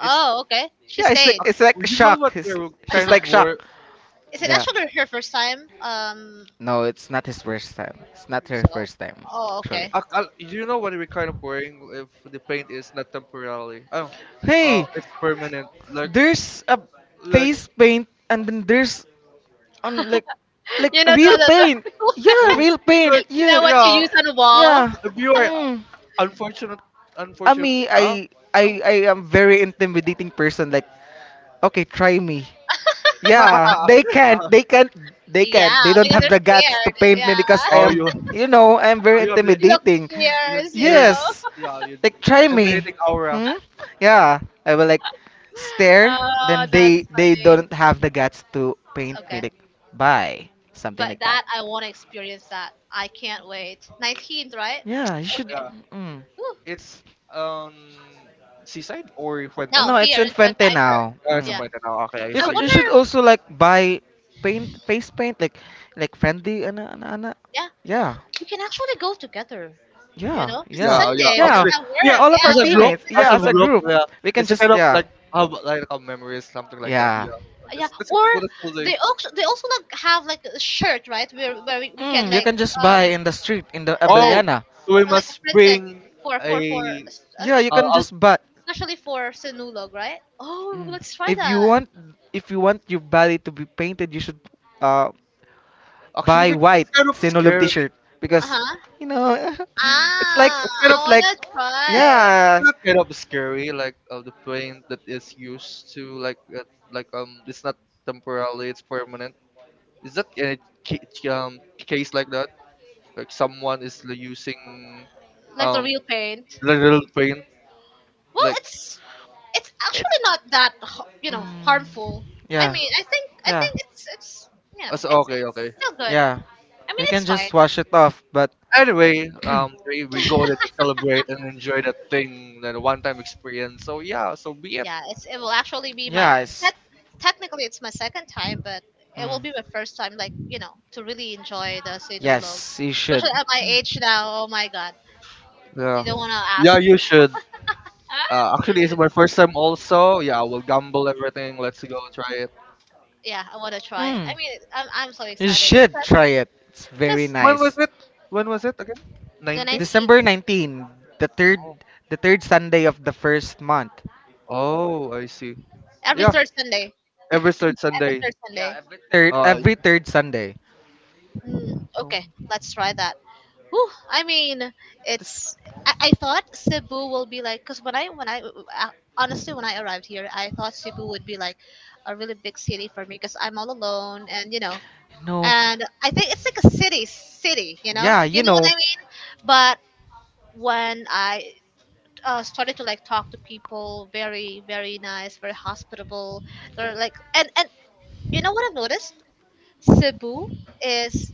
[SPEAKER 3] It's
[SPEAKER 1] okay. She
[SPEAKER 2] Yeah, it's
[SPEAKER 1] stayed.
[SPEAKER 2] like,
[SPEAKER 3] you know what
[SPEAKER 2] shock.
[SPEAKER 3] we're
[SPEAKER 2] She's
[SPEAKER 3] kind of
[SPEAKER 2] like shock.
[SPEAKER 3] wor.
[SPEAKER 1] Is it
[SPEAKER 2] Yeah.
[SPEAKER 1] actually her first time?
[SPEAKER 2] No, it's not his first time. It's not her
[SPEAKER 1] So.
[SPEAKER 2] first time,
[SPEAKER 1] Oh,
[SPEAKER 2] actually.
[SPEAKER 1] okay.
[SPEAKER 3] Ak- al- You know what we're kind of worrying if the pain is not temporarily. Oh,
[SPEAKER 2] Hey,
[SPEAKER 3] it's permanent.
[SPEAKER 2] there's a
[SPEAKER 3] Like,
[SPEAKER 2] face paint, and then there's, on, like,
[SPEAKER 1] You know
[SPEAKER 2] real
[SPEAKER 1] the, the,
[SPEAKER 2] paint. Yeah,
[SPEAKER 1] the
[SPEAKER 3] oh,
[SPEAKER 2] real paint.
[SPEAKER 3] like,
[SPEAKER 1] you
[SPEAKER 2] Yeah,
[SPEAKER 1] know what you
[SPEAKER 3] yeah.
[SPEAKER 1] use on wall.
[SPEAKER 2] yeah.
[SPEAKER 3] If you are
[SPEAKER 2] Mm.
[SPEAKER 3] unfortunate,
[SPEAKER 2] I
[SPEAKER 3] unfortunate
[SPEAKER 2] mean,
[SPEAKER 3] enough,
[SPEAKER 2] I I
[SPEAKER 3] you know.
[SPEAKER 2] I am very intimidating person. Like, okay, try me. Yeah, they can't. They can't. They can't.
[SPEAKER 1] Yeah,
[SPEAKER 2] They don't
[SPEAKER 1] because
[SPEAKER 2] have
[SPEAKER 1] they're
[SPEAKER 2] the guts to
[SPEAKER 1] scared.
[SPEAKER 2] paint me
[SPEAKER 1] Yeah,
[SPEAKER 2] because I
[SPEAKER 3] oh, you,
[SPEAKER 2] am, you
[SPEAKER 3] oh,
[SPEAKER 2] know, I am very
[SPEAKER 3] you have the,
[SPEAKER 1] look
[SPEAKER 2] intimidating.
[SPEAKER 3] you,
[SPEAKER 1] ears. You
[SPEAKER 3] you're, the-
[SPEAKER 2] Yes,
[SPEAKER 1] know.
[SPEAKER 3] yeah, you
[SPEAKER 2] like, try me.
[SPEAKER 3] intimidating aura.
[SPEAKER 2] Hmm? Yeah, I will like stare.
[SPEAKER 1] Oh,
[SPEAKER 2] Then
[SPEAKER 1] that's
[SPEAKER 2] they
[SPEAKER 1] funny.
[SPEAKER 2] don't have the guts to paint me.
[SPEAKER 1] Okay,
[SPEAKER 2] Like, bye, something
[SPEAKER 1] but
[SPEAKER 2] like that.
[SPEAKER 1] that I want to experience that. I can't wait. 19th, right?
[SPEAKER 2] Yeah, you should.
[SPEAKER 1] Okay.
[SPEAKER 3] Yeah,
[SPEAKER 2] Mm.
[SPEAKER 1] Whew.
[SPEAKER 3] it's um, seaside or Fuente. Oh,
[SPEAKER 1] No,
[SPEAKER 2] No, it's
[SPEAKER 1] here
[SPEAKER 2] in
[SPEAKER 1] in Brent, I heard.
[SPEAKER 2] now.
[SPEAKER 3] it's a
[SPEAKER 1] Yeah.
[SPEAKER 2] Mm.
[SPEAKER 3] Fuente. Oh, okay, I
[SPEAKER 1] I
[SPEAKER 3] see.
[SPEAKER 2] You should
[SPEAKER 1] wonder.
[SPEAKER 2] also like buy paint, face paint, like, friendly, and
[SPEAKER 1] Yeah,
[SPEAKER 2] yeah,
[SPEAKER 1] we can actually go together. You
[SPEAKER 2] yeah,
[SPEAKER 1] know, 'cause it's
[SPEAKER 3] Yeah,
[SPEAKER 2] yeah,
[SPEAKER 1] Sunday. We
[SPEAKER 2] yeah,
[SPEAKER 1] don't
[SPEAKER 3] actually,
[SPEAKER 1] have work.
[SPEAKER 3] yeah,
[SPEAKER 2] all of
[SPEAKER 1] Yeah,
[SPEAKER 2] our
[SPEAKER 3] as a
[SPEAKER 1] with
[SPEAKER 2] teammates,
[SPEAKER 1] with
[SPEAKER 2] yeah,
[SPEAKER 1] our
[SPEAKER 2] as
[SPEAKER 1] work.
[SPEAKER 2] a
[SPEAKER 3] group,
[SPEAKER 2] group,
[SPEAKER 3] yeah,
[SPEAKER 2] we can
[SPEAKER 3] it's a
[SPEAKER 2] just,
[SPEAKER 3] kind of
[SPEAKER 2] yeah,
[SPEAKER 3] like have like a memory, something like that.
[SPEAKER 2] yeah.
[SPEAKER 3] Yeah,
[SPEAKER 1] Yeah,
[SPEAKER 3] this is
[SPEAKER 1] or
[SPEAKER 3] a good thing.
[SPEAKER 1] they also like have like a shirt, right? Where we can
[SPEAKER 2] Mm, you
[SPEAKER 1] like,
[SPEAKER 2] can just buy
[SPEAKER 1] um
[SPEAKER 2] in the street, in the
[SPEAKER 1] and then,
[SPEAKER 3] Oh,
[SPEAKER 2] Abellana.
[SPEAKER 3] so we
[SPEAKER 1] like
[SPEAKER 3] must
[SPEAKER 1] printed
[SPEAKER 3] bring
[SPEAKER 1] for
[SPEAKER 3] a.
[SPEAKER 2] Yeah, you
[SPEAKER 3] Uh,
[SPEAKER 2] can
[SPEAKER 3] al-
[SPEAKER 2] just buy.
[SPEAKER 1] especially for sinulog, right? Oh,
[SPEAKER 2] Mm.
[SPEAKER 1] let's try
[SPEAKER 2] If you
[SPEAKER 1] that.
[SPEAKER 2] want, your body to be painted, you should uh
[SPEAKER 3] Actually,
[SPEAKER 2] buy
[SPEAKER 3] it's
[SPEAKER 2] white
[SPEAKER 3] kind of
[SPEAKER 2] Sinulog
[SPEAKER 3] scary.
[SPEAKER 2] t-shirt,
[SPEAKER 1] Uh
[SPEAKER 2] because
[SPEAKER 1] huh.
[SPEAKER 2] you know. It's like,
[SPEAKER 1] Ah,
[SPEAKER 3] It's kind of
[SPEAKER 1] I
[SPEAKER 2] it's like
[SPEAKER 1] wanna try
[SPEAKER 3] it's
[SPEAKER 2] yeah,
[SPEAKER 3] not kind of scary, like the plane that is used to like it's not temporarily, it's permanent. Is that any ca- case like that? Like someone is using
[SPEAKER 1] like the
[SPEAKER 3] um
[SPEAKER 1] real paint.
[SPEAKER 3] the little plane
[SPEAKER 1] Well,
[SPEAKER 3] like
[SPEAKER 1] it's
[SPEAKER 2] it,
[SPEAKER 1] actually not that you know
[SPEAKER 2] mm,
[SPEAKER 1] harmful. I
[SPEAKER 2] yeah,
[SPEAKER 1] mean, I
[SPEAKER 2] yeah,
[SPEAKER 1] think it's, you know,
[SPEAKER 3] That's
[SPEAKER 1] it's
[SPEAKER 3] okay, okay.
[SPEAKER 1] still good.
[SPEAKER 2] yeah,
[SPEAKER 1] I mean,
[SPEAKER 2] you can
[SPEAKER 1] it's fine.
[SPEAKER 2] just wash it off. But
[SPEAKER 3] Anyway, we go there to celebrate and enjoy that thing, that one-time experience. So yeah, so be it.
[SPEAKER 1] Yeah, it's it will actually be my—
[SPEAKER 2] yeah,
[SPEAKER 1] right.
[SPEAKER 2] it's.
[SPEAKER 1] Technically it's my second time, but it will be my
[SPEAKER 2] Mm.
[SPEAKER 1] first time. Like, you know, to really enjoy the sinulog, yes,
[SPEAKER 2] Yes, you should.
[SPEAKER 1] especially at my age now. Oh my god,
[SPEAKER 3] Yeah,
[SPEAKER 1] you don't want to ask.
[SPEAKER 3] yeah, you should.
[SPEAKER 1] Yeah. Ah,
[SPEAKER 3] Actually, it's my first time also. Yeah, I will gamble everything. Let's go try it.
[SPEAKER 1] yeah, I want to try. Mm. I
[SPEAKER 2] Mm,
[SPEAKER 1] mean, I'm so
[SPEAKER 2] you
[SPEAKER 1] excited
[SPEAKER 2] should try it. It's very
[SPEAKER 1] because
[SPEAKER 3] When was
[SPEAKER 2] nice.
[SPEAKER 3] it? When was it again?
[SPEAKER 1] the
[SPEAKER 3] 19?
[SPEAKER 2] December
[SPEAKER 1] 19—
[SPEAKER 2] 19, the third, Sunday of the first month.
[SPEAKER 3] Oh, I see.
[SPEAKER 1] every
[SPEAKER 3] Yeah,
[SPEAKER 1] third Sunday,
[SPEAKER 3] every third
[SPEAKER 1] every
[SPEAKER 3] Sunday.
[SPEAKER 1] third, yeah, Sunday, every third.
[SPEAKER 2] Third,
[SPEAKER 3] Uh,
[SPEAKER 2] every third Sunday.
[SPEAKER 1] Mm,
[SPEAKER 3] oh,
[SPEAKER 1] okay, let's try that. Whew, I mean,
[SPEAKER 3] this,
[SPEAKER 1] it's. I thought Cebu will be like, cause when I honestly when I arrived here, I thought Cebu would be like a really big city for me, cause I'm all alone, and you know,
[SPEAKER 2] No.
[SPEAKER 1] and I think it's like a city, city. You know, yeah,
[SPEAKER 2] Yeah,
[SPEAKER 1] you
[SPEAKER 2] you
[SPEAKER 1] you know what
[SPEAKER 2] know.
[SPEAKER 1] I mean. But when I, started to like talk to people, very very nice, very hospitable. They're like, and you know what I've noticed, Cebu is—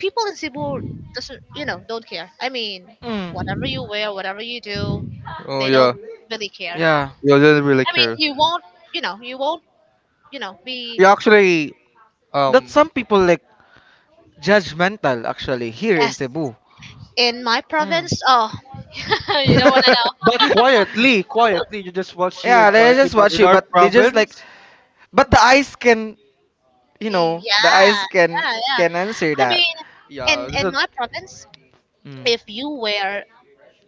[SPEAKER 1] people in Cebu doesn't, you know, don't care. I mean,
[SPEAKER 2] Mm,
[SPEAKER 1] whatever you wear, whatever you do,
[SPEAKER 3] oh
[SPEAKER 1] they don't
[SPEAKER 3] yeah.
[SPEAKER 1] really care.
[SPEAKER 2] yeah.
[SPEAKER 3] You didn't really
[SPEAKER 1] I mean,
[SPEAKER 3] care.
[SPEAKER 1] you won't be—
[SPEAKER 3] You actually
[SPEAKER 2] That,
[SPEAKER 3] um
[SPEAKER 2] some people like judgmental actually, here in
[SPEAKER 1] yes,
[SPEAKER 2] Cebu.
[SPEAKER 1] in my
[SPEAKER 2] Mm.
[SPEAKER 1] province. Oh, you don't want to know.
[SPEAKER 3] but quietly, quietly, you just watch you
[SPEAKER 2] Yeah,
[SPEAKER 3] and
[SPEAKER 2] they
[SPEAKER 3] quietly.
[SPEAKER 2] just
[SPEAKER 3] But
[SPEAKER 2] watch
[SPEAKER 3] in
[SPEAKER 2] you,
[SPEAKER 3] our
[SPEAKER 2] but they just like.
[SPEAKER 3] province,
[SPEAKER 2] But the eyes can, you
[SPEAKER 1] Yeah,
[SPEAKER 2] know, the eyes
[SPEAKER 1] yeah, yeah.
[SPEAKER 2] can answer
[SPEAKER 1] I
[SPEAKER 2] that.
[SPEAKER 1] mean,
[SPEAKER 3] yeah,
[SPEAKER 1] in
[SPEAKER 3] this
[SPEAKER 1] in
[SPEAKER 3] is
[SPEAKER 1] my province,
[SPEAKER 2] Mm.
[SPEAKER 1] if you wear,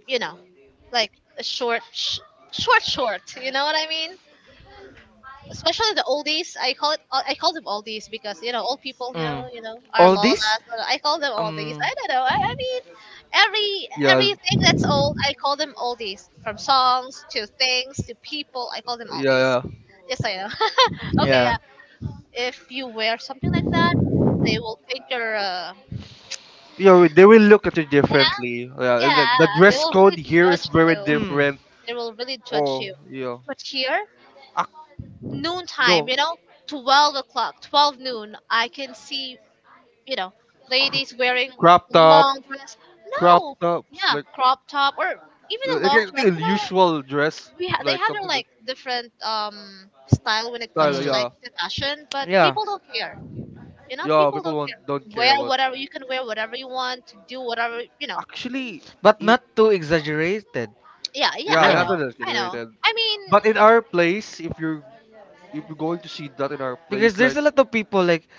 [SPEAKER 1] you know, like a short sh- short short, you know what I mean? Especially the oldies. I call them oldies because, you know, old people.
[SPEAKER 2] Mm.
[SPEAKER 1] You know our
[SPEAKER 2] All
[SPEAKER 1] lolas.
[SPEAKER 2] this?
[SPEAKER 1] I call them oldies.
[SPEAKER 2] Um.
[SPEAKER 1] I don't know. I mean,
[SPEAKER 3] yeah,
[SPEAKER 1] everything that's old, I call them oldies. From songs to things to people, I call them
[SPEAKER 3] yeah,
[SPEAKER 1] oldies.
[SPEAKER 3] yeah.
[SPEAKER 1] Just so you know. Okay,
[SPEAKER 2] Yeah.
[SPEAKER 1] yeah. If you wear something like that, they will think you're— uh,
[SPEAKER 3] You they will look at you
[SPEAKER 1] you know,
[SPEAKER 3] differently. Yeah, and
[SPEAKER 1] yeah,
[SPEAKER 3] the
[SPEAKER 1] they
[SPEAKER 3] dress
[SPEAKER 1] will
[SPEAKER 3] code
[SPEAKER 1] really
[SPEAKER 3] here is
[SPEAKER 1] judge
[SPEAKER 3] very
[SPEAKER 1] you.
[SPEAKER 2] Mm.
[SPEAKER 3] different.
[SPEAKER 1] They will really judge
[SPEAKER 3] Oh,
[SPEAKER 1] you.
[SPEAKER 3] yeah.
[SPEAKER 1] But here,
[SPEAKER 3] Ah,
[SPEAKER 1] noontime,
[SPEAKER 3] no,
[SPEAKER 1] you know, 12 o'clock, 12 noon, I can see, you know,
[SPEAKER 3] cr-
[SPEAKER 1] ladies wearing
[SPEAKER 3] crop top,
[SPEAKER 1] long dress.
[SPEAKER 3] crop
[SPEAKER 1] No,
[SPEAKER 3] tops,
[SPEAKER 1] yeah,
[SPEAKER 3] like
[SPEAKER 1] crop top or even a long dress. You know, like
[SPEAKER 3] usual dress,
[SPEAKER 1] they
[SPEAKER 3] like
[SPEAKER 1] have their
[SPEAKER 3] something
[SPEAKER 1] like
[SPEAKER 3] like
[SPEAKER 1] different style when it comes
[SPEAKER 3] style.
[SPEAKER 1] to
[SPEAKER 2] Mm.
[SPEAKER 1] like
[SPEAKER 3] Yeah,
[SPEAKER 1] the fashion, but
[SPEAKER 2] Yeah.
[SPEAKER 1] people don't care. You know,
[SPEAKER 3] yeah.
[SPEAKER 1] people
[SPEAKER 3] People
[SPEAKER 1] don't
[SPEAKER 3] won't
[SPEAKER 1] care.
[SPEAKER 3] don't care
[SPEAKER 1] Wear
[SPEAKER 3] about.
[SPEAKER 1] whatever you can wear, whatever you want, do whatever, you know.
[SPEAKER 3] Actually,
[SPEAKER 2] But
[SPEAKER 3] i-
[SPEAKER 2] not too exaggerated.
[SPEAKER 1] Yeah, yeah,
[SPEAKER 3] yeah,
[SPEAKER 1] I
[SPEAKER 3] not
[SPEAKER 2] Yeah.
[SPEAKER 1] know,
[SPEAKER 3] that
[SPEAKER 1] I know.
[SPEAKER 3] generated.
[SPEAKER 1] I mean,
[SPEAKER 3] But in our place, if you're going to see that in our
[SPEAKER 2] Because
[SPEAKER 3] place, like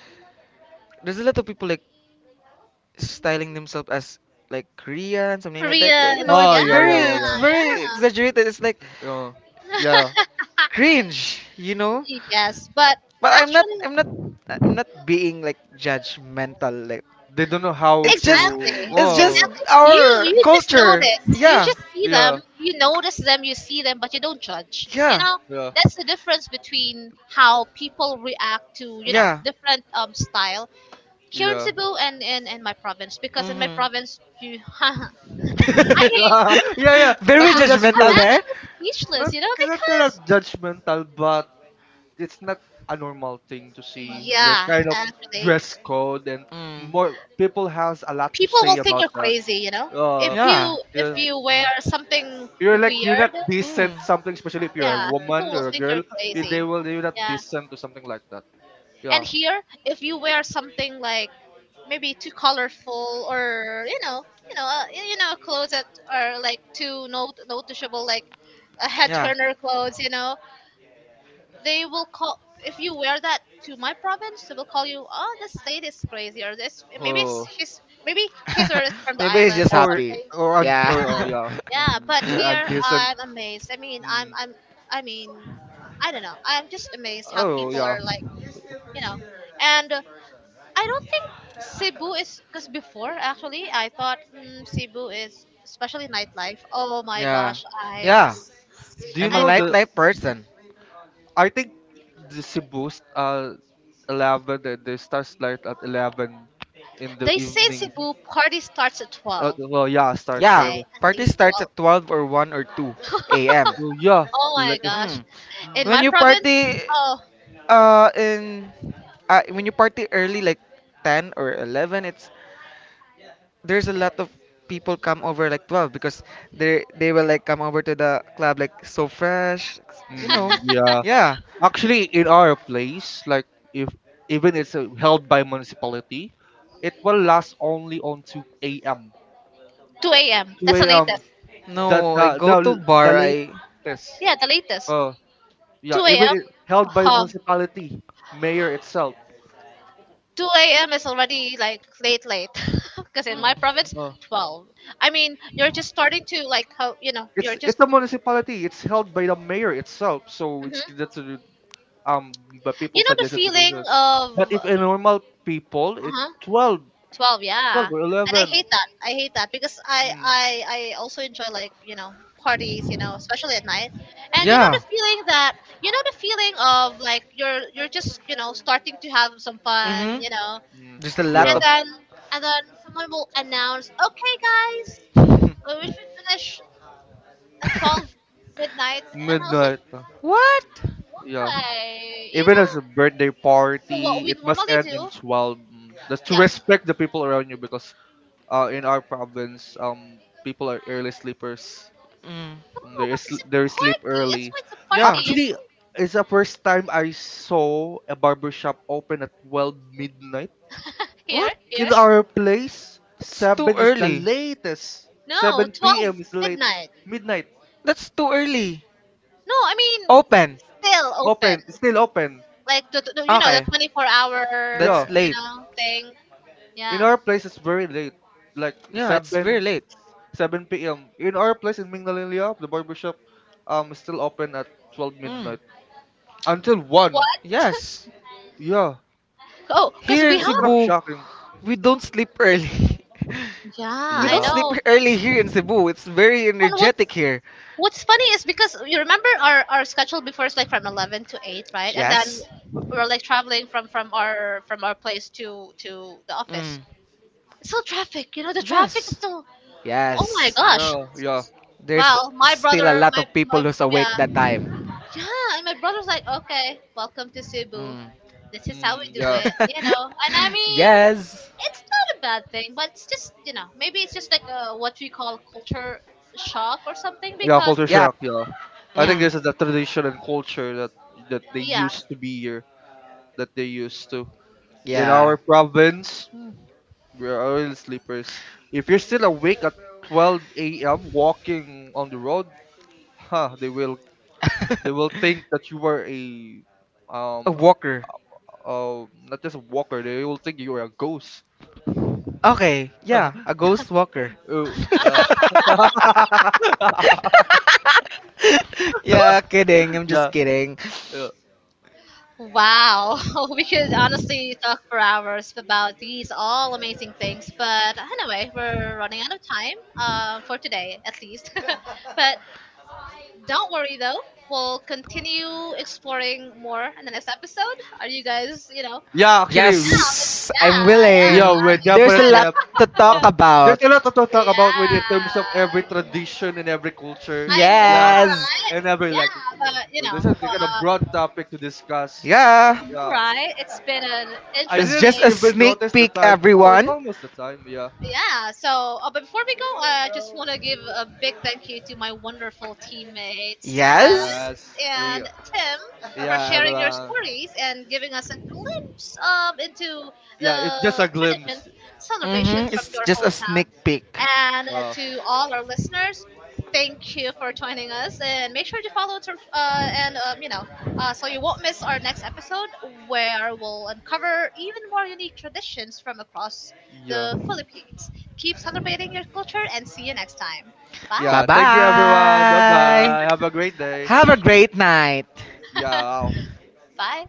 [SPEAKER 2] there's a lot of people, like, styling themselves as like Korean, something like that. Like, you
[SPEAKER 1] Koreans,
[SPEAKER 2] know,
[SPEAKER 3] oh
[SPEAKER 1] yeah,
[SPEAKER 2] it's
[SPEAKER 3] yeah yeah yeah
[SPEAKER 2] very,
[SPEAKER 3] yeah,
[SPEAKER 1] yeah,
[SPEAKER 2] exaggerated. It's like
[SPEAKER 3] uh, yeah,
[SPEAKER 2] cringe, you know.
[SPEAKER 1] yes, but
[SPEAKER 2] But
[SPEAKER 1] actually.
[SPEAKER 2] I'm not being like judgmental. Like,
[SPEAKER 3] they don't know how
[SPEAKER 2] it's just,
[SPEAKER 3] to.
[SPEAKER 1] Exactly.
[SPEAKER 2] it's just
[SPEAKER 3] Whoa,
[SPEAKER 1] Exactly. You
[SPEAKER 2] our
[SPEAKER 1] you just
[SPEAKER 2] culture.
[SPEAKER 1] notice. You
[SPEAKER 2] Yeah,
[SPEAKER 1] just see
[SPEAKER 3] yeah
[SPEAKER 1] them. You notice them. You see them, but you don't judge. You
[SPEAKER 2] yeah,
[SPEAKER 1] know
[SPEAKER 3] yeah
[SPEAKER 1] that's the difference between how people react to, you know,
[SPEAKER 2] yeah.
[SPEAKER 1] different style. Here in
[SPEAKER 3] yeah
[SPEAKER 1] Cebu and in my province, because in my
[SPEAKER 2] Mhm.
[SPEAKER 1] province you, I mean,
[SPEAKER 3] yeah.
[SPEAKER 2] Very
[SPEAKER 1] yeah,
[SPEAKER 3] Actually, that's
[SPEAKER 1] I'm
[SPEAKER 2] judgmental
[SPEAKER 3] true.
[SPEAKER 2] there.
[SPEAKER 1] actually speechless.
[SPEAKER 3] Not
[SPEAKER 1] You know
[SPEAKER 3] kind of
[SPEAKER 1] because
[SPEAKER 3] judgmental, but it's not a normal thing to see. This
[SPEAKER 1] yeah,
[SPEAKER 3] kind of
[SPEAKER 1] actually,
[SPEAKER 3] dress code and
[SPEAKER 2] Mm.
[SPEAKER 3] more people has a lot to
[SPEAKER 1] people will
[SPEAKER 3] say
[SPEAKER 1] think
[SPEAKER 3] about
[SPEAKER 1] you're
[SPEAKER 3] that.
[SPEAKER 1] crazy. You know,
[SPEAKER 3] Uh,
[SPEAKER 1] if
[SPEAKER 3] yeah,
[SPEAKER 1] you wear something
[SPEAKER 3] you're like you're not
[SPEAKER 1] weird.
[SPEAKER 3] decent something, especially if you're a
[SPEAKER 1] Yeah, people
[SPEAKER 3] woman
[SPEAKER 1] will
[SPEAKER 3] or a
[SPEAKER 1] think you're
[SPEAKER 3] girl. They
[SPEAKER 1] crazy.
[SPEAKER 3] will you're not
[SPEAKER 1] Yeah.
[SPEAKER 3] decent to something like that.
[SPEAKER 1] And
[SPEAKER 3] Yeah.
[SPEAKER 1] here, if you wear something like maybe too colorful or, you know, you know, you know, clothes that are like too noticeable, like a head turner clothes, you know, they will call. If you wear that to my province, they will call you, oh, this lady is crazy, or this— maybe it's
[SPEAKER 3] Oh.
[SPEAKER 1] his, maybe his or is from the island or
[SPEAKER 3] Or
[SPEAKER 2] Yeah.
[SPEAKER 1] something. Yeah.
[SPEAKER 3] or oh
[SPEAKER 2] Yeah,
[SPEAKER 3] yeah.
[SPEAKER 1] Yeah, but
[SPEAKER 3] They're
[SPEAKER 2] but.
[SPEAKER 1] here
[SPEAKER 3] undecent.
[SPEAKER 1] I'm amazed. I mean, I'm
[SPEAKER 3] Mm.
[SPEAKER 1] I'm I mean, I don't know. I'm just amazed how
[SPEAKER 3] Oh
[SPEAKER 1] people
[SPEAKER 3] yeah.
[SPEAKER 1] are like, you know. And, I don't think Cebu is, because before actually I thought, mm, Cebu is, especially nightlife. Oh my gosh,
[SPEAKER 3] Do you
[SPEAKER 2] I'm a
[SPEAKER 1] I
[SPEAKER 3] know
[SPEAKER 1] don't know.
[SPEAKER 2] light
[SPEAKER 3] the?
[SPEAKER 2] life person.
[SPEAKER 3] I think the Cebu's 11. The starts light at 11 in the
[SPEAKER 1] They say in
[SPEAKER 3] evening.
[SPEAKER 1] Cebu party starts at 12.
[SPEAKER 3] Well, yeah,
[SPEAKER 1] They
[SPEAKER 3] starts.
[SPEAKER 2] Yeah,
[SPEAKER 1] say at
[SPEAKER 2] party
[SPEAKER 1] least
[SPEAKER 2] starts
[SPEAKER 1] 12.
[SPEAKER 2] at 12 or 1 or 2 a.m.
[SPEAKER 3] Well, yeah,
[SPEAKER 1] Oh my
[SPEAKER 3] like.
[SPEAKER 1] gosh.
[SPEAKER 2] Mm.
[SPEAKER 3] Mm,
[SPEAKER 1] In
[SPEAKER 2] When
[SPEAKER 1] my
[SPEAKER 2] you
[SPEAKER 1] province,
[SPEAKER 2] party
[SPEAKER 1] oh,
[SPEAKER 2] in when you party early, like 10 or 11, it's there's a lot of people come over like 12, because they will like come over to the club like so fresh, you
[SPEAKER 3] mm,
[SPEAKER 2] know.
[SPEAKER 3] yeah.
[SPEAKER 2] Yeah.
[SPEAKER 3] Actually, in our place, like if even it's held by municipality, it will last only on
[SPEAKER 1] 2
[SPEAKER 3] 2 a.m.
[SPEAKER 1] a.m. That's the
[SPEAKER 3] 2 a.m.
[SPEAKER 1] latest.
[SPEAKER 3] That
[SPEAKER 2] No, I
[SPEAKER 3] The
[SPEAKER 2] go to
[SPEAKER 3] the
[SPEAKER 2] bar. I,
[SPEAKER 3] latest.
[SPEAKER 1] Yeah, the latest.
[SPEAKER 3] Uh, yeah,
[SPEAKER 1] 2 a.m.
[SPEAKER 3] even it held by
[SPEAKER 1] Huh.
[SPEAKER 3] municipality, mayor itself.
[SPEAKER 1] 2 a.m. is already like late, late. Because in my, mm, province,
[SPEAKER 3] Uh,
[SPEAKER 1] 12. I mean, you're just starting to like, how, you know, you're
[SPEAKER 3] it's
[SPEAKER 1] just,
[SPEAKER 3] a municipality. It's held by the mayor itself. So it's
[SPEAKER 1] mhm,
[SPEAKER 3] that's a, um, but people
[SPEAKER 1] you know the
[SPEAKER 3] suggested to
[SPEAKER 1] feeling
[SPEAKER 3] visit. But
[SPEAKER 1] of
[SPEAKER 3] if a normal people, it
[SPEAKER 1] uh
[SPEAKER 3] 12,
[SPEAKER 1] 12,
[SPEAKER 3] 12
[SPEAKER 1] yeah.
[SPEAKER 3] or
[SPEAKER 1] And I
[SPEAKER 3] 11.
[SPEAKER 1] hate that. I hate that because I
[SPEAKER 3] Mm,
[SPEAKER 1] I I also enjoy like, you know, parties, you know, especially at night. And you know, yeah,
[SPEAKER 2] yeah.
[SPEAKER 1] the feeling that you know the feeling of like you're just, you know, starting to have some fun, you know,
[SPEAKER 3] mm,
[SPEAKER 2] Just a,
[SPEAKER 1] and
[SPEAKER 3] yeah,
[SPEAKER 2] and.
[SPEAKER 1] then and then someone will announce, okay, guys, we should finish at 12 midnight, and I was like,
[SPEAKER 3] Midnight.
[SPEAKER 2] What?
[SPEAKER 3] Yeah.
[SPEAKER 1] hi, you
[SPEAKER 3] Even
[SPEAKER 1] know.
[SPEAKER 3] as a birthday
[SPEAKER 1] So what
[SPEAKER 3] party,
[SPEAKER 1] we
[SPEAKER 3] it must
[SPEAKER 1] normally
[SPEAKER 3] end in
[SPEAKER 1] do,
[SPEAKER 3] 12. Just to
[SPEAKER 1] yes.
[SPEAKER 3] respect the people around you because in our province, people are early sleepers.
[SPEAKER 2] Mm.
[SPEAKER 3] Mm,
[SPEAKER 1] Oh, but it's
[SPEAKER 3] They
[SPEAKER 1] a
[SPEAKER 3] sleep
[SPEAKER 1] party. That's
[SPEAKER 3] early.
[SPEAKER 1] why it's a party. You
[SPEAKER 3] Actually,
[SPEAKER 1] know?
[SPEAKER 3] it's the first time I saw a barbershop open at 12 midnight.
[SPEAKER 1] Here,
[SPEAKER 2] What?
[SPEAKER 1] here.
[SPEAKER 3] In
[SPEAKER 2] It's,
[SPEAKER 3] our place,
[SPEAKER 2] it's
[SPEAKER 3] 7 is the latest.
[SPEAKER 1] No,
[SPEAKER 3] 7 p.m.
[SPEAKER 1] 12
[SPEAKER 3] is the late.
[SPEAKER 1] midnight.
[SPEAKER 3] Midnight.
[SPEAKER 2] That's too early.
[SPEAKER 1] No, I mean
[SPEAKER 2] Open.
[SPEAKER 1] still open.
[SPEAKER 3] Open. Still open.
[SPEAKER 1] Like
[SPEAKER 2] Like.
[SPEAKER 1] the, you know, the 24 hour,
[SPEAKER 3] Yeah.
[SPEAKER 1] you know, thing.
[SPEAKER 3] In
[SPEAKER 1] Yeah.
[SPEAKER 3] our place, it's very late, like
[SPEAKER 2] Yeah, it's very
[SPEAKER 3] 7,
[SPEAKER 2] late.
[SPEAKER 3] 7 p.m. In our place in Mingalinlia, the barbershop, is still open at 12
[SPEAKER 2] Mm.
[SPEAKER 3] midnight until 1.
[SPEAKER 1] What?
[SPEAKER 2] Yes.
[SPEAKER 3] Yeah,
[SPEAKER 1] Oh, because
[SPEAKER 2] Here
[SPEAKER 3] it's
[SPEAKER 1] we
[SPEAKER 2] in
[SPEAKER 3] kind of
[SPEAKER 1] have.
[SPEAKER 2] Cebu,
[SPEAKER 3] shocking.
[SPEAKER 2] we don't sleep early.
[SPEAKER 1] Yeah,
[SPEAKER 2] We
[SPEAKER 1] I
[SPEAKER 2] don't
[SPEAKER 3] Yeah,
[SPEAKER 2] sleep
[SPEAKER 1] know.
[SPEAKER 2] early here in Cebu. It's very
[SPEAKER 1] And what?
[SPEAKER 2] energetic here.
[SPEAKER 1] What's funny is because you remember our schedule before is like from 11 to 8, right? And then
[SPEAKER 2] Yes.
[SPEAKER 1] yes, we we're like traveling from from our place to the office.
[SPEAKER 2] Mm.
[SPEAKER 1] It's still traffic, you know, the traffic is
[SPEAKER 2] Yes.
[SPEAKER 1] still, oh my
[SPEAKER 2] Yes.
[SPEAKER 1] gosh.
[SPEAKER 3] yeah, yeah.
[SPEAKER 2] There's
[SPEAKER 1] Well, my
[SPEAKER 2] still a
[SPEAKER 1] brother,
[SPEAKER 2] lot
[SPEAKER 1] my,
[SPEAKER 2] of people
[SPEAKER 1] my
[SPEAKER 2] who's awake
[SPEAKER 1] yeah,
[SPEAKER 2] that time.
[SPEAKER 1] yeah, and my brother's like, okay, welcome to Cebu.
[SPEAKER 2] Mm.
[SPEAKER 1] This is how we
[SPEAKER 3] Mm,
[SPEAKER 1] do
[SPEAKER 3] yeah,
[SPEAKER 1] it, you know. And I mean,
[SPEAKER 2] Yes.
[SPEAKER 1] it's not a bad thing, but it's just, you know, maybe it's just like, what we call culture shock or something
[SPEAKER 3] yeah.
[SPEAKER 1] because
[SPEAKER 3] Culture
[SPEAKER 2] Yeah.
[SPEAKER 3] shock. Yeah, I think
[SPEAKER 1] yeah,
[SPEAKER 2] Mm.
[SPEAKER 3] this is the tradition and culture that they
[SPEAKER 1] yeah.
[SPEAKER 3] used to be here, that they used to in
[SPEAKER 2] Yeah.
[SPEAKER 3] our province. We're oil sleepers. If you're still awake at 12 a.m. walking on the road, huh, they will think that you were a
[SPEAKER 2] A
[SPEAKER 3] um
[SPEAKER 2] walker.
[SPEAKER 3] not just a walker. They will think you are a ghost.
[SPEAKER 2] Okay. Yeah, a ghost walker.
[SPEAKER 3] oh yeah,
[SPEAKER 2] Yeah, kidding. I'm
[SPEAKER 3] yeah,
[SPEAKER 2] just kidding.
[SPEAKER 3] yeah.
[SPEAKER 1] Wow, we could honestly talk for hours about these all amazing things, but anyway, we're running out of time, for today at least. But don't worry though, we'll continue exploring more in the next episode. Are you guys, you know?
[SPEAKER 3] Yeah, actually, we
[SPEAKER 2] Yes, I'm
[SPEAKER 1] Yeah, yeah, yeah.
[SPEAKER 3] yeah,
[SPEAKER 2] willing.
[SPEAKER 3] we
[SPEAKER 2] There's a
[SPEAKER 3] definitely
[SPEAKER 2] lot
[SPEAKER 3] have.
[SPEAKER 2] to talk
[SPEAKER 3] Uh,
[SPEAKER 1] Good.
[SPEAKER 2] about.
[SPEAKER 3] there's a lot to talk about with in terms of every
[SPEAKER 1] Yeah.
[SPEAKER 3] tradition and every culture.
[SPEAKER 1] I know,
[SPEAKER 3] Yeah,
[SPEAKER 2] Yes.
[SPEAKER 1] right?
[SPEAKER 3] and every
[SPEAKER 1] Yeah,
[SPEAKER 3] like.
[SPEAKER 1] but you
[SPEAKER 3] There's
[SPEAKER 1] know,
[SPEAKER 3] there's a broad topic to discuss.
[SPEAKER 2] Yeah,
[SPEAKER 3] Yeah.
[SPEAKER 1] right? It's been an
[SPEAKER 3] I
[SPEAKER 2] it's
[SPEAKER 3] didn't
[SPEAKER 2] just
[SPEAKER 1] interesting—
[SPEAKER 2] a
[SPEAKER 3] even
[SPEAKER 2] sneak
[SPEAKER 3] notice the
[SPEAKER 2] peek,
[SPEAKER 3] time. Oh, it's
[SPEAKER 2] everyone.
[SPEAKER 3] almost the time. Yeah.
[SPEAKER 1] yeah, so but before we go, I just want to give a big thank you to my wonderful teammates Bess
[SPEAKER 2] Yes.
[SPEAKER 3] Yes. We.
[SPEAKER 1] and tim for
[SPEAKER 3] Yeah,
[SPEAKER 1] sharing your
[SPEAKER 3] everyone.
[SPEAKER 1] stories and giving us a glimpse, into
[SPEAKER 3] Yeah, it's
[SPEAKER 1] the
[SPEAKER 3] just a
[SPEAKER 1] traditions,
[SPEAKER 3] glimpse.
[SPEAKER 2] Hmm.
[SPEAKER 1] celebrations from
[SPEAKER 2] It's
[SPEAKER 1] your
[SPEAKER 2] just a
[SPEAKER 1] hometown,
[SPEAKER 2] sneak peek.
[SPEAKER 1] and,
[SPEAKER 3] Uh.
[SPEAKER 1] to all our listeners, thank you for joining us. And make sure to follow us, you know, so you won't miss our next episode where we'll uncover even more unique traditions from across
[SPEAKER 3] Yeah.
[SPEAKER 1] the Philippines. Keep celebrating your culture and see you next time.
[SPEAKER 2] Bye
[SPEAKER 1] Bye.
[SPEAKER 3] Yeah. Thank you, everyone. Bye
[SPEAKER 2] bye.
[SPEAKER 3] bye. Have a great day.
[SPEAKER 2] Have a great night.
[SPEAKER 3] Yeah. Wow.
[SPEAKER 1] Bye.